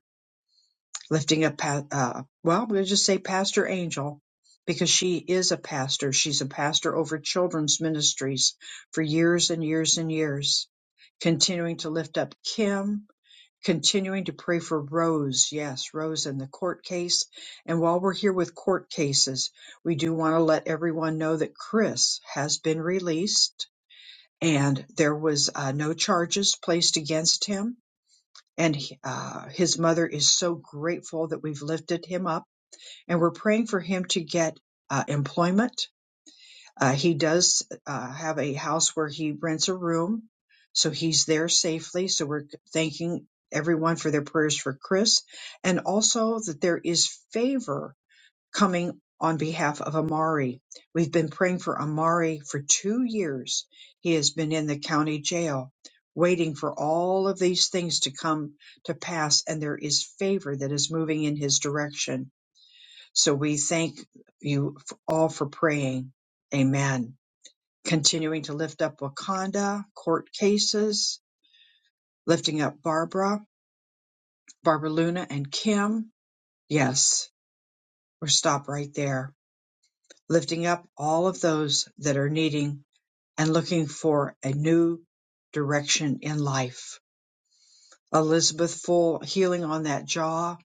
Speaker 1: lifting up pa- uh, well we'll just say pastor angel because she is a pastor she's a pastor over children's ministries for years and years and years continuing to lift up kim continuing to pray for Rose. Yes, Rose in the court case. And while we're here with court cases, we do want to let everyone know that Chris has been released and there was uh, no charges placed against him. And he- uh, his mother is so grateful that we've lifted him up and we're praying for him to get uh, employment uh, he does uh, have a house where he rents a room, so he's there safely. So we're thanking everyone for their prayers for Chris, and also that there is favor coming on behalf of Amari. We've been praying for Amari for two years. He has been in the county jail. Waiting for all of these things to come to pass, and there is favor that is moving in his direction. So we thank you all for praying. Amen continuing to lift up Wakanda, court cases, lifting up Barbara, Barbara Luna, and Kim. Yes, or stop right there. Lifting up all of those that are needing and looking for a new direction in life. Elizabeth Full healing on that jaw.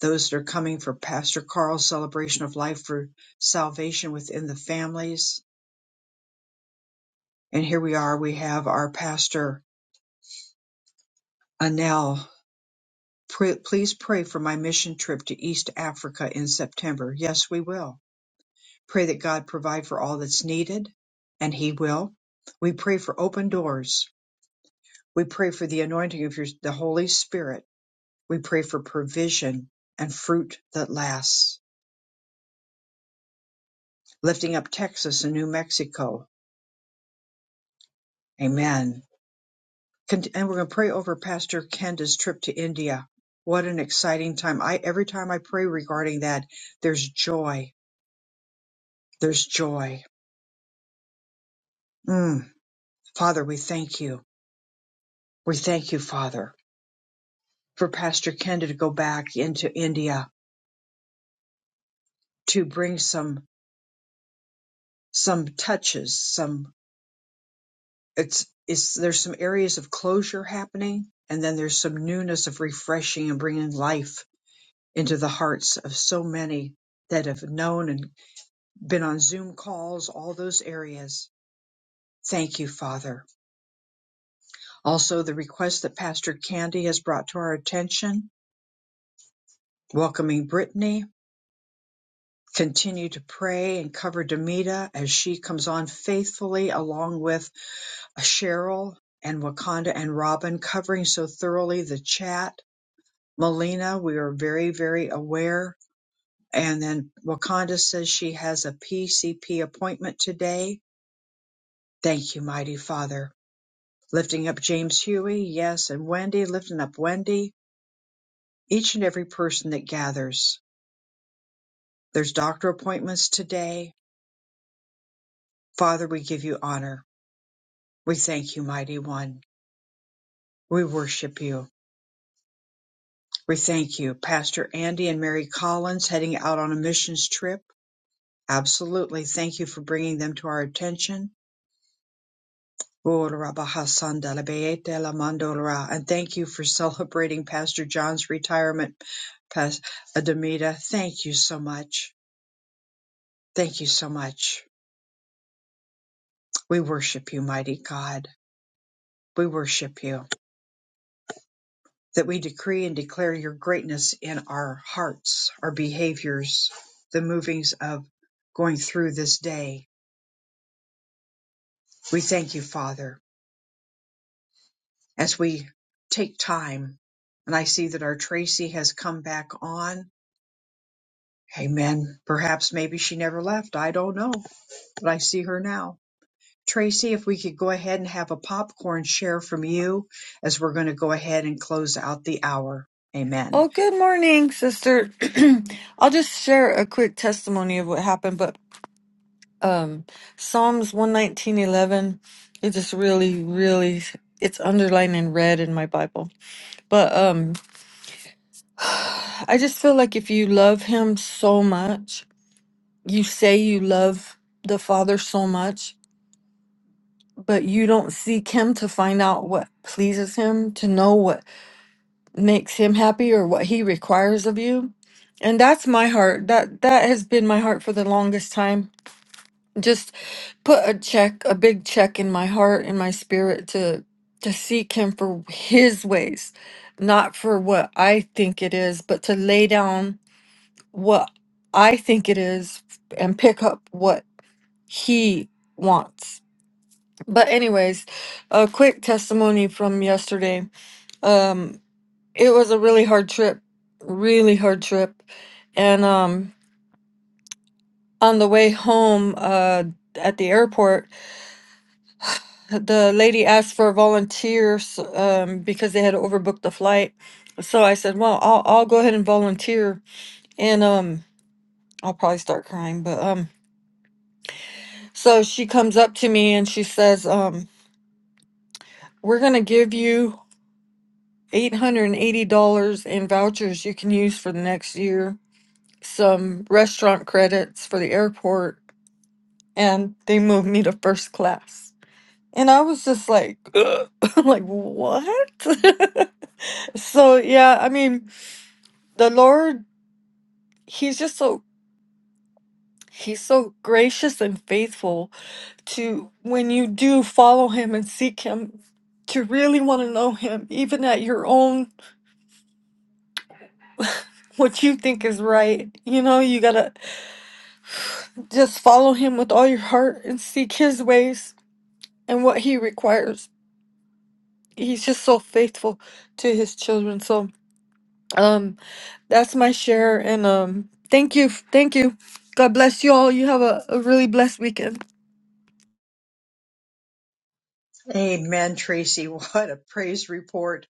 Speaker 1: Those that are coming for Pastor Carl's celebration of life for salvation within the families. And here we are, we have our pastor, Anel Pray, please pray for my mission trip to East Africa in September. Yes, we will. Pray that God provide for all that's needed, and He will. We pray for open doors. We pray for the anointing of your, the Holy Spirit. We pray for provision and fruit that lasts. Lifting up Texas and New Mexico. Amen. Con- And we're going to pray over Pastor Kenda's trip to India. What an exciting time. I, every time I pray regarding that, there's joy. There's joy. Mm. Father, we thank you. We thank you, Father, for Pastor Kenda to go back into India to bring some some touches, some it's it's there's some areas of closure happening and then there's some newness of refreshing and bringing life into the hearts of so many that have known and been on Zoom calls, all those areas. Thank you, Father. Also, the request that Pastor Candy has brought to our attention, welcoming Brittany Continue to pray and cover Demita as she comes on faithfully along with Cheryl and Wakanda and Robin covering so thoroughly the chat. Melina, we are very, very aware. And then Wakanda says she has a PCP appointment today. Thank you, mighty Father. Lifting up James Huey, yes, and Wendy, lifting up Wendy, each and every person that gathers. There's doctor appointments today. Father, we give you honor. We thank you, mighty one. We worship you. We thank you. Pastor Andy and Mary Collins heading out on a missions trip. Absolutely. Thank you for bringing them to our attention. And thank you for celebrating Pastor John's retirement, Pastor Demita. Thank you so much. Thank you so much. We worship you, mighty God. We worship you. that we decree and declare your greatness in our hearts, our behaviors, the movings of going through this day. We thank you, Father, as we take time. And I see that our Tracy has come back on. Amen. Perhaps maybe she never left. I don't know, but I see her now. Tracy, if we could go ahead and have a popcorn share from you as we're going to go ahead and close out the hour. Amen.
Speaker 12: Oh, good morning, sister. I'll just share a quick testimony of what happened, but um Psalms 119:11 it just really really it's underlined in red in my Bible. But um I just feel like if you love him so much, you say you love the Father so much, but you don't seek him to find out what pleases him, to know what makes him happy or what he requires of you and that's my heart that that has been my heart for the longest time just put a check a big check in my heart in my spirit to to seek him for his ways not for what i think it is but to lay down what i think it is and pick up what he wants but anyways a quick testimony from yesterday Um. It was a really hard trip, really hard trip. And um, on the way home uh, at the airport, the lady asked for volunteers um, because they had overbooked the flight. So I said, "Well, I'll I'll go ahead and volunteer." And um, I'll probably start crying, but um, so she comes up to me and she says, um, "We're gonna give you eight hundred and eighty dollars in vouchers you can use for the next year." Some restaurant credits for the airport and they moved me to first class. And I was just like, "Ugh." I'm like what? so yeah, I mean, the Lord, he's just so he's so gracious and faithful to when you do follow him and seek him to really want to know him even at your own what you think is right. You know, you got to just follow him with all your heart and seek his ways and what he requires. He's just so faithful to his children. So, um. That's my share. And um, thank you. Thank you. God bless you all. You have a, a really blessed weekend.
Speaker 1: Amen, Tracy. What a praise report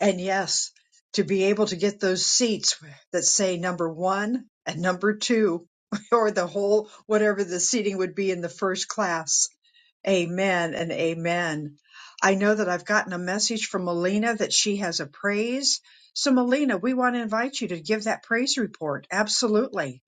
Speaker 1: And yes, to be able to get those seats that say number one and number two, or the whole, whatever the seating would be in the first class. Amen and amen. I know that I've gotten a message from Melina that she has a praise. So, Melina, we want to invite you to give that praise report. Absolutely.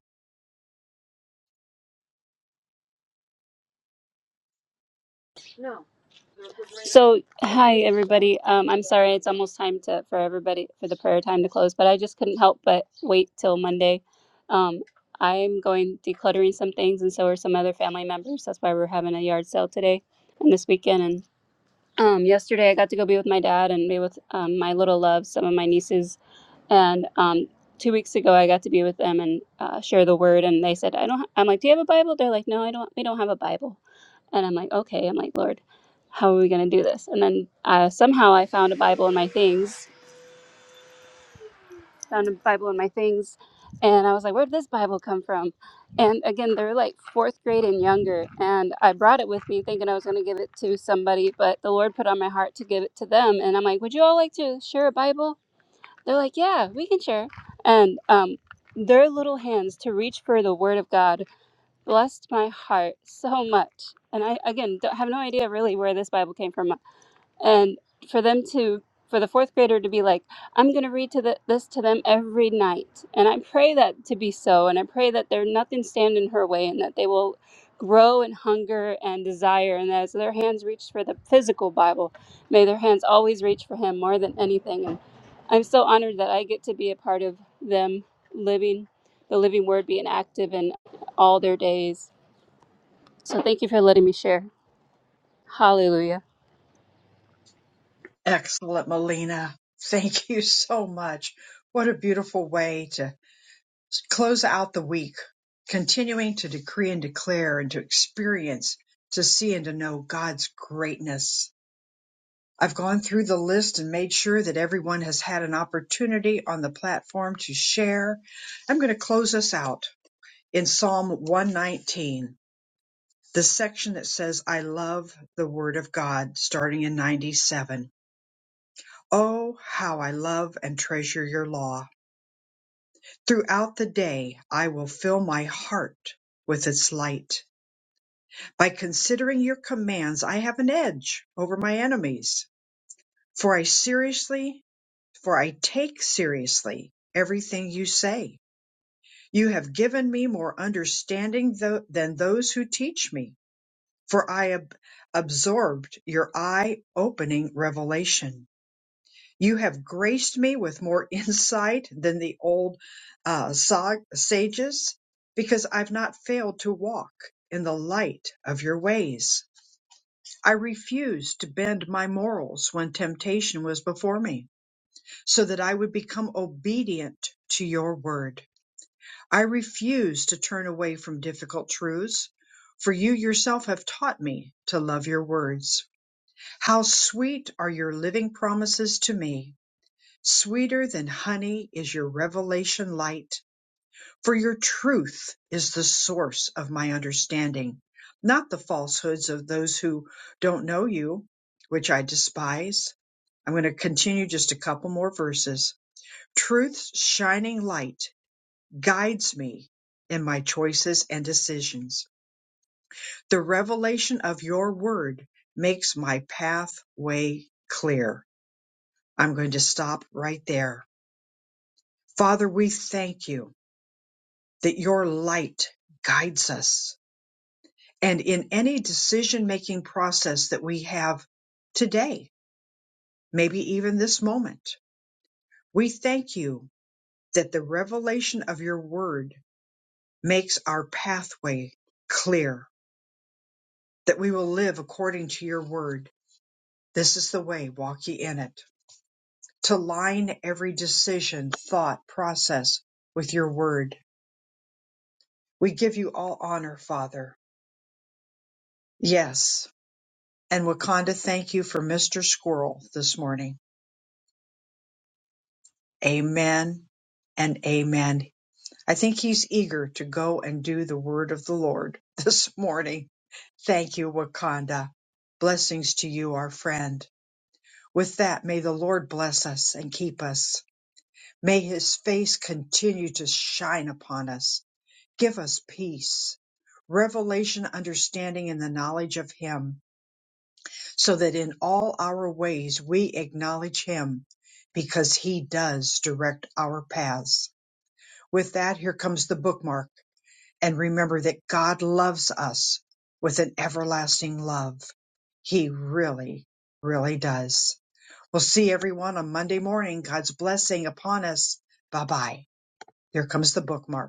Speaker 5: So, hi everybody. Um, I'm sorry it's almost time to for everybody for the prayer time to close, but I just couldn't help but wait till Monday. Um, I'm going decluttering some things, and so are some other family members. That's why we're having a yard sale today and this weekend, Um, yesterday, I got to go be with my dad and be with um, my little loves, some of my nieces. And um, two weeks ago, I got to be with them and uh, share the word. And they said, "I don't." Ha-. I'm like, "Do you have a Bible?" They're like, "No, I don't. We don't have a Bible." And I'm like, "Okay." I'm like, "Lord, how are we gonna do this?" And then uh, somehow I found a Bible in my things found a Bible in my things, and I was like, "Where'd this Bible come from?" And again, they're like fourth grade and younger, and I brought it with me thinking I was going to give it to somebody, but the Lord put on my heart to give it to them, and I'm like, "Would you all like to share a Bible?" They're like, "Yeah, we can share," and um, their little hands to reach for the Word of God blessed my heart so much. And I again don't have no idea really where this Bible came from and for them to for the fourth grader to be like i'm going to read to the, this to them every night and i pray that to be so and i pray that there nothing stand in her way and that they will grow in hunger and desire and as their hands reach for the physical bible may their hands always reach for him more than anything and i'm so honored that i get to be a part of them living the living word being active in all their days so thank you for letting me share hallelujah
Speaker 1: Excellent, Melina. Thank you so much. What a beautiful way to close out the week continuing to decree and declare and to experience, to see and to know God's greatness. I've gone through the list and made sure that everyone has had an opportunity on the platform to share. I'm going to close us out in Psalm 119, the section that says, I love the word of God, starting in 97. Oh, how I love and treasure your law. Throughout the day, I will fill my heart with its light. By considering your commands, I have an edge over my enemies, for I seriously, for I take seriously everything you say. You have given me more understanding tho- than those who teach me, for I ab- absorbed your eye-opening revelation. You have graced me with more insight than the old uh, sa- sages, because I've not failed to walk in the light of your ways. I refused to bend my morals when temptation was before me, so that I would become obedient to your word. I refuse to turn away from difficult truths, for you yourself have taught me to love your words. How sweet are your living promises to me! Sweeter than honey is your revelation light. For your truth is the source of my understanding, not the falsehoods of those who don't know you, which I despise. I'm going to continue just a couple more verses. Truth's shining light guides me in my choices and decisions. The revelation of your word makes my pathway clear. I'm going to stop right there. Father, we thank you that your light guides us and in any decision making process that we have today, maybe even this moment, we thank you that the revelation of your word makes our pathway clear, that we will live according to your word. This is the way, walk ye in it. To line every decision, thought, process with your word. We give you all honor, Father. Yes. And Wakanda, thank you for Mr. Squirrel this morning. Amen and amen. I think he's eager to go and do the word of the Lord this morning. Thank you, Wakanda. Blessings to you, our friend. With that, may the Lord bless us and keep us. May his face continue to shine upon us. Give us peace, revelation, understanding, and the knowledge of him, so that in all our ways we acknowledge him, because he does direct our paths. With that, here comes the bookmark. And remember that God loves us with an everlasting love. He really, really does. We'll see everyone on Monday morning. God's blessing upon us. Bye bye. There comes the bookmark.